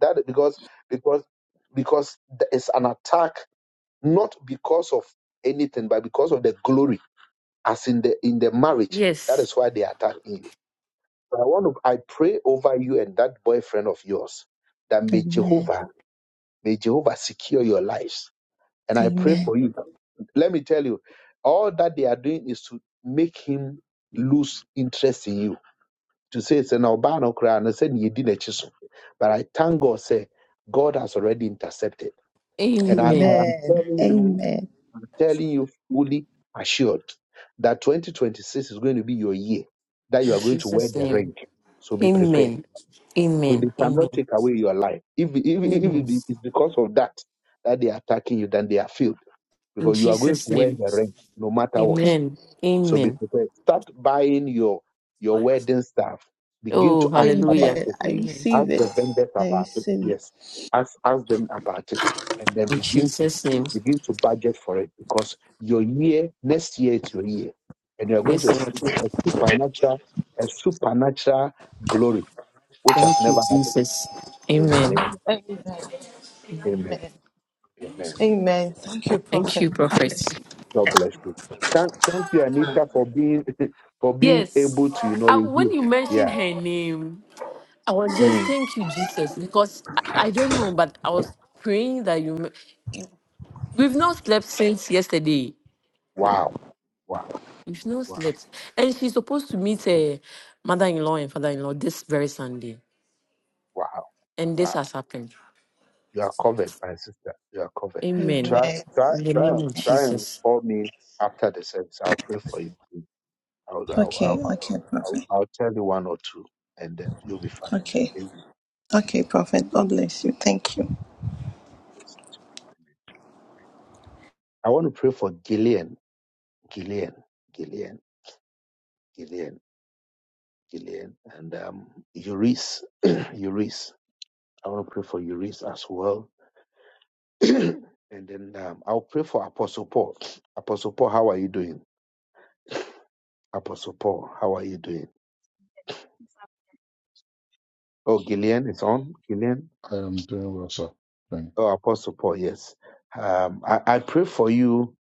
Speaker 1: That because because because th- it's an attack not because of anything, but because of the glory, as in the in the marriage. That
Speaker 8: Yes.
Speaker 1: is why they are attacking you. But I want to I pray over you and that boyfriend of yours that may
Speaker 7: Amen.
Speaker 1: Jehovah may Jehovah secure your lives And I pray
Speaker 7: Amen.
Speaker 1: for you. Let me tell you, all that they are doing is to make him lose interest in you. To say it's an Obano crown and say you didn't chisel. But I thank God, say God has already intercepted. And I, I
Speaker 8: Amen.
Speaker 1: am
Speaker 7: Amen.
Speaker 1: telling you,
Speaker 7: Amen.
Speaker 1: I'm telling you fully assured that 2026 is going to be your year, that you
Speaker 8: In
Speaker 1: are going to wear
Speaker 8: Jesus'
Speaker 1: the
Speaker 8: name.
Speaker 1: ring. So be prepared.
Speaker 8: Amen.
Speaker 1: So they
Speaker 8: Amen.
Speaker 1: cannot
Speaker 8: Amen.
Speaker 1: take away your life. If, if, if
Speaker 8: Amen.
Speaker 1: it is because of that that they are attacking you, then they are failed
Speaker 8: In
Speaker 1: because you are going to
Speaker 8: Jesus'
Speaker 1: wear
Speaker 8: name.
Speaker 1: the ring no matter what.
Speaker 8: Amen.
Speaker 1: So be
Speaker 8: Amen.
Speaker 1: prepared. Start buying your your wedding stuff. Begin
Speaker 8: Oh,
Speaker 1: to ask about
Speaker 8: hallelujah.
Speaker 7: Amen.
Speaker 1: it.
Speaker 7: I
Speaker 8: Amen.
Speaker 1: Ask
Speaker 7: receive it.
Speaker 1: the vendors
Speaker 7: I
Speaker 1: about it.
Speaker 7: receive it.
Speaker 1: Yes, ask ask them about it, and then
Speaker 8: In
Speaker 1: begin to
Speaker 8: Jesus' name.
Speaker 1: begin to budget for it because your year next year is your year, and you are going to
Speaker 8: Yes, Lord.
Speaker 1: experience a supernatural a supernatural glory which has
Speaker 8: Thank you,
Speaker 1: never happened
Speaker 8: Jesus.
Speaker 1: in the name.
Speaker 8: Amen.
Speaker 7: Amen.
Speaker 1: Amen.
Speaker 7: Amen.
Speaker 1: Amen.
Speaker 7: Amen. Thank you,
Speaker 8: Thank
Speaker 7: Prophet.
Speaker 8: you,
Speaker 7: God bless
Speaker 8: prophet.
Speaker 1: God bless you. Thank, thank you, Anita, for being for being able
Speaker 8: Yes.
Speaker 1: to, you know,
Speaker 8: Uh, when
Speaker 1: review.
Speaker 8: you mentioned
Speaker 1: Yeah.
Speaker 8: her name, I was just,
Speaker 1: Mm.
Speaker 8: thank you, Jesus, because I, I don't know, but I was praying that you. me- you- We've not slept since yesterday.
Speaker 1: Wow. Wow.
Speaker 8: We've not
Speaker 1: Wow.
Speaker 8: slept. And she's supposed to meet her mother in law and father in law this very Sunday.
Speaker 1: Wow.
Speaker 8: And this
Speaker 1: Wow.
Speaker 8: has happened.
Speaker 1: You are covered, my sister. You are covered.
Speaker 7: you.
Speaker 8: Amen.
Speaker 1: Try
Speaker 7: Amen.
Speaker 1: try
Speaker 8: In the
Speaker 1: try
Speaker 8: name
Speaker 1: and
Speaker 8: of
Speaker 1: try and
Speaker 8: Jesus.
Speaker 1: call me after the service. I'll pray for you. I'll I'll
Speaker 7: Okay,
Speaker 1: I'll, I'll,
Speaker 7: okay,
Speaker 1: I'll,
Speaker 7: Prophet.
Speaker 1: I'll tell you one or two and then you'll be fine.
Speaker 7: Okay.
Speaker 1: Okay?
Speaker 7: Okay, Prophet. God bless you. Thank you.
Speaker 1: I want to pray for Gillian. Gillian. Gillian. Gillian. Gillian and um Eurice. Eurice. I want to pray for Eurice as well. and then um, I'll pray for Apostle Paul. Apostle Paul, how are you doing? Apostle Paul, how are you doing?
Speaker 9: Oh,
Speaker 1: Oh, Gillian is on. Gillian?
Speaker 5: I am doing well, sir. Thank you.
Speaker 1: Oh, Apostle Paul, yes. Um, I, I pray for you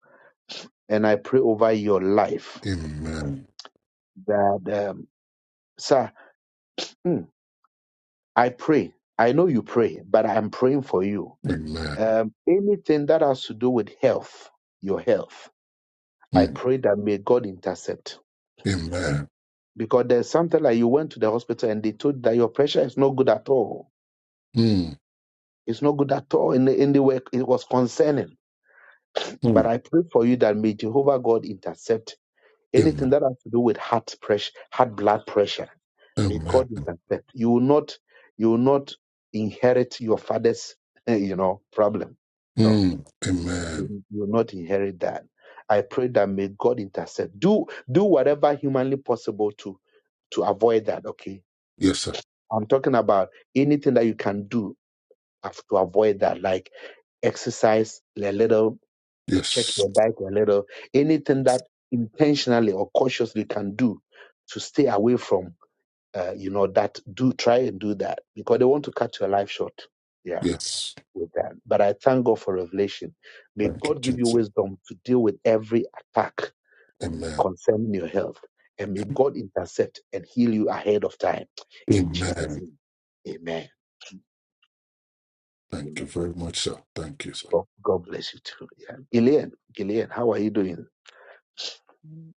Speaker 1: and I pray over your life
Speaker 5: Amen.
Speaker 1: that, um, sir, mm, I pray. I know you pray, but I'm praying for you.
Speaker 5: Amen.
Speaker 1: Um, anything that has to do with health, your health, I
Speaker 5: Mm.
Speaker 1: pray that may God intercept
Speaker 5: Amen.
Speaker 1: because there's something like you went to the hospital and they told that your pressure is not good at all.
Speaker 5: Mm.
Speaker 1: It's not good at all in the, in the way it was concerning. But
Speaker 5: Mm.
Speaker 1: I pray for you that may Jehovah God intercept anything
Speaker 5: Amen.
Speaker 1: that has to do with heart pressure, heart blood pressure. May
Speaker 5: Amen.
Speaker 1: God intercept. You will not, you will not inherit your father's, eh, you know, problem. No,
Speaker 5: Mm. Amen.
Speaker 1: you you will not inherit that. I pray that may God intercept. Do do whatever humanly possible to to avoid that. Okay,
Speaker 5: Yes, sir.
Speaker 1: I'm talking about anything that you can do af- to avoid that, like exercise a little, check
Speaker 5: Yes.
Speaker 1: your diet a little, anything that intentionally or cautiously you can do to stay away from, uh, you know, that. Do try and do that because they want to cut your life short. Yeah,
Speaker 5: Yes.
Speaker 1: with that. But I thank God for revelation. May
Speaker 5: Thank you,
Speaker 1: God give you
Speaker 5: Jesus.
Speaker 1: wisdom to deal with every attack
Speaker 5: Amen.
Speaker 1: concerning your health. And may God intercept and heal you ahead of time. In Jesus'
Speaker 5: Amen.
Speaker 1: name. Amen.
Speaker 5: Thank you
Speaker 1: Amen.
Speaker 5: very much, sir. Thank you, sir.
Speaker 1: God, God bless you too. Yeah. Gillian, Gillian, how are you doing?
Speaker 10: Mm,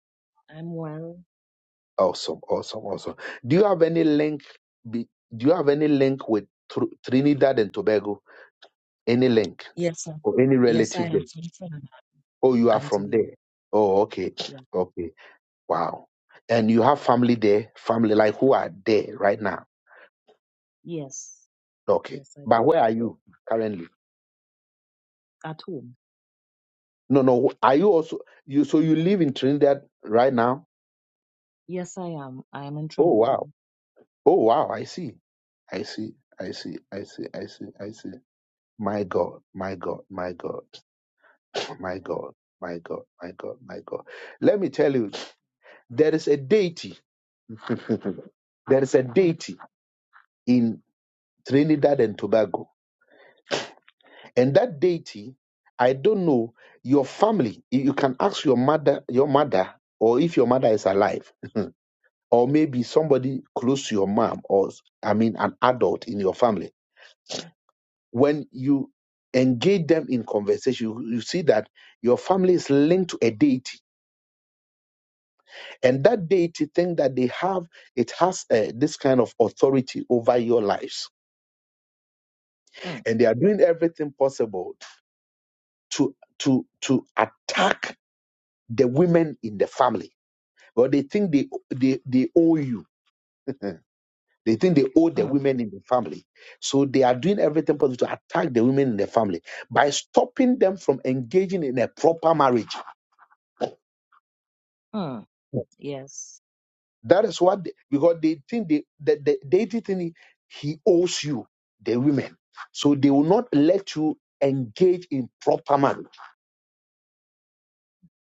Speaker 10: I'm well.
Speaker 1: Awesome, awesome, awesome. Do you have any link? be- Do you have any link with Tr- Trinidad and Tobago? Any link
Speaker 10: Yes, sir.
Speaker 1: or any
Speaker 10: Yes, I
Speaker 1: relative
Speaker 10: am
Speaker 1: there?
Speaker 10: concerned.
Speaker 1: Oh, you are
Speaker 10: I'm to
Speaker 1: from
Speaker 10: be.
Speaker 1: there. Oh, okay,
Speaker 10: Yes.
Speaker 1: okay. Wow. And you have family there, family like who are there right now?
Speaker 10: Yes.
Speaker 1: Okay.
Speaker 10: Yes, I
Speaker 1: But
Speaker 10: do.
Speaker 1: where are you currently?
Speaker 10: At home.
Speaker 1: No, no. Are you also you? So you live in Trinidad right now?
Speaker 10: Yes, I am. I am in
Speaker 1: Oh, wow.
Speaker 10: Trinidad.
Speaker 1: Oh wow, I see. I see. I see. I see. I see. I see. My God, my God, my God, my
Speaker 10: Amen.
Speaker 1: God, my God, my God, my God. Let me tell you, there is a deity. there is a
Speaker 10: Mm,
Speaker 1: deity in Trinidad and Tobago. And that deity, I don't know, your family, you you can ask your mother, your mother, or if your mother is alive, or maybe somebody close to your mom, or I mean an adult in your family when you engage them in conversation, you, you see that your family is linked to a deity, and that deity thing that they have, it has uh, this kind of authority over your lives,
Speaker 10: mm,
Speaker 1: and they are doing everything possible to to to attack the women in the family. But they think they they, they owe you. They think they owe the
Speaker 10: mm,
Speaker 1: women in the family. So they are doing everything possible to attack the women in the family by stopping them from engaging in a proper marriage
Speaker 10: mm. Yes.
Speaker 1: That is what they, because they think they that they deity thing he owes you the women, so they will not let you engage in proper marriage.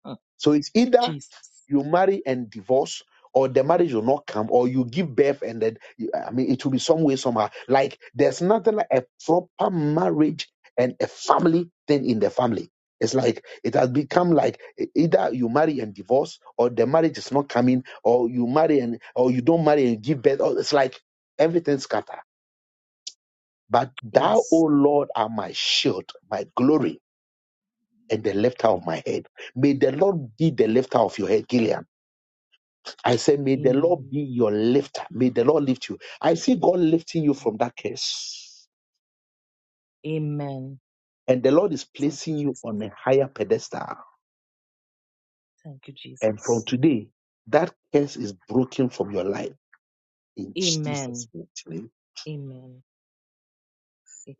Speaker 10: Mm.
Speaker 1: So it's either
Speaker 10: Jesus.
Speaker 1: you marry and divorce or the marriage will not come or you give birth and then you- i mean it will be some way somehow like there's nothing like a proper marriage and a family thing in the family it's like it has become like e- either you marry and divorce or the marriage is not coming or you marry and or you don't marry and give birth or it's like everything scatter but thou o
Speaker 10: Yes.
Speaker 1: lord are my shield my glory and the lifter of my head may the lord be the lifter of your head gilead I say, may the Lord be
Speaker 10: Amen.
Speaker 1: your lifter. May the Lord lift you. I see God lifting you
Speaker 10: Amen.
Speaker 1: from that curse.
Speaker 10: Amen.
Speaker 1: And the Lord is
Speaker 10: Thank you,
Speaker 1: placing you
Speaker 10: Jesus.
Speaker 1: on a higher pedestal.
Speaker 10: Thank you,
Speaker 1: And from
Speaker 10: Jesus.
Speaker 1: today, that curse is broken from your life in
Speaker 10: Amen.
Speaker 1: Jesus' mighty name.
Speaker 10: Amen.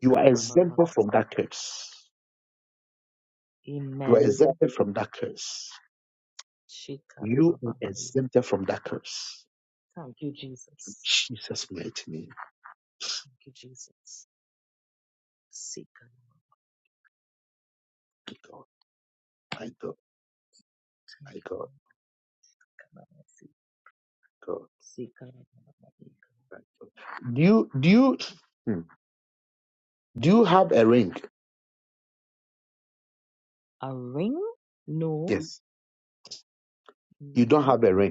Speaker 1: You are exempted from that curse. You are
Speaker 10: Amen.
Speaker 1: exempted from that curse. You
Speaker 10: Shikara
Speaker 1: are exempted from that curse.
Speaker 10: Thank you,
Speaker 1: In
Speaker 10: Jesus.
Speaker 1: Jesus' mighty name.
Speaker 10: Thank you, Jesus. Sikanama.
Speaker 1: My God, my God,
Speaker 10: Thank
Speaker 1: my
Speaker 10: you,
Speaker 1: God,
Speaker 10: Lord. Kanamasi.
Speaker 1: God.
Speaker 10: Sikanamamamika.
Speaker 1: Do you do you hmm. do you have a ring?
Speaker 10: A ring? No,
Speaker 1: Yes.
Speaker 10: no,
Speaker 1: You don't have a ring.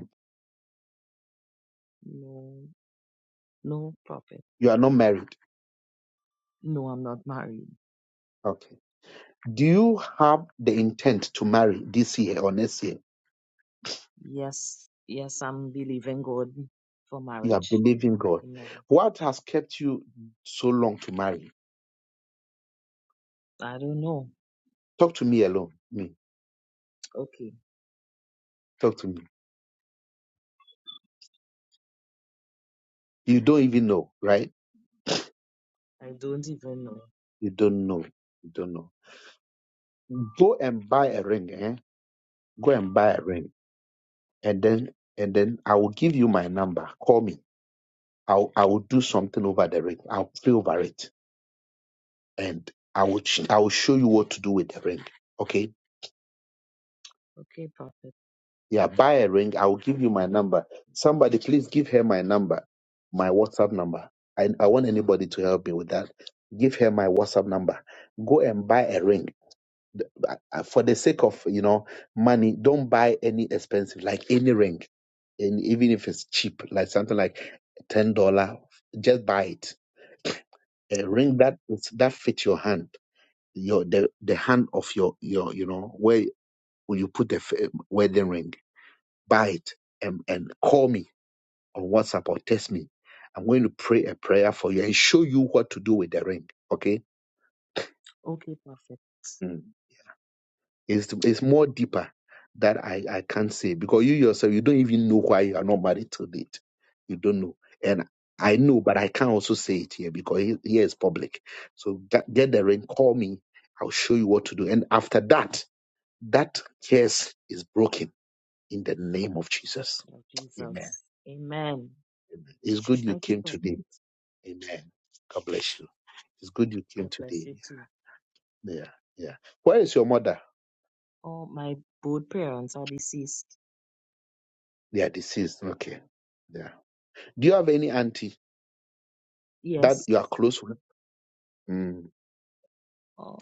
Speaker 10: no, no, prophet.
Speaker 1: You are not married.
Speaker 10: No, I'm not married.
Speaker 1: Okay. Do you have the intent to marry this year or next year?
Speaker 10: Yes, yes, I'm believing God for
Speaker 1: You are
Speaker 10: marriage.
Speaker 1: believing God.
Speaker 10: Amen.
Speaker 1: What has kept you so long to marry?
Speaker 10: I don't know.
Speaker 1: Talk to me alone. Me.
Speaker 10: Okay,
Speaker 1: Talk to me. You don't even know, right?
Speaker 10: I don't even know.
Speaker 1: You don't know. You don't know. Go and buy a ring, eh? Go and buy a ring. And then and then I will give you my number. Call me. I'll I will do something over the ring. I'll pray over it. And I will sh- I will show you what to do with the ring. Okay
Speaker 10: Okay, prophet.
Speaker 1: Yeah, buy a ring. I will give you my number. Somebody, please give her my number, my WhatsApp number. I, I want anybody to help me with that. Give her my WhatsApp number. Go and buy a ring. The- uh, For the sake of you know money, don't buy any expensive, like any ring, and even if it's cheap, like something like ten dollar, just buy it. A
Speaker 10: Okay,
Speaker 1: ring that is- that fits your hand, your the the hand of your your you know where you put the f- eh, wedding ring buy it and, and call me on WhatsApp or text me. I'm going to pray a prayer for you and show you what to do with the ring. Okay?
Speaker 10: okay, prophet.
Speaker 1: Mm. It's, it's more deeper that I, I can't say because you yourself, you don't even know why you are not married to date. You don't know. And
Speaker 10: Oh,
Speaker 1: I know, but I can't also say it here because he- here is public. So get, get the ring, call me. I'll show you what to do. And after that, that curse is broken in the name of Jesus.
Speaker 10: Lord
Speaker 1: Amen.
Speaker 10: Jesus. Amen.
Speaker 1: Amen. It's good you
Speaker 10: Thank you,
Speaker 1: came today.
Speaker 10: prophet.
Speaker 1: Amen. God bless you. It's good you came
Speaker 10: God bless
Speaker 1: today.
Speaker 10: you too.
Speaker 1: Yeah, yeah. Where is your mother?
Speaker 10: Oh, my both parents are deceased.
Speaker 1: They are deceased. Okay. Yeah. Do you have any auntie that
Speaker 10: Yes.
Speaker 1: you are close with? Mm.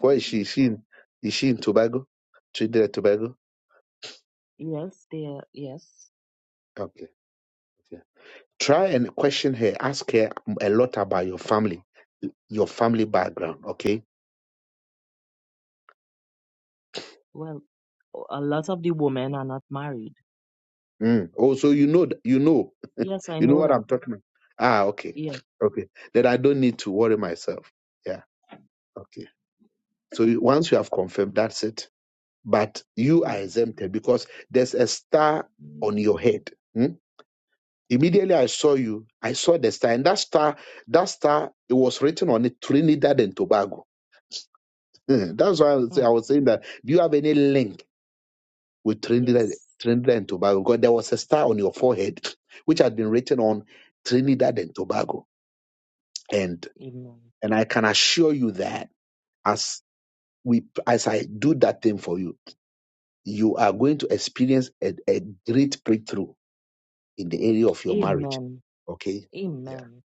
Speaker 1: Where is she? Is she in, is she in Tobago? Trinidad and Tobago?
Speaker 10: yes, they are, yes.
Speaker 1: Okay. okay. Try and question her. Ask her a lot about your family, your family background. Okay.
Speaker 10: Well, a lot of the women are not married.
Speaker 1: Mm. Oh, so you know, th- you know,
Speaker 10: Yes, I
Speaker 1: you know
Speaker 10: know
Speaker 1: what
Speaker 10: that.
Speaker 1: I'm talking about. Ah, okay.
Speaker 10: Yes.
Speaker 1: Okay. Then I don't need to worry myself. Yeah. okay. So you- once you have confirmed, that's it. But you are
Speaker 10: Yeah.
Speaker 1: exempted because there's a star on your head. Hmm? Immediately I saw you, I saw the star, and that star, that star, it was written on it Trinidad and Tobago. Hmm, That's why I was I
Speaker 10: Hmm.
Speaker 1: was saying that. Do you have any link with Trinidad,
Speaker 10: Yes.
Speaker 1: Trinidad and Tobago? Because there was a star on your forehead, which had been written on Trinidad and Tobago, and
Speaker 10: Amen.
Speaker 1: and I can assure you that as we as I do that thing for you you are going to experience a, a great breakthrough in the area of your marriage.
Speaker 10: Amen.
Speaker 1: Okay? Yeah.
Speaker 10: Amen.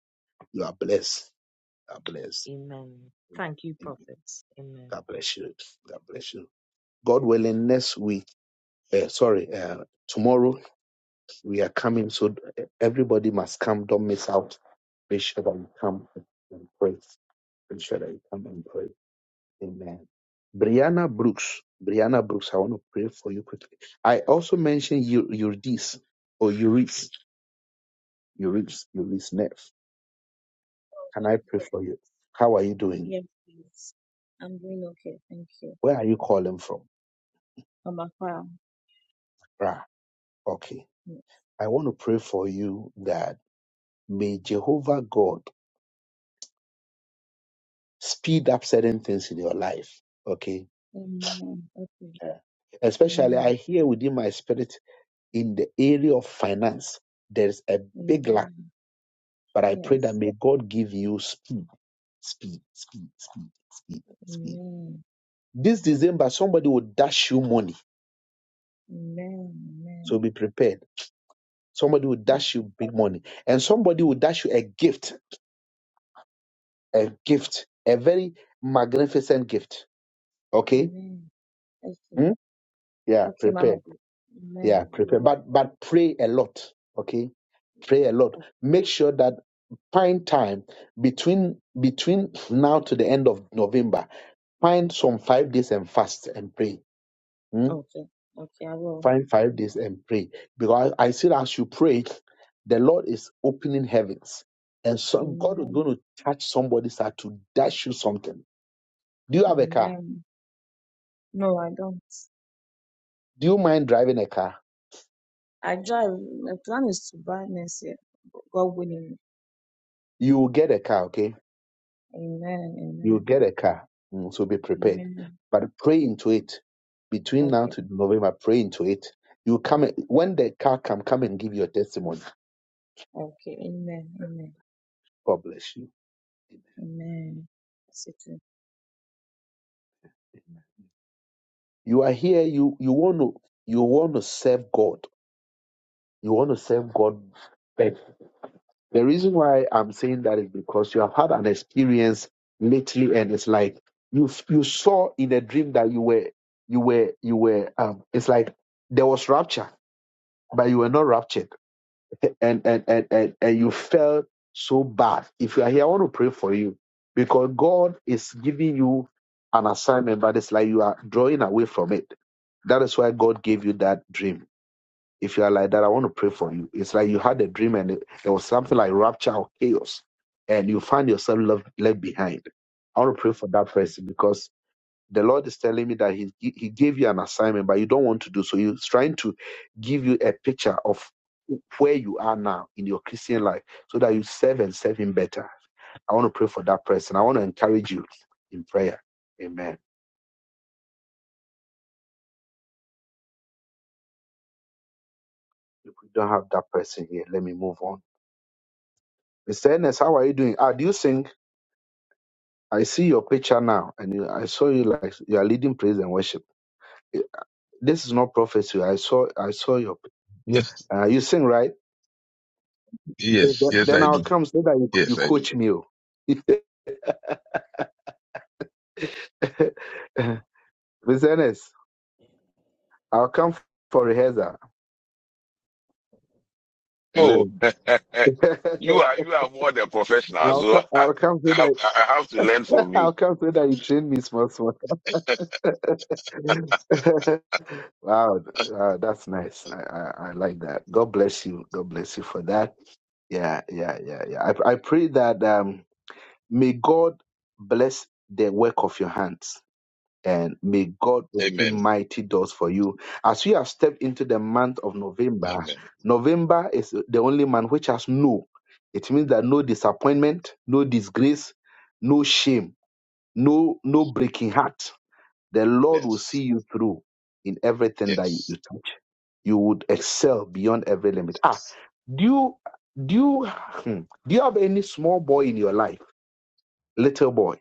Speaker 1: You are blessed. You are blessed.
Speaker 10: Amen.
Speaker 1: Amen.
Speaker 10: Thank you,
Speaker 1: Amen.
Speaker 10: prophets. Amen.
Speaker 1: God bless you. God bless you. God willing, next week, uh, sorry, uh, tomorrow we are coming. So uh, everybody must come. Don't miss out. Make sure that you come and pray. Make sure that you come and pray. Amen. Brianna Brooks. Brianna Brooks, I want to pray for you quickly. I also mentioned Eu- Eurydice or Eurydice. Eunice, Eunice Neff, can
Speaker 9: well,
Speaker 1: I pray for you? How are you doing?
Speaker 9: Yes, please. I'm doing okay. Thank you.
Speaker 1: Where are you calling from?
Speaker 9: On my file.
Speaker 1: Rah, okay.
Speaker 9: Yes.
Speaker 1: I want to pray for you that may Jehovah God speed up certain things in your life. Okay.
Speaker 9: Amen. Okay.
Speaker 1: Yeah. Especially, I
Speaker 9: Amen.
Speaker 1: hear within my spirit in the area of finance, there's a big lack,
Speaker 9: Amen.
Speaker 1: but I pray that
Speaker 9: Yes.
Speaker 1: may God give you speed, speed, speed, speed, speed, speed.
Speaker 9: Amen.
Speaker 1: This December, somebody will dash you money.
Speaker 9: Amen. Amen.
Speaker 1: So be prepared Somebody will dash you
Speaker 9: Okay.
Speaker 1: big money. And somebody will dash you a gift, a gift, a very magnificent gift. Okay?
Speaker 9: Amen. Okay.
Speaker 1: Hmm? Yeah,
Speaker 9: Okay, man.
Speaker 1: prepare.
Speaker 9: Okay.
Speaker 1: Yeah,
Speaker 9: Amen.
Speaker 1: prepare.
Speaker 9: Amen.
Speaker 1: But but pray a lot. Okay? Pray a
Speaker 9: Okay.
Speaker 1: lot. Make sure that find time between between now to the end of November. Find some five days and fast and pray. Hmm?
Speaker 9: Oh, Okay. Okay. I will.
Speaker 1: Find five days and pray. Because I said, as you pray, the Lord is opening heavens. And some God is
Speaker 9: Amen.
Speaker 1: going to touch somebody's heart to dash you something. Do you have a car?
Speaker 9: Amen. No, I don't.
Speaker 1: Do you mind driving a car?
Speaker 9: I drive. My plan is to buy next year. God willing.
Speaker 1: You will get a car, okay?
Speaker 9: Amen.
Speaker 1: You will
Speaker 9: Amen.
Speaker 1: get a car. Mm, so be prepared.
Speaker 9: Amen.
Speaker 1: But pray into it. Between now
Speaker 9: Okay.
Speaker 1: to November, pray into it. You come when the car come, come and give your testimony.
Speaker 9: Okay. Amen. Amen.
Speaker 1: God bless you.
Speaker 9: Amen. That's it.
Speaker 1: You are here, you you want to you want to serve God. You want to serve God better. The reason why I'm saying that is because you have had an experience lately, and it's like you you saw in a dream that you were you were you were um it's like there was rapture, but you were not raptured, and and and and, and you felt so bad. If you are here, I want to pray for you because God is giving you an assignment, but it's like you are drawing away from it. That is why God gave you that dream if you are like that, I want to pray for you. It's like you had a dream and it, there was something like rapture or chaos, and you find yourself left, left behind. I want to pray for that person because the Lord is telling me that he, he gave you an assignment, but you don't want to do so. He's trying to give you a picture of where you are now in your Christian life so that you serve and serve Him better. I want to pray for that person. I want to encourage you in prayer. Amen. If we don't have that person here, let me move on. Mr. Ernest, how are you doing? Ah, do you sing? I see your picture now, and you, I saw you like you are leading praise and worship. Eh, This is not prophecy. I saw, I saw your.
Speaker 11: Yes,
Speaker 1: Uh, you sing right? Okay,
Speaker 11: yes,
Speaker 1: Then
Speaker 11: yes,
Speaker 1: then
Speaker 11: I
Speaker 1: I'll
Speaker 11: do.
Speaker 1: come so that you, you
Speaker 11: Yes, I do.
Speaker 1: coach me. oh. Miss Ernest, I'll come for rehearsal.
Speaker 11: Oh,
Speaker 1: Hello.
Speaker 11: you are you are more than professional,
Speaker 1: I'll,
Speaker 11: so
Speaker 1: co-
Speaker 11: I,
Speaker 1: I'll come so
Speaker 11: I,
Speaker 1: that
Speaker 11: I have to learn from you.
Speaker 1: I'll come so that you train me small small. wow, uh, that's nice. I, I, I like that. God bless you. God bless you for that. Yeah, yeah, yeah, yeah. I, I pray that um, may God bless the work of your hands and may God open
Speaker 11: Amen.
Speaker 1: mighty doors for you. As we have stepped into the month of November,
Speaker 11: Amen.
Speaker 1: November is the only month which has no. It means that no disappointment, no disgrace, no shame, no no breaking heart. The Lord will
Speaker 11: Yes,
Speaker 1: see you through in everything that you, you
Speaker 11: yes.
Speaker 1: touch. You would excel beyond every limit. Ah, do you do you hmm, do you have any small boy in your life? Little boy,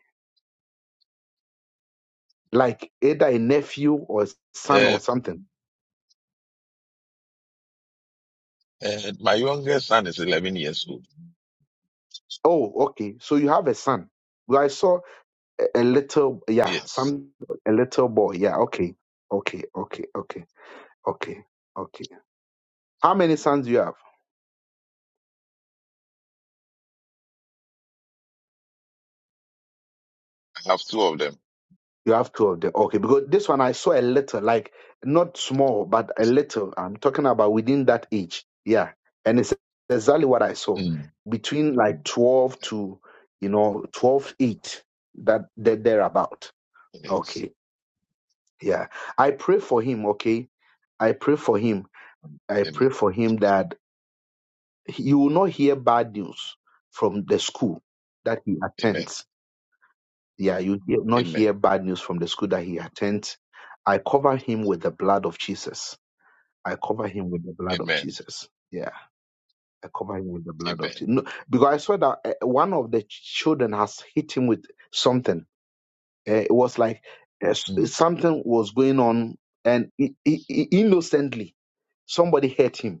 Speaker 1: like either a nephew or a son
Speaker 11: Uh,
Speaker 1: or something.
Speaker 11: uh, my youngest son is 11 years old.
Speaker 1: Oh, okay. So you have a son. Well, I saw a, a little, yeah,
Speaker 11: Yes,
Speaker 1: some a little boy. Yeah, okay, okay, okay, okay, okay, okay. How many sons do you have?
Speaker 11: I have two of them.
Speaker 1: You have two of them. Okay, because this one I saw a little, like not small, but a little. I'm talking about within that age. Yeah. And it's exactly what I saw.
Speaker 11: Mm.
Speaker 1: Between like 12 to, you know, twelve eight. 8, that they're thereabout.
Speaker 11: Yes.
Speaker 1: Okay. Yeah. I pray for him. Okay. I pray for him. I
Speaker 11: Amen.
Speaker 1: pray for him that he will not hear bad news from the school that he
Speaker 11: Amen.
Speaker 1: attends Yeah, you hear- not hear
Speaker 11: Amen.
Speaker 1: bad news from the school that he attends. I cover him with the blood of Jesus. I cover him with the blood of
Speaker 11: Amen.
Speaker 1: Jesus. Yeah, I cover him with the blood of
Speaker 11: Amen.
Speaker 1: Jesus. No, because I saw that uh, one of the children has hit him with something. Uh, it was like uh, s-
Speaker 11: Mm.
Speaker 1: something was going on, and i i i- innocently somebody hurt him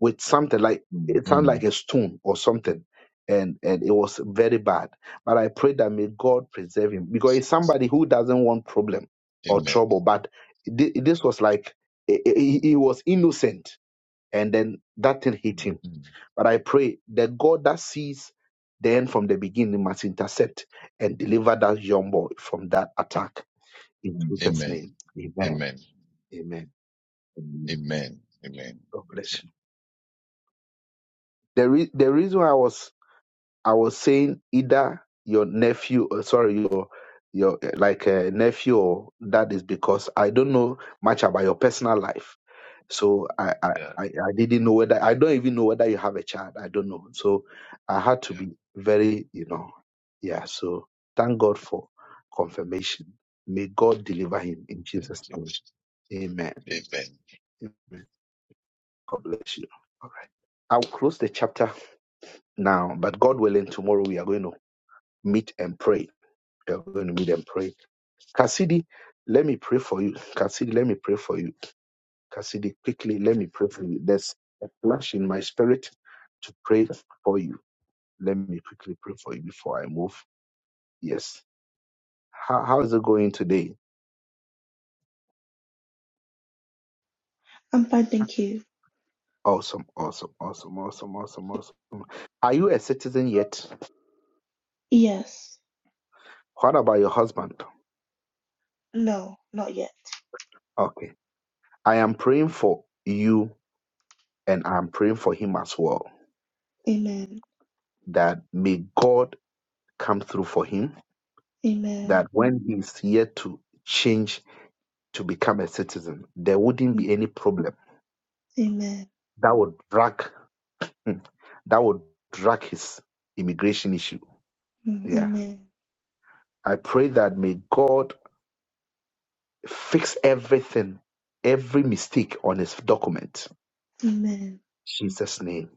Speaker 1: with something like it sounded like
Speaker 11: Mm.
Speaker 1: a stone or something. And and it was very bad. But I pray that may God preserve him because he's somebody who doesn't want problem or
Speaker 11: Amen.
Speaker 1: trouble. But thi- this was
Speaker 11: Yeah.
Speaker 1: like he he- he was innocent, and then that thing hit him.
Speaker 11: Mm.
Speaker 1: But I pray that God that sees the end from the beginning must intercept and deliver that young boy from that attack in Jesus'
Speaker 11: Amen.
Speaker 1: name. Amen.
Speaker 11: Amen.
Speaker 1: Amen.
Speaker 11: Amen. Amen.
Speaker 1: God bless
Speaker 11: Beautiful.
Speaker 1: you. The, re- the reason I was I was saying either your nephew, or sorry, your your uh, like uh, nephew or dad is because I don't know much about your personal life, so I, I
Speaker 11: Yeah.
Speaker 1: I I didn't know whether I don't even know whether you have a child. I don't know, so I had to be very you know yeah. So thank God for confirmation. May God deliver him in
Speaker 11: Thank
Speaker 1: Jesus'
Speaker 11: you.
Speaker 1: name. Amen.
Speaker 11: Amen.
Speaker 1: Amen. God bless you. All right. I'll close the chapter now, but God willing, tomorrow we are going to meet and pray. You're going to meet and pray. Cassidy, let me pray for you. Cassidy, let me pray for you. Cassidy, quickly, let me pray for you. There's a flash in my spirit to pray for you. Let me quickly pray for you before I move. Yes. How, how is it going today?
Speaker 12: I'm fine, thank you.
Speaker 1: Awesome, awesome, awesome, awesome, awesome, awesome. Are you a citizen yet?
Speaker 12: Yes.
Speaker 1: What about your husband?
Speaker 12: No, not yet.
Speaker 1: Okay. I am praying for you and I'm praying for him as well
Speaker 12: Amen.
Speaker 1: that may God come through for him
Speaker 12: Amen.
Speaker 1: that when he's here to change to become a citizen, there wouldn't
Speaker 12: Mm,
Speaker 1: be any problem
Speaker 12: Amen.
Speaker 1: that would drag hmm, that would drag his immigration issue.
Speaker 12: Mm,
Speaker 1: Yeah.
Speaker 12: Amen.
Speaker 1: I pray that may God fix everything, every mistake on his document.
Speaker 12: Amen.
Speaker 1: Jesus' name.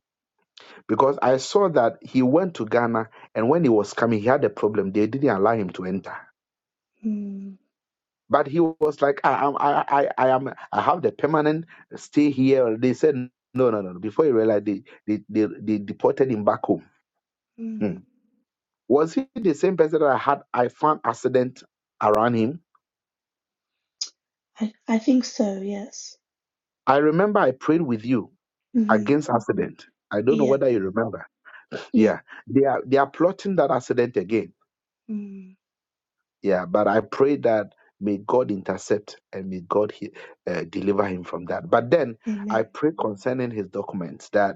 Speaker 1: Because I saw that he went to Ghana and when he was coming, he had a problem. They didn't allow him to enter.
Speaker 12: Mm,
Speaker 1: But he was like, I am, I, I, I am, I have the permanent stay here. They said, no, no, no. no." Before he realized, they, they, they, they deported him back home. Hmm.
Speaker 12: mm.
Speaker 1: Was he the same person that I had? I found accident around him.
Speaker 12: I, I think so, yes.
Speaker 1: I remember I prayed with you
Speaker 12: hmm
Speaker 1: against accident. I don't know
Speaker 12: Yeah.
Speaker 1: whether you remember.
Speaker 12: Yeah.
Speaker 1: Yeah, they are, they are plotting that accident again.
Speaker 12: Mm.
Speaker 1: Yeah, but I pray that may God intercept and may God he, uh, deliver him from that. But then I
Speaker 12: Amen.
Speaker 1: pray concerning his documents that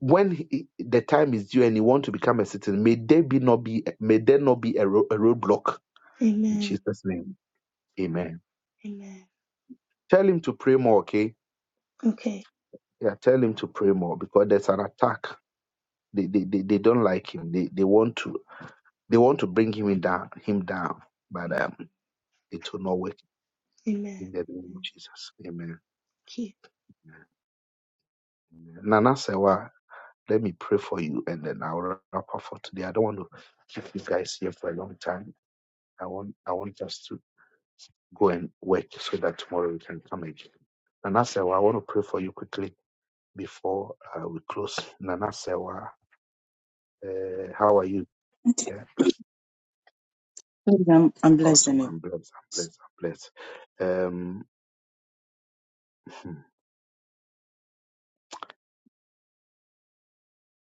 Speaker 1: when he, the time is due and you want to become a citizen, may there be not be may there not be a, ro- a roadblock in
Speaker 12: Amen.
Speaker 1: Jesus' name. Amen.
Speaker 12: Amen.
Speaker 1: Tell him to pray more, okay?
Speaker 12: Okay.
Speaker 1: Yeah, tell him to pray more because there's an attack. They they, they, they don't like him. They they want to they want to bring him in down him down, but
Speaker 12: Mm.
Speaker 1: um it will not work in
Speaker 12: Amen.
Speaker 1: the name of
Speaker 12: Amen.
Speaker 1: Jesus. Amen.
Speaker 12: Thank you.
Speaker 1: Amen. Nana Sewa, let me pray for you and then I'll wrap up for today. I don't want to keep you guys here for a long time. I want I want us to go and work so that tomorrow you can come again. Nana Sewa, I want to pray for you quickly before uh, we close. Nana Sewa, uh, how are you? Yeah, that's
Speaker 13: I'm, I'm
Speaker 1: awesome.
Speaker 13: blessing it.
Speaker 1: I'm blessed. I'm blessed. I'm blessed. Um,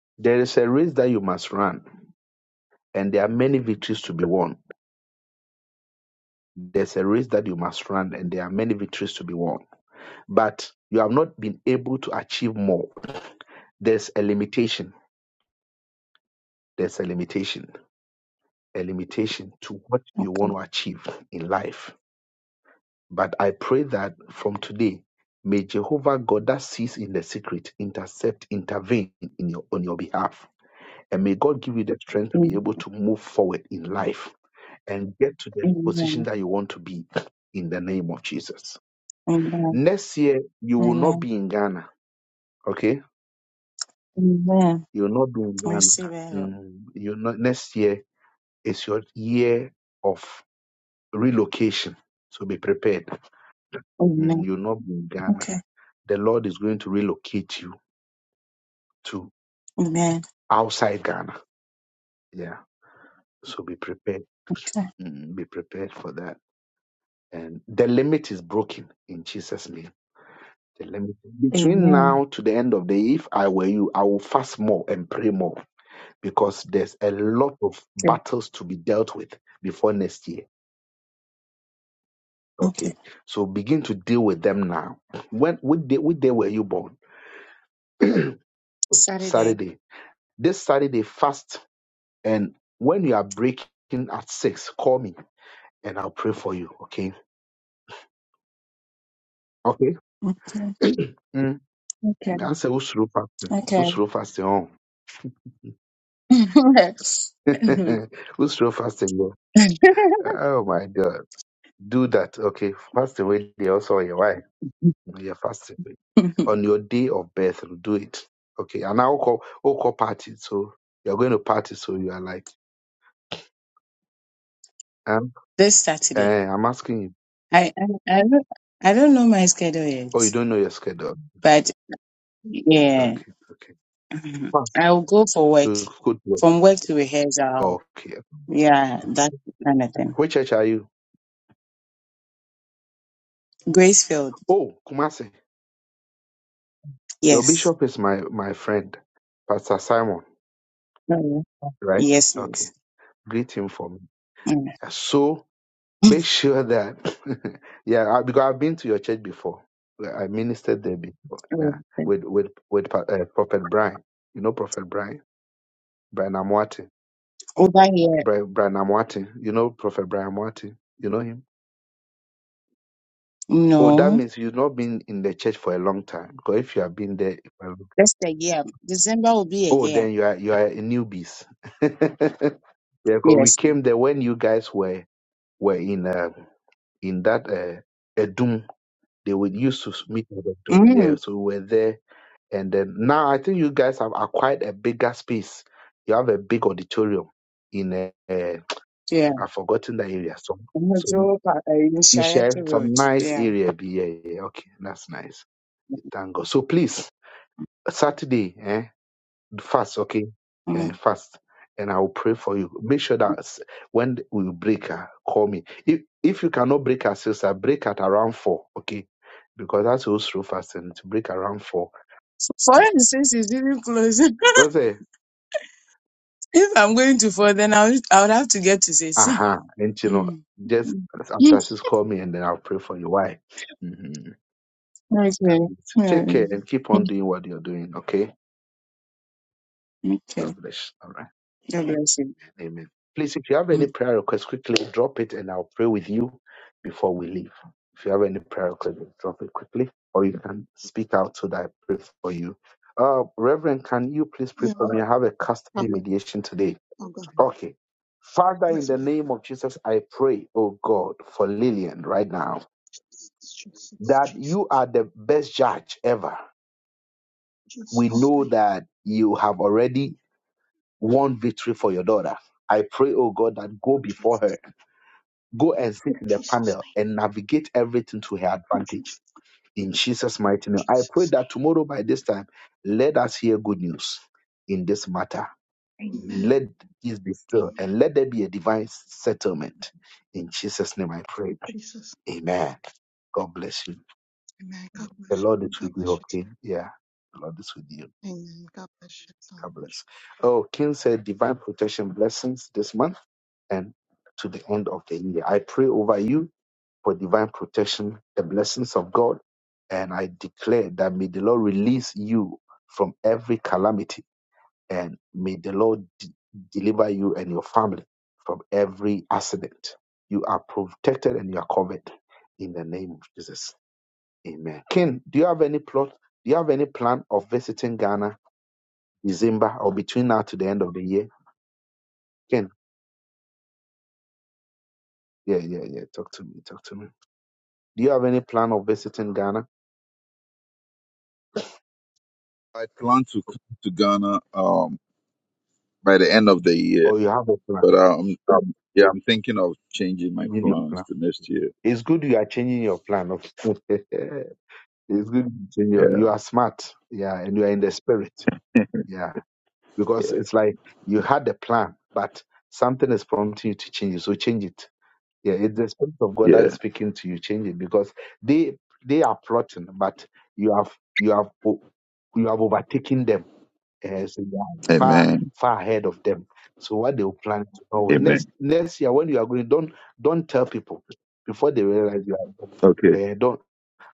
Speaker 1: there is a race that you must run, and there are many victories to be won. There's a race that you must run, and there are many victories to be won. But you have not been able to achieve more. There's a limitation. There's a limitation. A limitation to what you
Speaker 13: Okay.
Speaker 1: want to achieve in life But I pray that from today, may Jehovah God that sees in the secret intercept, intervene in your, on your behalf. And may God give you the strength to be
Speaker 13: Amen.
Speaker 1: able to move forward in life and get to the position that you want to be in the name of Jesus.
Speaker 13: Amen.
Speaker 1: Next year, you will not
Speaker 13: Amen.
Speaker 1: be in Ghana, okay?
Speaker 13: Amen.
Speaker 1: You will not be in
Speaker 13: I
Speaker 1: Ghana.
Speaker 13: receive it. Lord.
Speaker 1: Mm, you not, next year is your year of relocation. So be prepared. Mm,
Speaker 13: Amen.
Speaker 1: you will not be in Ghana.
Speaker 13: Okay.
Speaker 1: The Lord is going to relocate you to.
Speaker 13: Amen.
Speaker 1: outside Ghana. Yeah. So be prepared.
Speaker 13: Okay.
Speaker 1: Mm, Be prepared for that. And the limit is broken in Jesus' name. The limit between
Speaker 13: Amen.
Speaker 1: now to the end of the year, if I were you, I will fast more and pray more because there's a lot of
Speaker 13: Okay.
Speaker 1: battles to be dealt with before next year.
Speaker 13: Okay.
Speaker 1: Okay. So begin to deal with them now. When what day, what day were you born?
Speaker 13: Saturday.
Speaker 1: Saturday. This Saturday fast and when you are breaking at six, call me and I'll pray for you. Okay. Okay.
Speaker 13: Okay.
Speaker 1: Mm.
Speaker 13: Okay.
Speaker 1: I said, who's slow fasting?
Speaker 13: Okay.
Speaker 1: Who's slow fasting on? who's slow fasting go? Oh my God. Do that. Okay. Fasting with you also on your wife. You're fasting with. On your day of birth, do it. Okay. And now, will call, I'll call party. So you're going to party. So you are like, um,
Speaker 13: this Saturday.
Speaker 1: eh, I'm asking you.
Speaker 13: I, I I don't I don't know my schedule yet,
Speaker 1: Oh, you don't know your schedule.
Speaker 13: but yeah,
Speaker 1: Okay. Okay. Fast.
Speaker 13: I'll go for work.
Speaker 1: Good good work.
Speaker 13: From work to rehearsal.
Speaker 1: Okay.
Speaker 13: Yeah,
Speaker 1: okay.
Speaker 13: that kind of thing.
Speaker 1: Which church are you?
Speaker 13: Gracefield,
Speaker 1: Oh, Kumasi. Your
Speaker 13: yes.
Speaker 1: bishop is my, my friend, Pastor Simon.
Speaker 13: Mm.
Speaker 1: right?
Speaker 13: Yes,
Speaker 1: Okay,
Speaker 13: please.
Speaker 1: greet him for me.
Speaker 13: Mm.
Speaker 1: Yeah, So make sure that, yeah, I, because I've been to your church before. Yeah, I ministered there before. Yeah,
Speaker 13: Okay.
Speaker 1: with with with Pa- uh, Prophet Brian. You know Prophet Brian, Brian Amwati,
Speaker 13: Over here,
Speaker 1: Brian, Brian Amwati. You know Prophet Brian Amwati. You know him. Oh, that
Speaker 13: no.
Speaker 1: means you've not been in the church for a long time. Because if you have been there, for a long-
Speaker 13: Just a year. December will be a
Speaker 1: oh,
Speaker 13: year.
Speaker 1: then you are you are a newbies. yeah, because we
Speaker 13: Yes. please.
Speaker 1: came there when you guys were were in uh, in that uh, Edum They would used to meet at the tomb
Speaker 13: Mm.
Speaker 1: here. So we were there. And then now I think you guys have acquired a bigger space. You have a big auditorium in a, a
Speaker 13: Yeah.
Speaker 1: I've forgotten the area. Some some
Speaker 13: Metro Pa- uh, in Shayette
Speaker 1: Isha,
Speaker 13: Road.
Speaker 1: some nice
Speaker 13: Yeah.
Speaker 1: area. be- Yeah, yeah, yeah. okay, that's nice. Thank God. So please, Saturday, eh? fast, okay? Uh,
Speaker 13: Mm.
Speaker 1: fast, and I will pray for you. Make sure that s- when we break, uh, call me. If if you cannot break at six, I break at around four, okay? Because that's also through fasting to break around four.
Speaker 13: Four and six is even close. if
Speaker 1: Because say,
Speaker 13: I'm going to four, then I'll, I would have to get to six.
Speaker 1: aha, and you know,
Speaker 13: Mm.
Speaker 1: just
Speaker 13: Mm.
Speaker 1: after six, call me, and then I'll pray for you. Why? Mhm. That
Speaker 13: Okay.
Speaker 1: means Take care
Speaker 13: Mm.
Speaker 1: and keep on doing what you're doing, okay?
Speaker 13: Okay.
Speaker 1: God bless. All right.
Speaker 13: God bless you.
Speaker 1: Amen. Please, if you have
Speaker 13: Mm.
Speaker 1: any prayer request, quickly drop it and I'll pray with you before we leave. If you have any prayer request, drop it quickly or you can speak out so that I pray for you. Uh, Reverend, can you please pray
Speaker 14: Yeah,
Speaker 1: for me? I have a custody
Speaker 14: Papa,
Speaker 1: mediation today.
Speaker 14: oh God,
Speaker 1: Okay. Father, in
Speaker 14: yes,
Speaker 1: the
Speaker 14: please.
Speaker 1: name of Jesus, I pray, oh God, for Lillian right now
Speaker 14: Jesus,
Speaker 1: that you
Speaker 14: Jesus,
Speaker 1: are the best judge ever. We
Speaker 14: Jesus
Speaker 1: know
Speaker 14: name,
Speaker 1: that you have already won victory for your daughter. I pray, oh God, that go before
Speaker 14: Jesus,
Speaker 1: her Go and sit in the
Speaker 14: Jesus
Speaker 1: panel
Speaker 14: name,
Speaker 1: and navigate everything to her advantage.
Speaker 14: Jesus,
Speaker 1: In Jesus' mighty name. I pray
Speaker 14: Jesus
Speaker 1: that tomorrow by this time, let us hear good news in this matter.
Speaker 14: name. Amen,
Speaker 1: Let this be still
Speaker 14: amen.
Speaker 1: and let there be a divine settlement. In Jesus' name I pray.
Speaker 14: Jesus,
Speaker 1: Amen. God bless you.
Speaker 14: amen. God
Speaker 1: The
Speaker 14: bless you.
Speaker 1: Lord is
Speaker 14: God
Speaker 1: with you,
Speaker 14: bless you
Speaker 1: okay?
Speaker 14: too.
Speaker 1: Yeah. The Lord is with you.
Speaker 14: Amen. God bless you so
Speaker 1: God
Speaker 14: much.
Speaker 1: bless. Oh, King said divine protection blessings this month and to the end of the year. I pray over you for divine protection, the blessings of God. And I declare that may the Lord release you from every calamity and may the Lord d- deliver you and your family from every accident. You are protected and you are covered in the name of Jesus. Amen. Ken, do you have any plot? Do you have any plan of visiting Ghana December or between now to the end of the year? Ken, yeah, yeah, yeah. Talk to me. Talk to me. Do you have any plan of visiting Ghana
Speaker 15: I plan to come to Ghana um by the end of the year,
Speaker 1: or you have a plan?
Speaker 15: but um, um yeah, I'm thinking of changing my
Speaker 1: You need a plan.
Speaker 15: plans to next year.
Speaker 1: It's good you are changing your plan. of- it's good you change your.
Speaker 15: Yeah,
Speaker 1: You are smart, yeah, and you are in the spirit, yeah. Because
Speaker 15: yeah,
Speaker 1: it's like you had the plan, but something is prompting you to change it. So change it. Yeah, it's the spirit of God that is
Speaker 15: yeah.
Speaker 1: speaking to you. Change it because they they are plotting, but you have you have o- you have overtaken them uh, so you are far
Speaker 15: Amen.
Speaker 1: far ahead of them. So what they will plan to know next
Speaker 15: Amen.
Speaker 1: next year when you are going, don't don't tell people before they realize you
Speaker 15: Okay.
Speaker 1: are. Uh, don't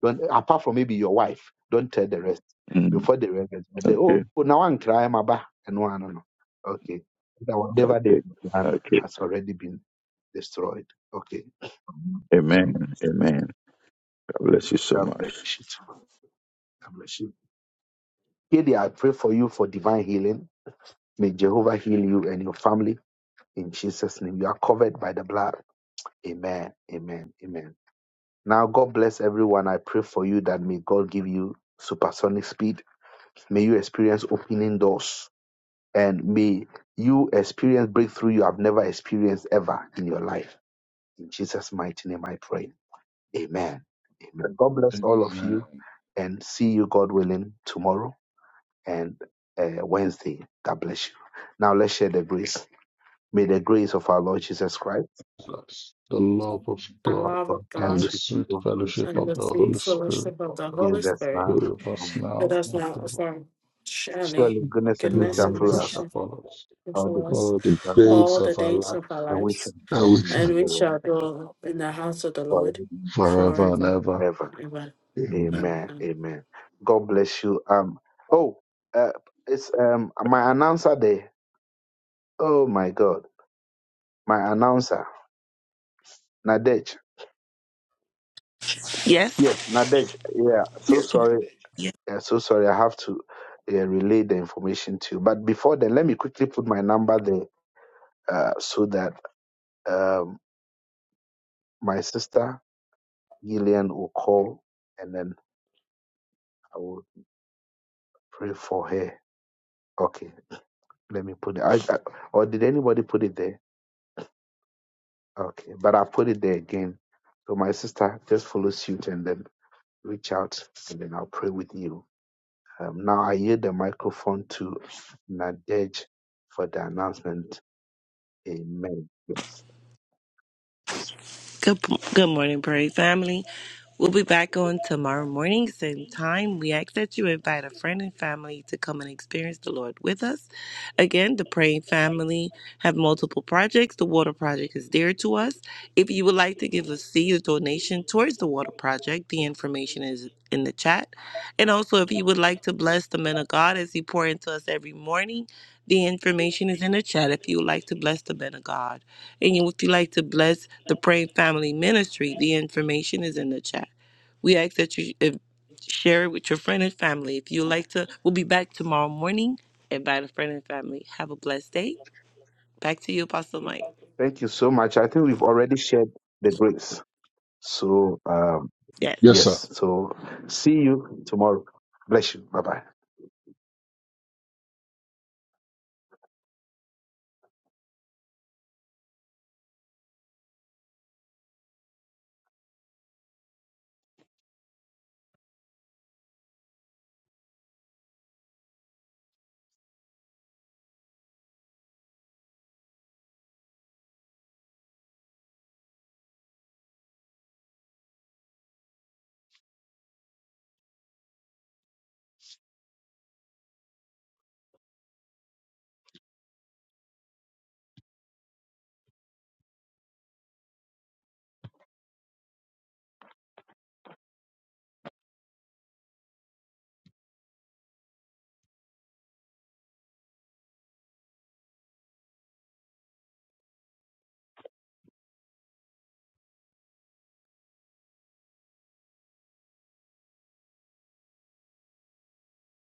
Speaker 1: don't apart from maybe your wife, don't tell the rest
Speaker 15: Mm,
Speaker 1: before they realize. But they oh
Speaker 15: okay.
Speaker 1: now I'm crying my back and no no no okay. That whatever they
Speaker 15: Okay.
Speaker 1: plan
Speaker 15: Okay.
Speaker 1: has already been destroyed. Okay.
Speaker 15: Amen. Amen. God bless you so
Speaker 1: God bless
Speaker 15: much.
Speaker 1: you. God bless you. Katie, I pray for you for divine healing. May Jehovah heal you and your family. In Jesus' name, you are covered by the blood. Amen. Amen. Amen. Now, God bless everyone. I pray for you that may God give you supersonic speed. May you experience opening doors and may you experience breakthrough you have never experienced ever in your life. In Jesus' mighty name, I pray. Amen. Amen. God bless all of
Speaker 5: Amen.
Speaker 1: you and see you, God willing, tomorrow and uh, Wednesday. God bless you. Now, let's share the grace. May the grace of our Lord Jesus Christ
Speaker 5: Bless the love of
Speaker 16: the
Speaker 5: God
Speaker 1: of
Speaker 16: love
Speaker 1: God
Speaker 16: of
Speaker 1: and
Speaker 5: and the
Speaker 16: God,
Speaker 1: sweet and
Speaker 5: sweet
Speaker 1: good Holy
Speaker 5: fellowship
Speaker 1: Spirit
Speaker 16: and
Speaker 5: of
Speaker 16: the
Speaker 5: the
Speaker 16: free
Speaker 5: Holy Spirit
Speaker 16: fellowship of the
Speaker 1: be
Speaker 16: Holy
Speaker 1: with us
Speaker 16: Spirit
Speaker 1: now
Speaker 5: be
Speaker 1: and
Speaker 5: with us
Speaker 1: forevermore.
Speaker 16: with
Speaker 5: now
Speaker 16: us
Speaker 5: and
Speaker 16: now and
Speaker 5: forever.
Speaker 16: forever. Surely,
Speaker 1: Surely goodness and mercy
Speaker 5: Now
Speaker 16: goodness
Speaker 1: shall
Speaker 16: and
Speaker 5: mercy
Speaker 16: mercy
Speaker 1: follow us
Speaker 5: shall
Speaker 16: shall
Speaker 5: follow us
Speaker 1: all the
Speaker 16: follow
Speaker 1: days
Speaker 16: us
Speaker 5: all the
Speaker 1: of our
Speaker 5: days
Speaker 16: all the
Speaker 5: of our
Speaker 16: days of
Speaker 5: life,
Speaker 16: our
Speaker 1: and we shall
Speaker 16: lives,
Speaker 1: dwell
Speaker 5: and we
Speaker 1: in the
Speaker 5: shall
Speaker 16: and we
Speaker 1: Lord
Speaker 16: shall dwell in the house of the
Speaker 1: forever
Speaker 16: Lord
Speaker 1: and
Speaker 5: forever and
Speaker 16: forever
Speaker 5: ever.
Speaker 1: ever.
Speaker 16: and ever.
Speaker 5: Amen.
Speaker 1: Amen.
Speaker 16: Amen.
Speaker 1: Amen. God bless you. Um. Oh, uh, it's um my announcer day. Oh my God, my announcer Nadej.
Speaker 17: Yes.
Speaker 1: Yes, Nadej. Yeah. So sorry.
Speaker 17: Yes.
Speaker 1: Yeah, so sorry. I have to. Uh, relay the information to you. But before then, let me quickly put my number there uh, so that Um, my sister Gillian will call, and then I will pray for her. Okay, let me put it. I, I, or did anybody put it there? Okay, but I put it there again. So my sister, just follow suit and then reach out, and then I'll pray with you. Um, now I yield the microphone to Nadej for the announcement. Amen. Yes.
Speaker 17: Good, good morning, Prairie Family. We'll be back on tomorrow morning, same time. We ask that you invite a friend and family to come and experience the Lord with us. Again, the Praying Family have multiple projects. The Water Project is dear to us. If you would like to give a seed or donation towards the Water Project, the information is in the chat. And also, if you would like to bless the men of God as he pour into us every morning, the information is in the chat if you would like to bless the men of God. And you- if you like to bless the Praying Family Ministry, the information is in the chat. We ask that you uh, share it with your friend and family. If you like to, we'll be back tomorrow morning. Invite a friend and family. Have a blessed day. Back to you, Apostle Mike.
Speaker 1: Thank you so much. I think we've already shared the grace. So. um.
Speaker 17: Yes.
Speaker 5: Yes, sir.
Speaker 1: Yes. So see you tomorrow. Bless you. Bye bye.